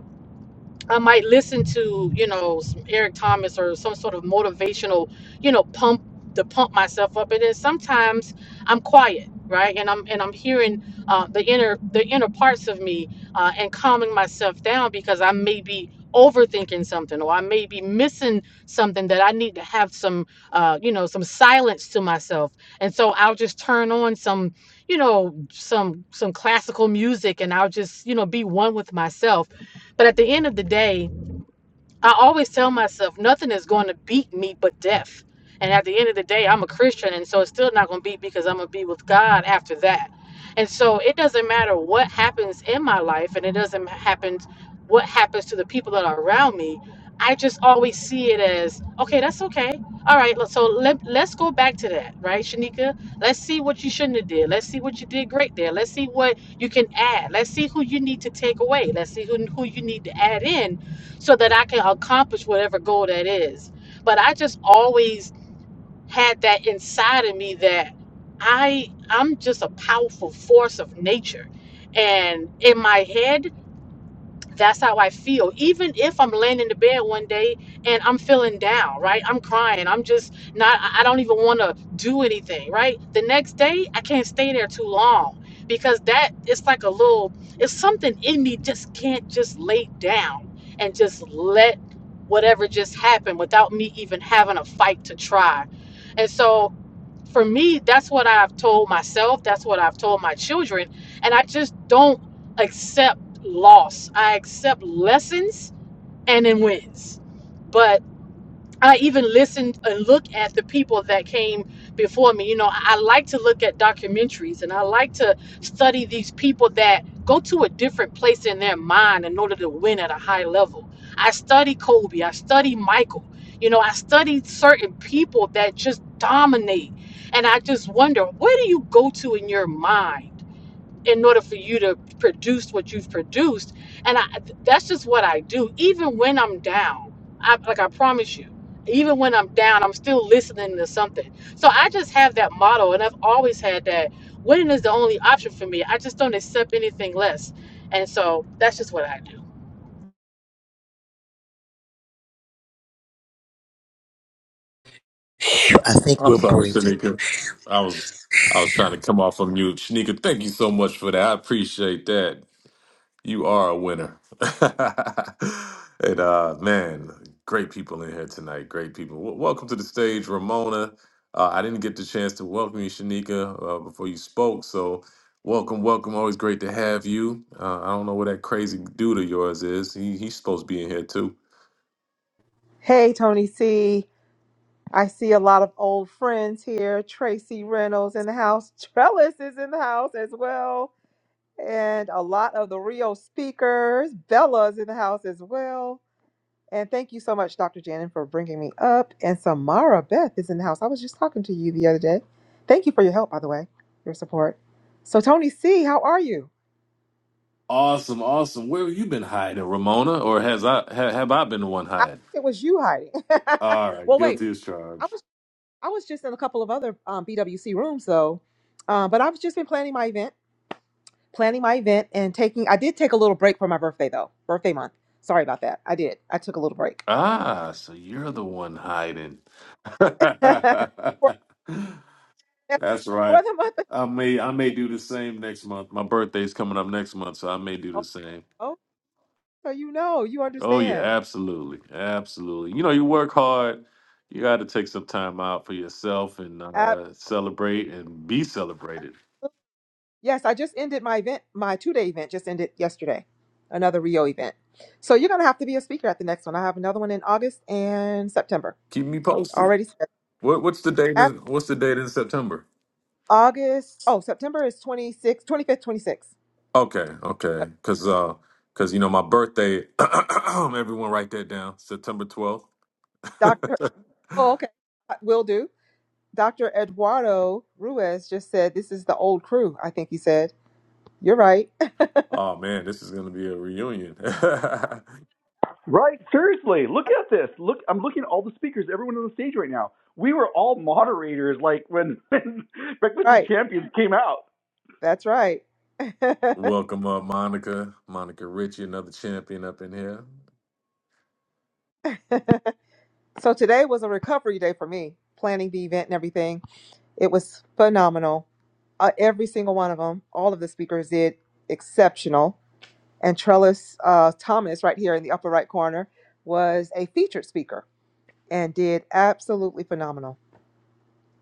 T: I might listen to, you know, some Eric Thomas or some sort of motivational, you know, pump to pump myself up. And then sometimes I'm quiet, right? And I'm and I'm hearing uh, the inner the inner parts of me uh, and calming myself down because I may be overthinking something or I may be missing something that I need to have some, uh, you know, some silence to myself. And so I'll just turn on some, you know, some some classical music and I'll just, you know, be one with myself but at the end of the day, I always tell myself nothing is going to beat me but death. And at the end of the day, I'm a Christian, and so it's still not going to beat me because I'm going to be with God after that. And so it doesn't matter what happens in my life, and it doesn't happen what happens to the people that are around me. I just always see it as okay, that's okay. All right, let- so let, let's go back to that, right, Shanika? Let's see what you shouldn't have did. Let's see what you did great there. Let's see what you can add. Let's see who you need to take away. Let's see who, who you need to add in so that I can accomplish whatever goal that is. But I just always had that inside of me that I I'm just a powerful force of nature. And in my head, that's how I feel. Even if I'm laying in the bed one day and I'm feeling down, right? I'm crying. I'm just not, I I don't even want to do anything, right? The next day, I can't stay there too long because that it's like a little, it's something in me just can't just lay down and just let whatever just happen without me even having a fight to try. And so for me, that's what I've told myself. That's what I've told my children. And I just don't accept loss. I accept lessons and then wins. But I even listened and looked at the people that came before me. You know, I like to look at documentaries and I like to study these people that go to a different place in their mind in order to win at a high level. I study Kobe, I study Michael. You know, I studied certain people that just dominate. And I just wonder, where do you go to in your mind? in order for you to produce what you've produced. And I, that's just what I do. Even when I'm down, I, like I promise you, even when I'm down, I'm still listening to something. So I just have that motto, and I've always had that. Winning is the only option for me. I just don't accept anything less. And so that's just what I do.
J: Phew, I think
A: i'm
J: we're
A: sorry
J: breathing.
A: shanika i was i was trying to come off of mute shanika thank you so much for that i appreciate that You are a winner. [laughs] and uh man, great people in here tonight. Great people. W- welcome to the stage, Ramona. Uh, I didn't get the chance to welcome you, Shanika, uh, before you spoke. So welcome, welcome. Always great to have you. Uh, I don't know where that crazy dude of yours is. He he's supposed to be in here too.
U: Hey, Tony C. I see a lot of old friends here. Tracy Reynolds in the house. [laughs] Trellis is in the house as well. And a lot of the Rio speakers. Bella's in the house as well. And thank you so much, Dr. Janin, for bringing me up. And Samara Beth is in the house. I was just talking to you the other day. Thank you for your help, by the way, your support. So, Tony C., how are you?
A: Awesome, awesome. Where have you been hiding, Ramona? Or has I ha, have I been the one
U: I think
A: hiding?
U: it was you hiding.
A: All
U: [laughs]
A: right,
U: well, wait.
A: guilty as charged.
U: I was just in a couple of other um, BWC rooms though, uh, but I've just been planning my event, planning my event, and taking. I did take a little break for my birthday though, birthday month. Sorry about that. I did. I took a little break
A: Ah, so you're the one hiding. [laughs] That's
U: [laughs] for, the- for
A: right.
U: the month.
A: I may I may do the same next month. My birthday's coming up next month, so I may do the
U: Oh,
A: same.
U: oh, so you know, you
A: Oh yeah,
U: understand.
A: absolutely. Absolutely. You know, you work hard. You got to take some time out for yourself and
U: Uh,
A: uh, celebrate and be celebrated.
U: yes, I just ended my event. My two day event just ended yesterday. Another Rio event. So you're gonna have to be a speaker at the next one. I have another one in August and September
A: Keep me posted.
U: already. scheduled.
A: What what's the date
U: After
A: in, what's the date in September?
U: August, oh September is 26, 26th.
A: Okay,
U: Uh,
A: okay. Cuz uh cuz you know my birthday [clears throat] everyone write that down. September 12th.
U: Dr.
A: [laughs]
U: Oh, okay. I Will do. Dr. Eduardo Ruiz just said, This is the old crew, I think he said. You're right. [laughs]
A: Oh man, this is gonna be a reunion. [laughs]
L: Right? Seriously, look at this. Look, I'm looking at all the speakers, everyone on the stage right now. We were all moderators, like when, [laughs] when Breakfast with
U: right.
L: Champions came out.
U: That's right. [laughs]
A: Welcome up, Monica. Monica Ritchie, another champion up in here.
U: so today was a recovery day for me, planning the event and everything. It was phenomenal. Uh, every single one of them, all of the speakers did exceptional. And Trellis uh, Thomas, right here in the upper right corner, was a featured speaker and did absolutely phenomenal.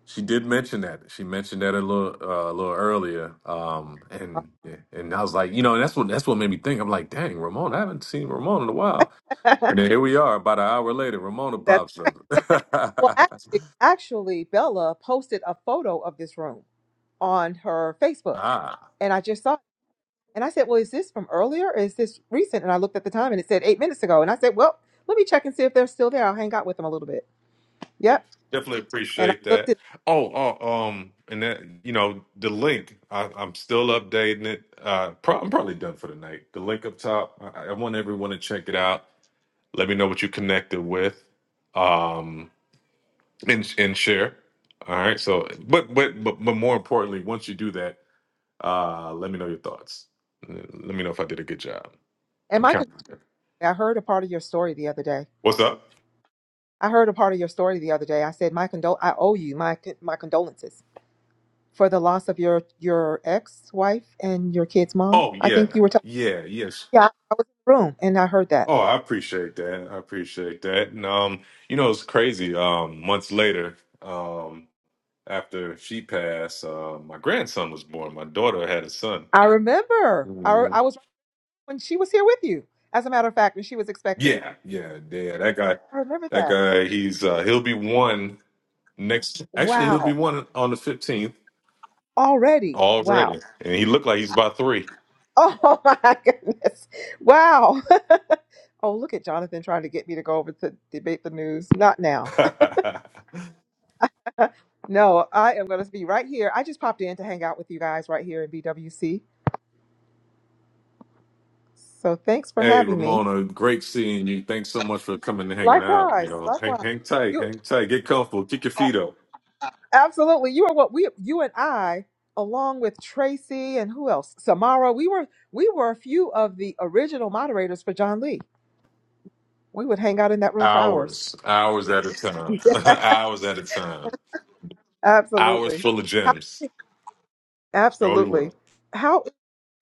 A: She did mention that. She mentioned that a little uh, a little earlier. Um, and yeah, and I was like, you know, and that's what that's what made me think. I'm like, dang, Ramona, I haven't seen Ramona in a while.
U: [laughs]
A: And
U: That's.
A: then here we are, about an hour later, Ramona pops
U: Well,
A: up.
U: actually, actually, Bella posted a photo of this room on her
A: [laughs]
U: Facebook,
A: ah.
U: and I just saw it. And I said, "Well, is this from earlier? Or is this recent?" And I looked at the time, and it said eight minutes ago. And I said, "Well, let me check and see if they're still there. I'll hang out with them a little bit." Yep.
A: Definitely
U: And I
A: appreciate
U: looked
A: that.
U: at.
A: Oh, oh, um, and that you know the link. I, I'm still updating it. Uh, pro- I'm probably done for the night. The link up top. I, I want everyone to check it out. Let me know what you connected with, um, and and share. All right. So, but but but, but more importantly, once you do that, uh, let me know your thoughts. Let me know if I did a good job.
U: And
A: I'm
U: my
A: counting.
U: condolences. I heard a part of your story the other day.
A: What's up?
U: I heard a part of your story the other day. I said, "My condol. I owe you my con- my condolences for the loss of your your ex wife and your kid's mom."
A: Oh
U: I
A: yeah,
U: think you were talking.
A: yeah, yes.
U: Yeah, I was in the room, and I heard that.
A: Oh, I appreciate that. I appreciate that. And um, you know, it's crazy. Um, months later, um, after she passed, uh, my grandson was born. My daughter had a son.
U: I remember. I,
A: Mhm.
U: I was right when she was here with you, as a matter of fact, when she was expecting.
A: Yeah, yeah, yeah. That guy,
U: I remember
A: that
U: that.
A: guy. He's uh, he'll be one next. Actually, he'll be
U: Wow.
A: one on the fifteenth
U: Already. Wow.
A: already, and he looked like he's about three.
U: Oh [laughs] my goodness. Wow. [laughs] Oh, look at Jonathan trying to get me to go over to debate the news. Not
A: [laughs]
U: now. [laughs] no, I am going to be right here. I just popped in to hang out with you guys right here in BWC. So thanks for
A: hey,
U: having me.
A: Ramona, great seeing you. Thanks so much for coming and hanging out. You
U: Likewise.
A: know, hang,
U: Likewise.
A: hang tight,
U: You.
A: hang tight, get comfortable, kick your feet up.
U: Absolutely. You are what we you and I, along with Tracy and who else? Samara. We were we were a few of the original moderators for John Lee. We would hang out in that room for hours.
A: Hours, hours at a time,
U: [laughs]
A: [laughs] hours at a time,
U: Yeah,
A: hours
U: Absolutely.
A: full of
U: How
A: gems. Oh yeah,
U: absolutely. How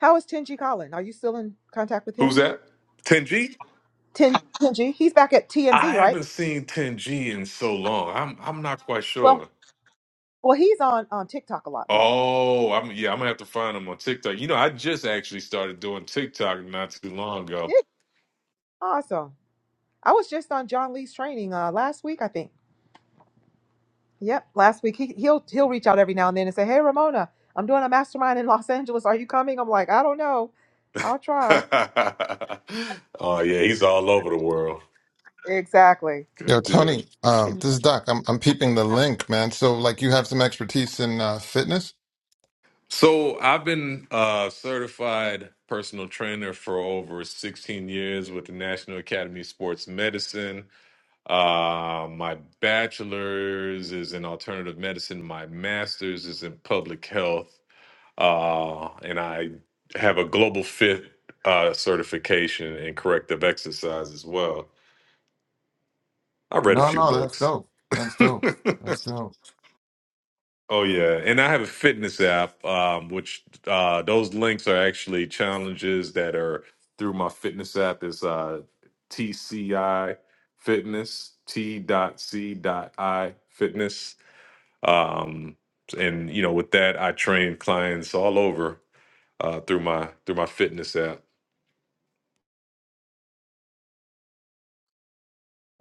U: how is Tenji Colin? Are you still in contact with
A: who's
U: him?
A: that? Ten G?
U: Ten, Tenji, he's back at
A: I
U: TMZ, right?
A: haven't seen Ten G in so long. I'm I'm not quite
U: Well
A: sure.
U: well he's on on TikTok a lot more.
A: Oh, I'm yeah. I'm gonna have to find him on TikTok. You know, I just actually started doing TikTok not too long ago.
U: Yeah. Awesome. I was just on John Lee's training uh last week, I think. Yep. Last week he he'll he'll reach out every now and then and say, "Hey, Ramona, I'm doing a mastermind in Los Angeles. Are you coming?" I'm like, "I don't know. I'll
A: [laughs]
U: try."
A: oh yeah, he's all over the world.
U: Exactly.
O: Yo,
A: Good dude.
O: Tony, um, this is Doc. I'm I'm peeping the link, man. So like you have some expertise in uh, fitness?
A: So I've been a certified personal trainer for over 16 years with the National Academy of Sports Medicine. Uh, my bachelor's is in alternative medicine. My master's is in public health, uh, and I have a global fit uh, certification in corrective exercise as well. I read a
O: No,
A: few
O: no, that's
A: books.
O: dope. That's dope.
A: [laughs]
O: That's dope.
A: Oh yeah, and I have a fitness app, um, which uh, those links are actually challenges that are through my fitness app. Is uh, TCI Fitness T dot C dot I Fitness, um, and you know with that I train clients all over uh, through my through my fitness app.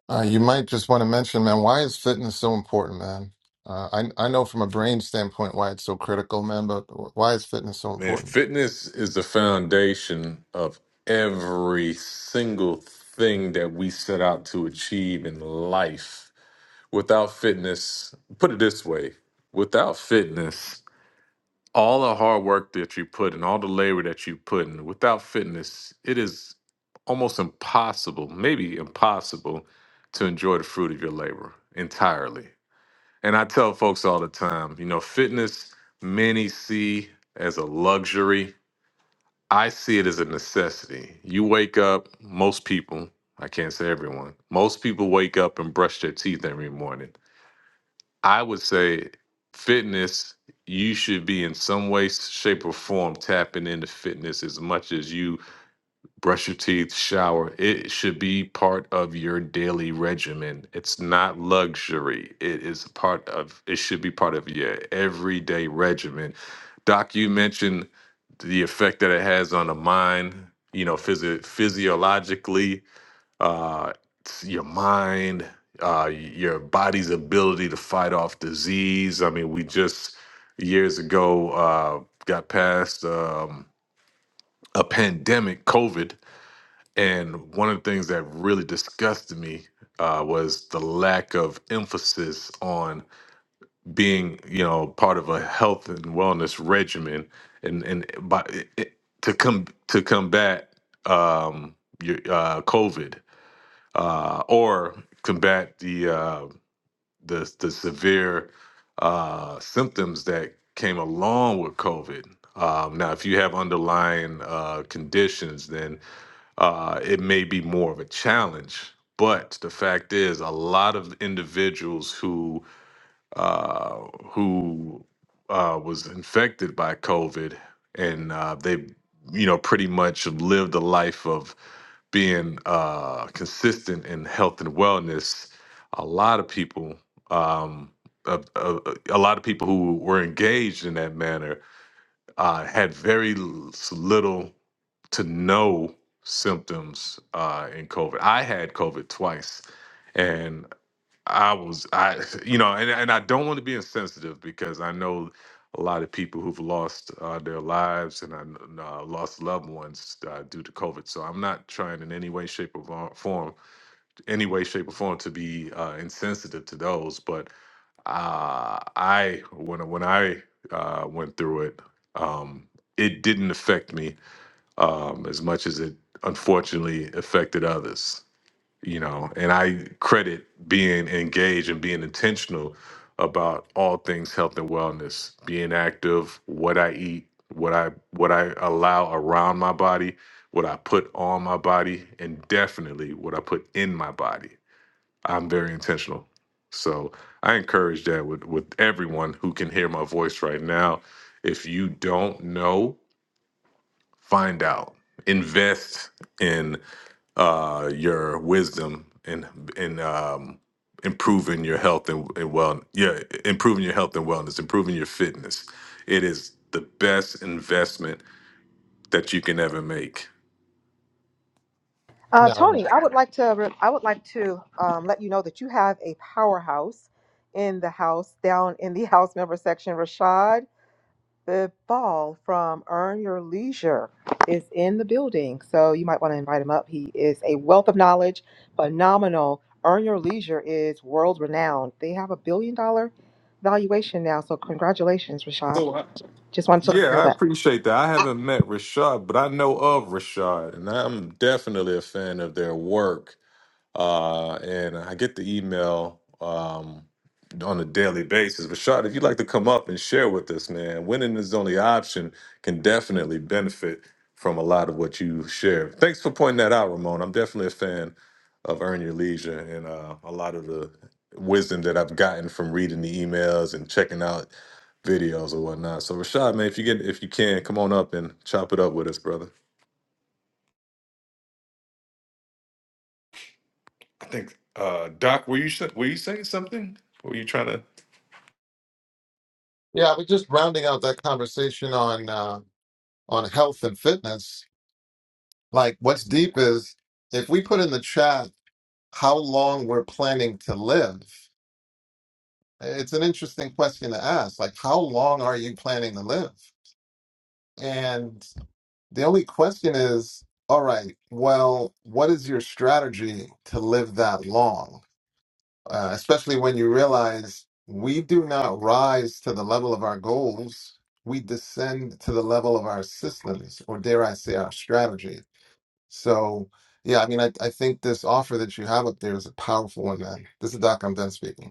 O: Uh, you might just want to mention, man, why is fitness so important, man? Uh, I I know from a brain standpoint why it's so critical, man, but why is fitness so
A: Man,
O: important?
A: fitness is the foundation of every single thing that we set out to achieve in life without fitness, put it this way without fitness, all the hard work that you put in, all the labor that you put in, without fitness, it is almost impossible, maybe impossible, to enjoy the fruit of your labor entirely. And I tell folks all the time, you know, fitness, many see as a luxury. I see it as a necessity. You wake up, most people, I can't say everyone, most people wake up and brush their teeth every morning I would say fitness, you should be in some way, shape, or form tapping into fitness as much as you brush your teeth, shower. It should be part of your daily regimen. It's not luxury. It is part of, it should be part of your everyday regimen. Doc, you mentioned the effect that it has on the mind, you know, physio physiologically uh, it's your mind, uh, your body's ability to fight off disease. I mean, we just years ago uh, got past um, a pandemic, COVID, and one of the things that really disgusted me. Uh, was the lack of emphasis on being, you know, part of a health and wellness regimen, and and eh, by, it, to come to combat um, your uh, COVID uh, or combat the uh, the the severe uh, symptoms that came along with COVID. Um, now, if you have underlying uh, conditions, then uh, it may be more of a challenge. But the fact is, a lot of individuals who uh, who uh, was infected by COVID, and uh, they, you know, pretty much lived a life of being uh, consistent in health and wellness. A lot of people, um, a, a, a lot of people who were engaged in that manner, uh, had very l- little to no symptoms uh, in COVID. I had COVID twice. I was I [laughs] you know and and I don't want to be insensitive because I know a lot of people who've lost uh, their lives and I kn- uh, lost loved ones uh, due to COVID. So I'm not trying in any way, shape, or vo- form, any way, shape, or form to be uh, insensitive to those. But uh, I when I- when I uh, went through it, um, it didn't affect me um, as much as it unfortunately affected others you know and i credit being engaged and being intentional about all things health and wellness being active what i eat what i what i allow around my body what i put on my body and definitely what i put in my body i'm very intentional so i encourage that with with everyone who can hear my voice right now if you don't know find out invest in uh your wisdom and and um improving your health and, and well yeah improving your health and wellness improving your fitness it is the best investment that you can ever make
U: Uh,
O: No, no.
U: Tony, I would like to re- I would like to um, let you know that you have a powerhouse in the house down in the [laughs] house member section. Rashad The Ball from Earn Your Leisure is in the building, so you might want to invite him up. He is a wealth of knowledge, phenomenal. Earn Your Leisure is world renowned. They have a billion dollar valuation now, so congratulations, Rashad. Just wanted to
A: yeah
U: let you
A: i
U: know
A: appreciate that i
U: that.
A: haven't met rashad but i know of rashad and i'm definitely a fan of their work uh, and I get the email um, on a daily basis. Rashad, if you'd like to come up and share with us, man, winning is the only option can definitely benefit from a lot of what you share. Thanks for pointing that out, Ramon. I'm definitely a fan of Earn Your Leisure and uh, a lot of the wisdom that I've gotten from reading the emails and checking out videos or whatnot. So Rashad, man, if you get if you can, come on up and chop it up with us, brother. I think uh Doc, were you sh- were you saying something? Were you trying to?
O: yeah, we're just rounding out that conversation on uh, on health and fitness Like, what's deep is if we put in the chat how long we're planning to live, it's an interesting question to ask. Like, how long are you planning to live? And the only question is, all right, well, what is your strategy to live that long? Uh, especially when you realize we do not rise to the level of our goals, we descend to the level of our systems, or dare I say, our strategy. So yeah, I mean, I, I think this offer that you have up there is a powerful one, man. This is Doc. I'm done speaking.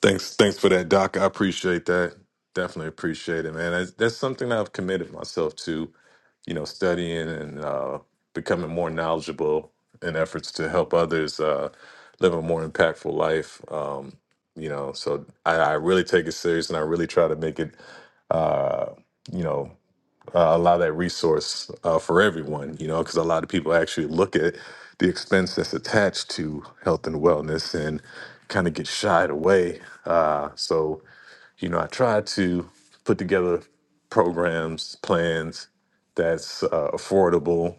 A: Thanks, thanks for that, Doc. I appreciate that. Definitely appreciate it, man. That's, that's something I've committed myself to. You know, studying and uh, becoming more knowledgeable in efforts to help others uh, live a more impactful life. Um, you know, so I, I really take it serious, and I really try to make it. Uh, you know uh, allow that resource uh, for everyone, you know, because a lot of people actually look at the expense that's attached to health and wellness and kind of get shied away. Uh, so, you know, I try to put together programs, plans that's uh, affordable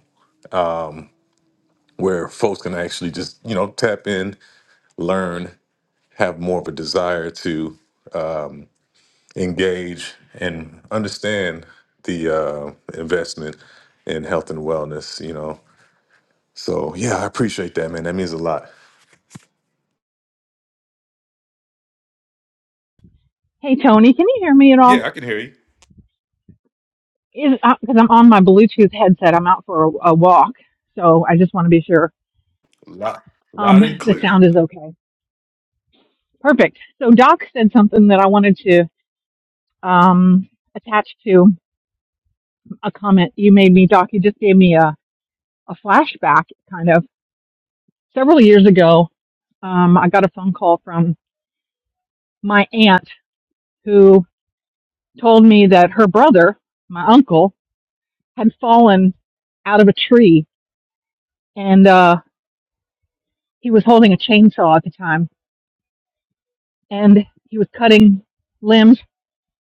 A: where folks can actually just, you know, tap in, learn, have more of a desire to engage and understand the uh, investment in health and wellness, you know, So yeah, I appreciate that, man. That means a lot.
V: Hey Tony, can you hear me at all?
A: Yeah, I can hear you.
V: Because I'm on my Bluetooth headset. I'm out for a, a walk, so I just want to be sure
A: Loud,
V: um,
A: loud and
V: [laughs] the
A: clear.
V: sound is okay. Perfect. So Doc said something that I wanted to um, attach to a comment you made me. Doc, you just gave me a, a flashback, kind of. Several years ago, um, I got a phone call from my aunt who told me that her brother, my uncle, had fallen out of a tree and uh, he was holding a chainsaw at the time and he was cutting limbs.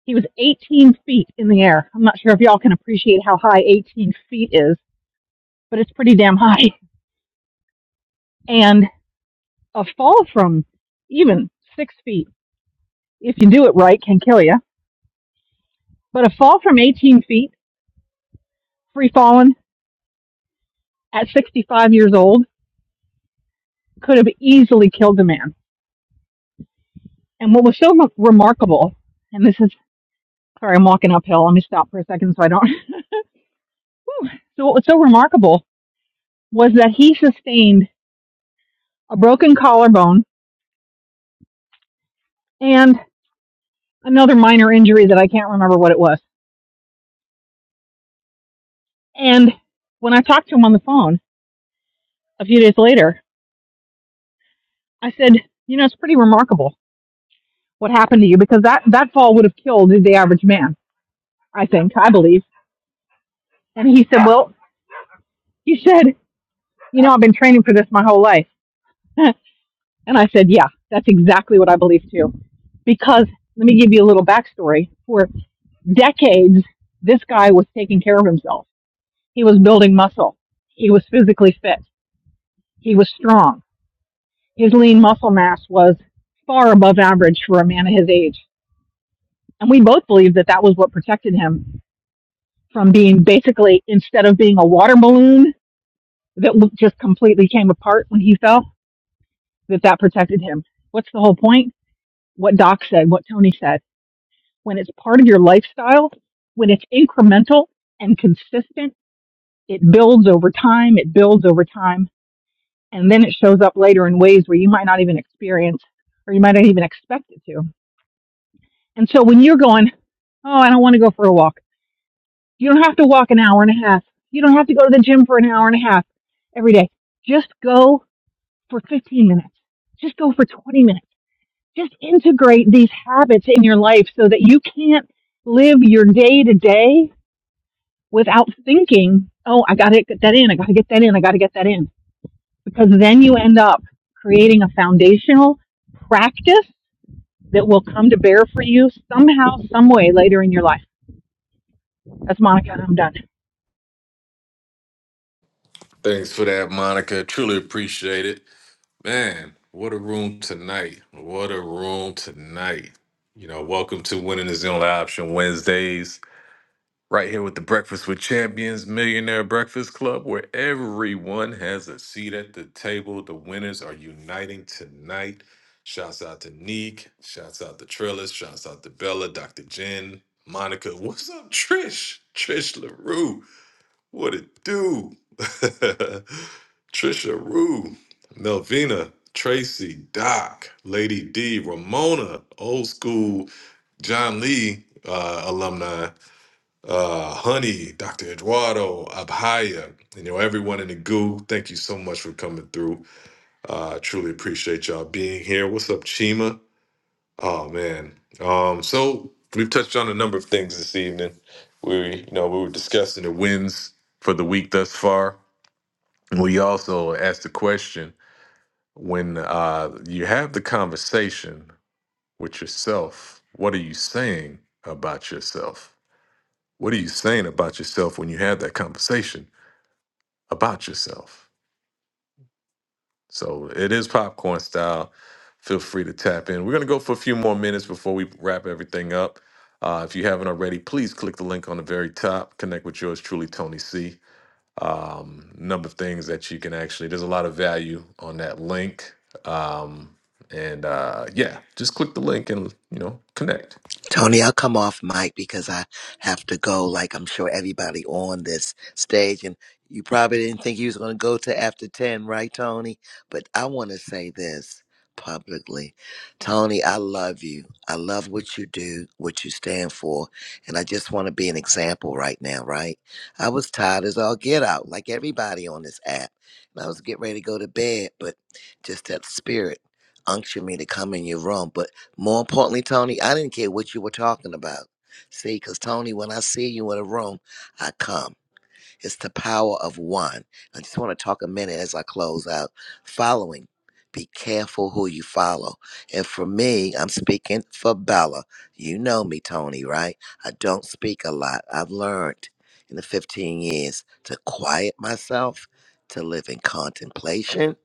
V: He was 18 feet in the air. I'm not sure if y'all can appreciate how high 18 feet is, but it's pretty damn high. [laughs] And a fall from even six feet, if you do it right, can kill you. But a fall from 18 feet, free falling at 65 years old, could have easily killed the man. And what was so remarkable, and this is, sorry, I'm walking uphill. Let me stop for a second so I don't. [laughs] So what was so remarkable was that he sustained a broken collarbone and another minor injury that I can't remember what it was. And when I talked to him on the phone a few days later, I said, you know, it's pretty remarkable what happened to you because that, that fall would have killed the average man, I think, I believe. And he said, well, he said, you know, I've been training for this my whole life. [laughs] and I said, yeah, that's exactly what I believe too. Because let me give you a little backstory. For decades, this guy was taking care of himself. He was building muscle. He was physically fit. He was strong His lean muscle mass was far above average for a man of his age. And we both believed that that was what protected him from being basically, instead of being a water balloon that just completely came apart when he fell, that that protected him. What's the whole point? What Doc said, what Tony said. When it's part of your lifestyle, when it's incremental and consistent, it builds over time, it builds over time, and then it shows up later in ways where you might not even experience or you might not even expect it to. And so when you're going, oh, I don't want to go for a walk. You don't have to walk an hour and a half. You don't have to go to the gym for an hour and a half every day. Just go for 15 minutes. Just go for 20 minutes. Just integrate these habits in your life so that you can't live your day to day without thinking, oh, I got to get that in. I got to get that in. I got to get that in. Because then you end up creating a foundational practice that will come to bear for you somehow, some way later in your life. That's Monica. and I'm done.
A: Thanks for that, Monica. Truly appreciate it. Man, what a room tonight. What a room tonight. You know, welcome to Winning is the Only Option Wednesdays. Right here with the Breakfast with Champions Millionaire Breakfast Club, where everyone has a seat at the table. The winners are uniting tonight. Shouts out to Neek. Shouts out to Trillis. Shouts out to Bella, Dr. Jen, Monica. [laughs] What's up, Trish? Trish LaRue. What it do? [laughs] Trisha Rue, Melvina, Tracy, Doc, Lady D, Ramona, old school John Lee uh, alumni uh, Honey, Dr. Eduardo, Abhaya, you know, everyone in the goo. Thank you so much for coming through. Uh, I truly appreciate y'all being here. What's up, Chima? Oh man. Um, so we've touched on a number of things this evening. We, you know, we were discussing the wins for the week thus far. We also asked the question when uh, you have the conversation with yourself, what are you saying about yourself? What are you saying about yourself when you have that conversation? about yourself. So it is popcorn style. Feel free to tap in. We're going to go for a few more minutes before we wrap everything up. Uh, if you haven't already, please click the link on the very top. Connect with yours truly, Tony C. Um, number of things that you can actually, there's a lot of value on that link. Um, and uh, yeah, just click the link and, you know, connect.
J: Tony, I'll come off mic because I have to go, like I'm sure everybody on this stage. And you probably didn't think you was going to go to after 10, right, Tony? But I want to say this publicly. Tony, I love you. I love what you do, what you stand for. And I just want to be an example right now, right? I was tired as all get out, like everybody on this app. And I was getting ready to go to bed, but just that spirit unctioned me to come in your room. But more importantly, Tony, I didn't care what you were talking about. See, because Tony, when I see you in a room, I come. It's the power of one. I just want to talk a minute as I close out. Following, be careful who you follow. And for me, I'm speaking for Bella. You know me, Tony, right? I don't speak a lot. I've learned in the 15 years to quiet myself, to live in contemplation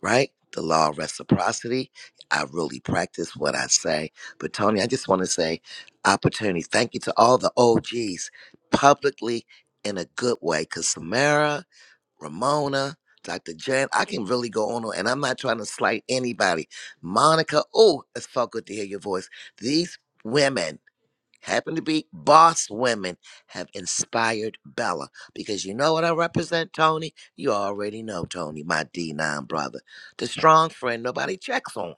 J: right? The law of reciprocity. I really practice what I say. But Tony, I just want to say opportunity. Thank you to all the OGs publicly in a good way. Cause Samara, Ramona, Dr. Jen, I can really go on and I'm not trying to slight anybody. Monica, oh, it's felt good to hear your voice. These women happen to be boss women have inspired Bella because you know what I represent, Tony? You already know, Tony, my D9 brother. The strong friend nobody checks on.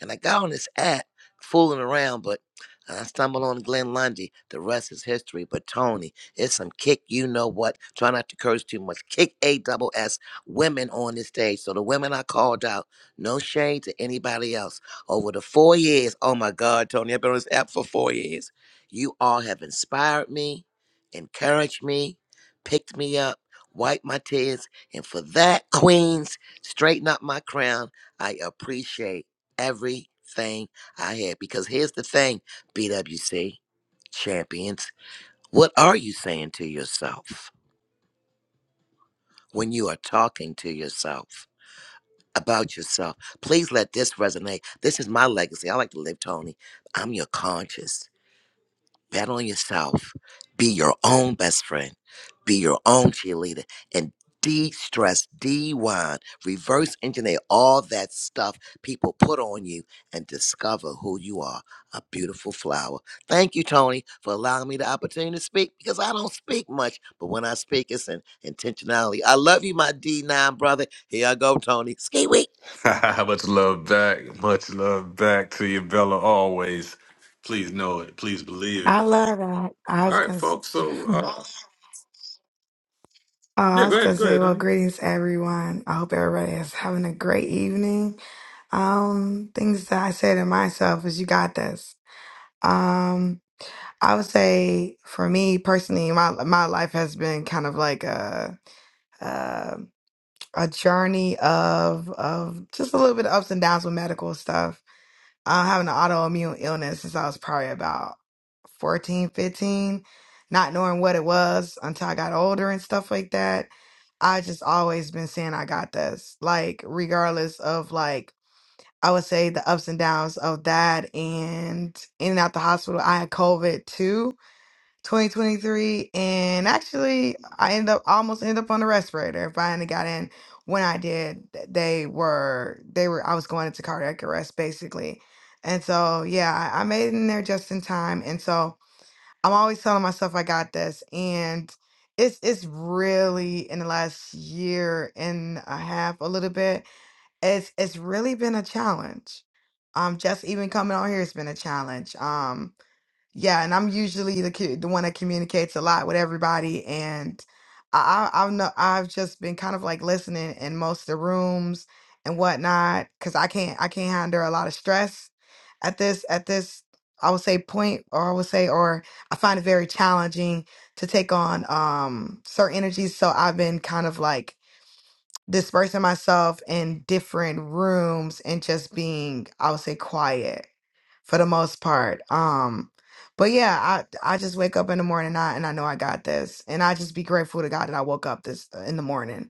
J: And I got on this app fooling around, but I stumbled on Glenn Lundy. The rest is history. But Tony, it's some kick, you know what? Try not to curse too much. Kick A double S women on this stage. So the women I called out, no shade to anybody else. Over the four years, oh my God, Tony, I've been on this app for four years. You all have inspired me, encouraged me, picked me up, wiped my tears. And for that, Queens, straighten up my crown. I appreciate everything I had. Because here's the thing, BWC champions, what are you saying to yourself when you are talking to yourself about yourself? Please let this resonate. This is my legacy. I like to live, Tony. I'm your conscious. bet on yourself. Be your own best friend. Be your own cheerleader and de stress, de-wind, reverse engineer all that stuff people put on you and discover who you are a beautiful flower. Thank you, Tony, for allowing me the opportunity to speak because I don't speak much, but when I speak, it's an intentionality. I love you, my D9 brother. Here I go, Tony. Ski week.
A: [laughs] much love back. Much love back to you, Bella, always. Please know it. Please believe it.
W: I love that. I
A: All
W: was
A: right,
W: gonna, s-
A: folks.
W: [laughs]
A: So,
W: oh,
A: uh, Yeah,
W: I was
A: go ahead.
W: gonna
A: Go
W: say,
A: ahead,
W: well,
A: honey.
W: greetings everyone. I hope everybody is having a great evening. Um, things that I say to myself is, "You got this." Um, I would say for me personally, my my life has been kind of like a a, a journey of of just a little bit of ups and downs with medical stuff I'm having an autoimmune illness since I was probably about 14, 15, not knowing what it was until I got older and stuff like that. I just always been saying I got this, like regardless of like I would say the ups and downs of that and in and out the hospital. I had COVID too 2023 and actually i ended up almost ended up on the respirator if i hadn't got in when i did th- they were they were i was going into cardiac arrest basically and so yeah i, I made it in there just in time and so i'm always telling myself i got this and it's it's really in the last year and a half a little bit it's it's really been a challenge um just even coming on here has been a challenge Um, yeah, and I'm usually the cu- the one that communicates a lot with everybody, and I I- I've no, I've just been kind of like listening in most of the rooms and whatnot because I can't I can't handle a lot of stress at this at this I would say point or I would say or I find it very challenging to take on um certain energies, so I've been kind of like dispersing myself in different rooms and just being I would say quiet for the most part. Um, but yeah, I I just wake up in the morning and I, and I know I got this, and I just be grateful to God that I woke up this uh, in the morning.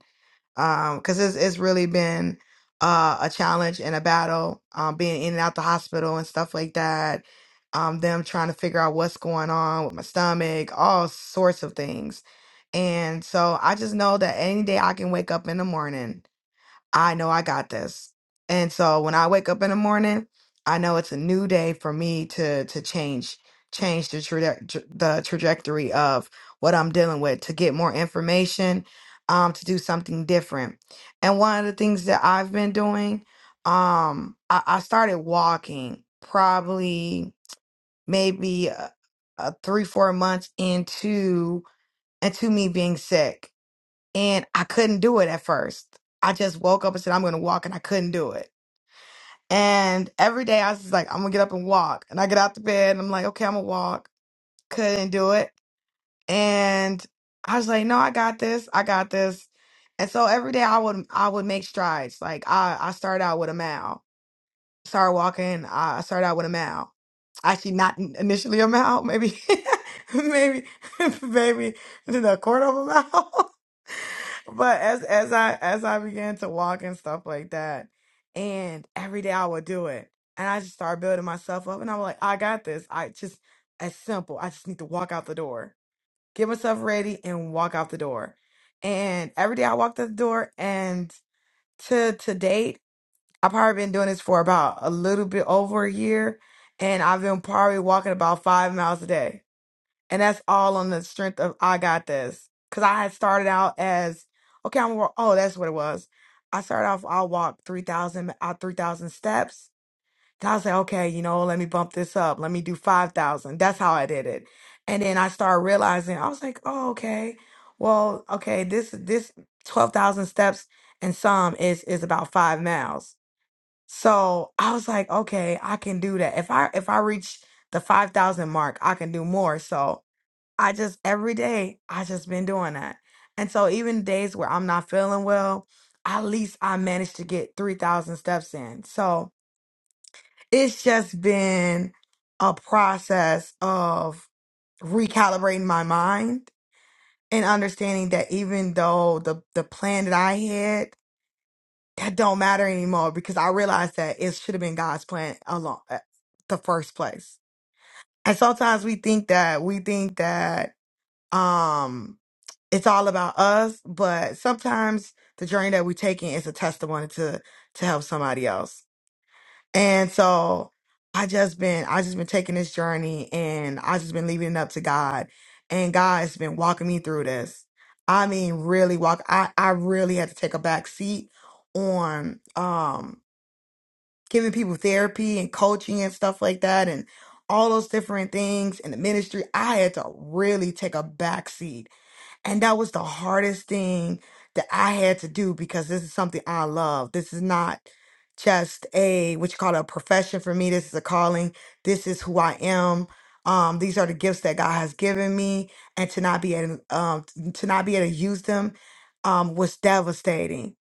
W: Um, because it's it's really been uh a challenge and a battle. Um, being in and out the hospital and stuff like that. Um, them trying to figure out what's going on with my stomach, all sorts of things. And so I just know that any day I can wake up in the morning I know I got this. And so when I wake up in the morning, I know it's a new day for me to to change change the traje- tr the trajectory of what I'm dealing with to get more information, um to do something different. And one of the things that I've been doing, um I, I started walking probably maybe uh uh three four months into into me being sick and I couldn't do it at first. I just woke up and said, I'm going to walk, and I couldn't do it. And every day I was just like, I'm going to get up and walk. And I get out the bed, and I'm like, okay, I'm going to walk. Couldn't do it. And I was like, no, I got this. I got this. And so every day I would I would make strides. Like I, I started out with a mile. Started walking. I I started out with a mile. Actually, not in- initially a mile, maybe, [laughs] maybe, [laughs] maybe the quarter of a mile. [laughs] but as as I as I began to walk and stuff like that, and every day I would do it, and I just started building myself up, and I'm like, I got this. I just as simple. I just need to walk out the door, get myself ready, and walk out the door. And every day I walked out the door, and to to date, I've probably been doing this for about a little bit over a year, and I've been probably walking about five miles a day and that's all on the strength of I got this. Cause I had started out as okay, I'm wa- oh, that's what it was. I started off I'll walk three thousand out three thousand steps. Then I was like, okay, you know, let me bump this up. Let me do five thousand. That's how I did it. And then I started realizing I was like, oh, okay. Well, okay, this this twelve thousand steps and some is is about five miles. So I was like, okay, I can do that. If I if I reach the five thousand mark, I can do more. So I just every day I just been doing that. And so even days where I'm not feeling well, at least I managed to get 3000 steps in. So it's just been a process of recalibrating my mind and understanding that even though the the plan that I had that don't matter anymore because I realized that it should have been God's plan along uh, the first place. And sometimes we think that we think that um it's all about us, but sometimes the journey that we're taking is a testimony to to help somebody else. And so I just been I just been taking this journey and I just been leaving it up to God. And God has been walking me through this. I mean really walk I, I really had to take a back seat on um giving people therapy and coaching and stuff like that and all those different things in the ministry. I had to really take a back seat and that was the hardest thing that I had to do because this is something I love. This is not just a what you call it, a profession for me. This is a calling. This is who I am. Um, these are the gifts that God has given me, and to not be able um, to not be able to use them um, was devastating.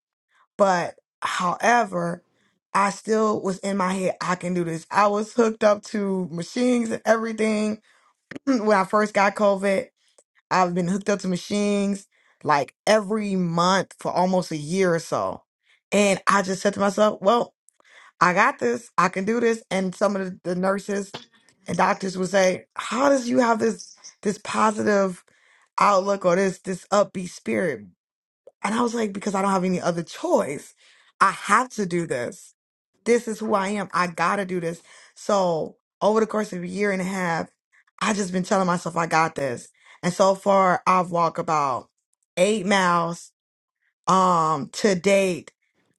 W: But however, I still was in my head. I can do this. I was hooked up to machines and everything [clears throat] when I first got COVID I've been hooked up to machines like every month for almost a year or so. And I just said to myself, well, I got this. I can do this. And some of the, the nurses and doctors would say, how does you have this this positive outlook or this this upbeat spirit? And I was like, because I don't have any other choice. I have to do this. This is who I am. I gotta do this. So over the course of a year and a half, I just been telling myself I got this. And so far I've walked about eight miles um to date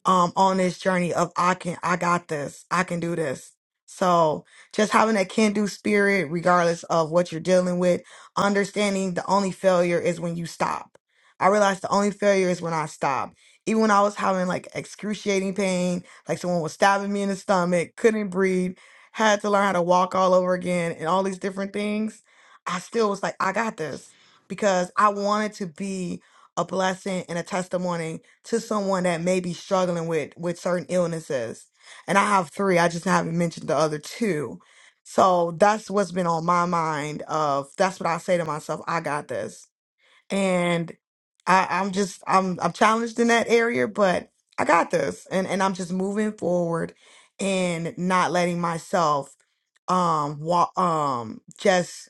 W: um on this journey of I can I got this. I can do this. So just having that can do spirit regardless of what you're dealing with, understanding the only failure is when you stop. I realized the only failure is when I stop. Even when I was having like excruciating pain, like someone was stabbing me in the stomach, couldn't breathe, had to learn how to walk all over again and all these different things, I still was like, I got this because I wanted to be a blessing and a testimony to someone that may be struggling with with certain illnesses. And I have three. I just haven't mentioned the other two. So that's what's been on my mind of that's what I say to myself, I got this. And I, I'm just I'm I'm challenged in that area, but I got this. And and I'm just moving forward and not letting myself um wa um just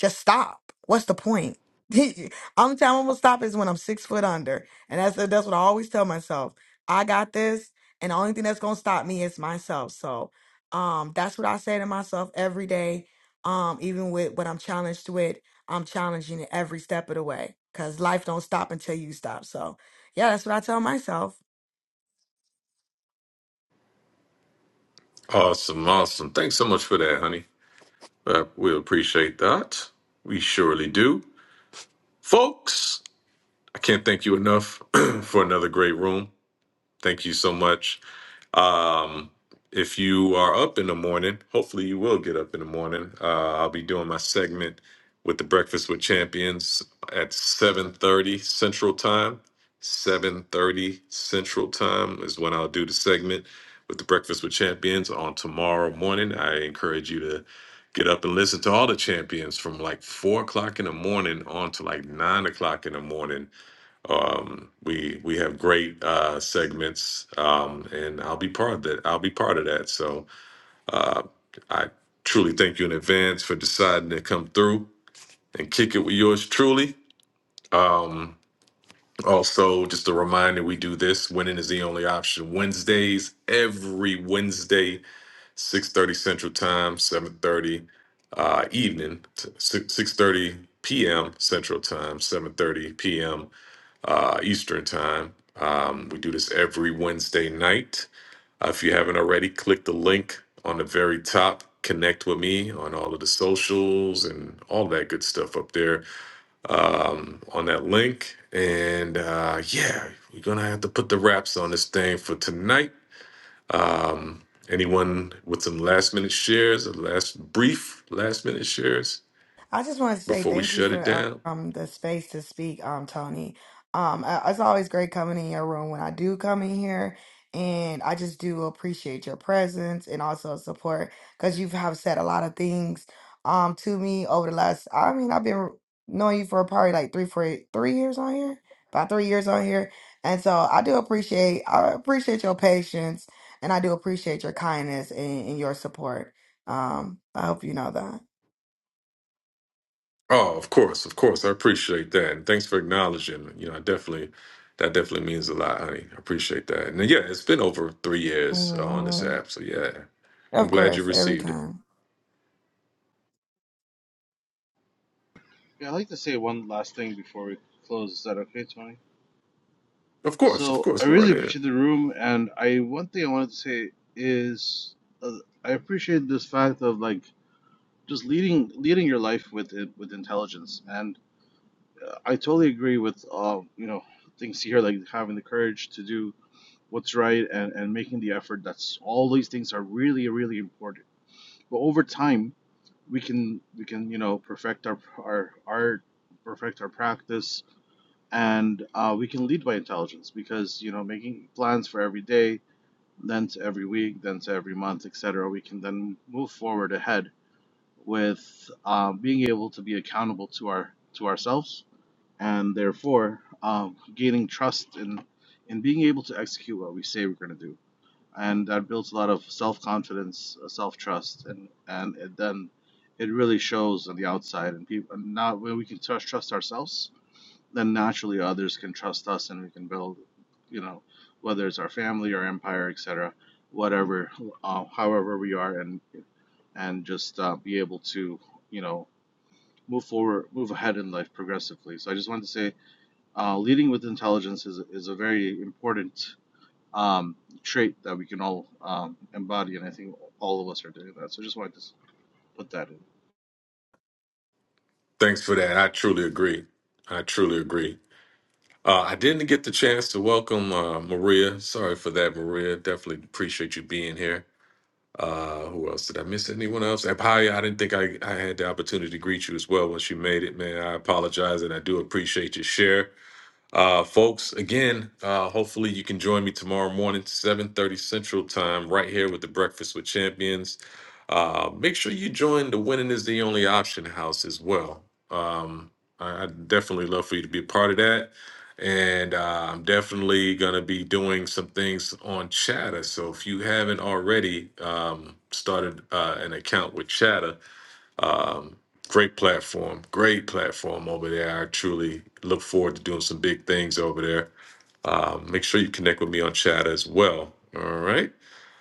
W: just stop. What's the point? [laughs] I'm telling I'm gonna stop is when I'm six foot under, and that's that's what I always tell myself. I got this, and the only thing that's gonna stop me is myself. So, um, that's what I say to myself every day. Um, even with what I'm challenged with, I'm challenging it every step of the way because life don't stop until you stop. So, yeah, that's what I tell myself.
A: Awesome. Awesome. Thanks so much for that, honey. Uh, we appreciate that. We surely do. Folks, I can't thank you enough [clears throat] for another great room. Thank you so much. Um, if you are up in the morning, hopefully you will get up in the morning. Uh, I'll be doing my segment with the Breakfast with Champions at 7:30 Central Time. 7:30 Central Time is when I'll do the segment with the Breakfast with Champions on tomorrow morning. I encourage you to get up and listen to all the champions from like four o'clock in the morning on to like nine o'clock in the morning we we have great uh segments um and i'll be part of that i'll be part of that so i truly thank you in advance for deciding to come through and kick it with yours truly um also just a reminder we do this winning is the only option wednesdays every wednesday 6.30 central time 7.30 uh evening 6 6.30 p.m central time 7.30 p.m uh eastern time um we do this every wednesday night Uh, if you haven't already, click the link on the very top. Connect with me on all of the socials and all that good stuff up there on that link. And uh, yeah, we're going to have to put the wraps on this thing for tonight. Anyone with some last minute shares or last brief last minute shares
W: I just want to say
A: before we
W: thank you
A: shut
W: for
A: it down?
W: uh, um the space to speak, um Tony. Um, I- it's always great coming in your room when I do come in here, and I just do appreciate your presence and also support because you have said a lot of things um to me over the last. I mean, I've been knowing you for probably like three, four, three years on here, about three years on here, and so I do appreciate I appreciate your patience and I do appreciate your kindness and, and your support. Um, I hope you know
A: Oh, of course, of course. I appreciate that. And thanks for acknowledging. You know, I definitely that definitely means a lot, honey. I appreciate that. And yeah, it's been over three years uh, on this
W: that.
A: app. So yeah. I'm
W: Of
A: glad you
W: course, every
A: received it.
W: time.
X: Yeah, I'd like to say one last thing before we close. Is that okay, Tony?
A: Of course, of
X: So
A: course.
X: I
A: Go right
X: really
A: ahead.
X: appreciate the room, and I one thing I wanted to say is uh, I appreciate this fact of like just leading leading your life with it with intelligence, and uh, I totally agree with uh, you know things here like having the courage to do what's right and and making the effort. That's all these things are really really important. But over time, we can we can you know perfect our our art, perfect our practice and uh, we can lead by intelligence because you know making plans for every day then to every week then to every month etc we can then move forward ahead with uh, being able to be accountable to our to ourselves and therefore um, gaining trust in in being able to execute what we say we're going to do and that builds a lot of self-confidence uh, self-trust and and it then it really shows on the outside and people and now when we can trust trust ourselves then naturally others can trust us and we can build, you know, whether it's our family or empire, etc., whatever, uh, however we are, and and just uh, be able to, you know, move forward, move ahead in life progressively. So I just wanted to say, uh, leading with intelligence is is a very important um, trait that we can all um, embody, and I think all of us are doing that. So I just wanted to put that in.
A: Thanks for that. I truly agree. I truly agree. Uh, I didn't get the chance to welcome uh, Maria. Sorry for that, Maria. Definitely appreciate you being here. Uh, who else did I miss? Anyone else? And Paya, I didn't think I, I had the opportunity to greet you as well when she made it, man. I apologize and I do appreciate your share. Uh, folks, again, uh, hopefully you can join me tomorrow morning, 7.30 Central Time, right here with the Breakfast with Champions. Uh, make sure you join the Winning is the Only Option House as well. Um, I, I'd definitely love for you to be a part of that. And uh, I'm definitely going to be doing some things on Chatter. So if you haven't already um, started uh, an account with Chatter, um, great platform, great platform over there. I truly look forward to doing some big things over there. Um, make sure you connect with me on Chatter as well. All right.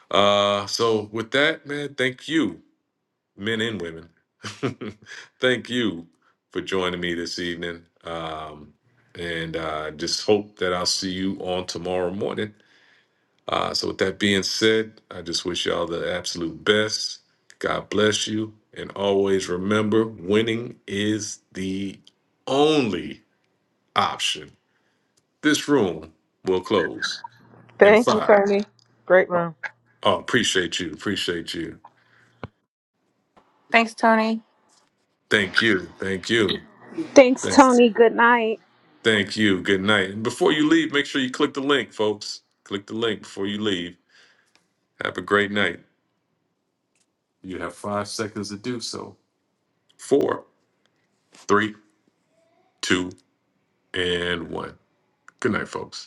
A: Uh, so with that, man, thank you men and women. [laughs] Thank you for joining me this evening. Um, and uh, just hope that I'll see you on tomorrow morning. Uh, so, with that being said, I just wish y'all the absolute best. God bless you. And always remember winning is the only option. This room will close in
U: Thank you,
A: five.
U: Tony. Great room.
A: Oh, appreciate you. Appreciate you.
B: Thanks, Tony.
A: Thank you. Thank you.
I: Thanks,
A: Thanks.
I: Tony. Good night.
A: Thank you. Good night. And before you leave, make sure you click the link, folks. Click the link before you leave. Have a great night. You have five seconds to do so. Four, three, two, and one. Good night, folks.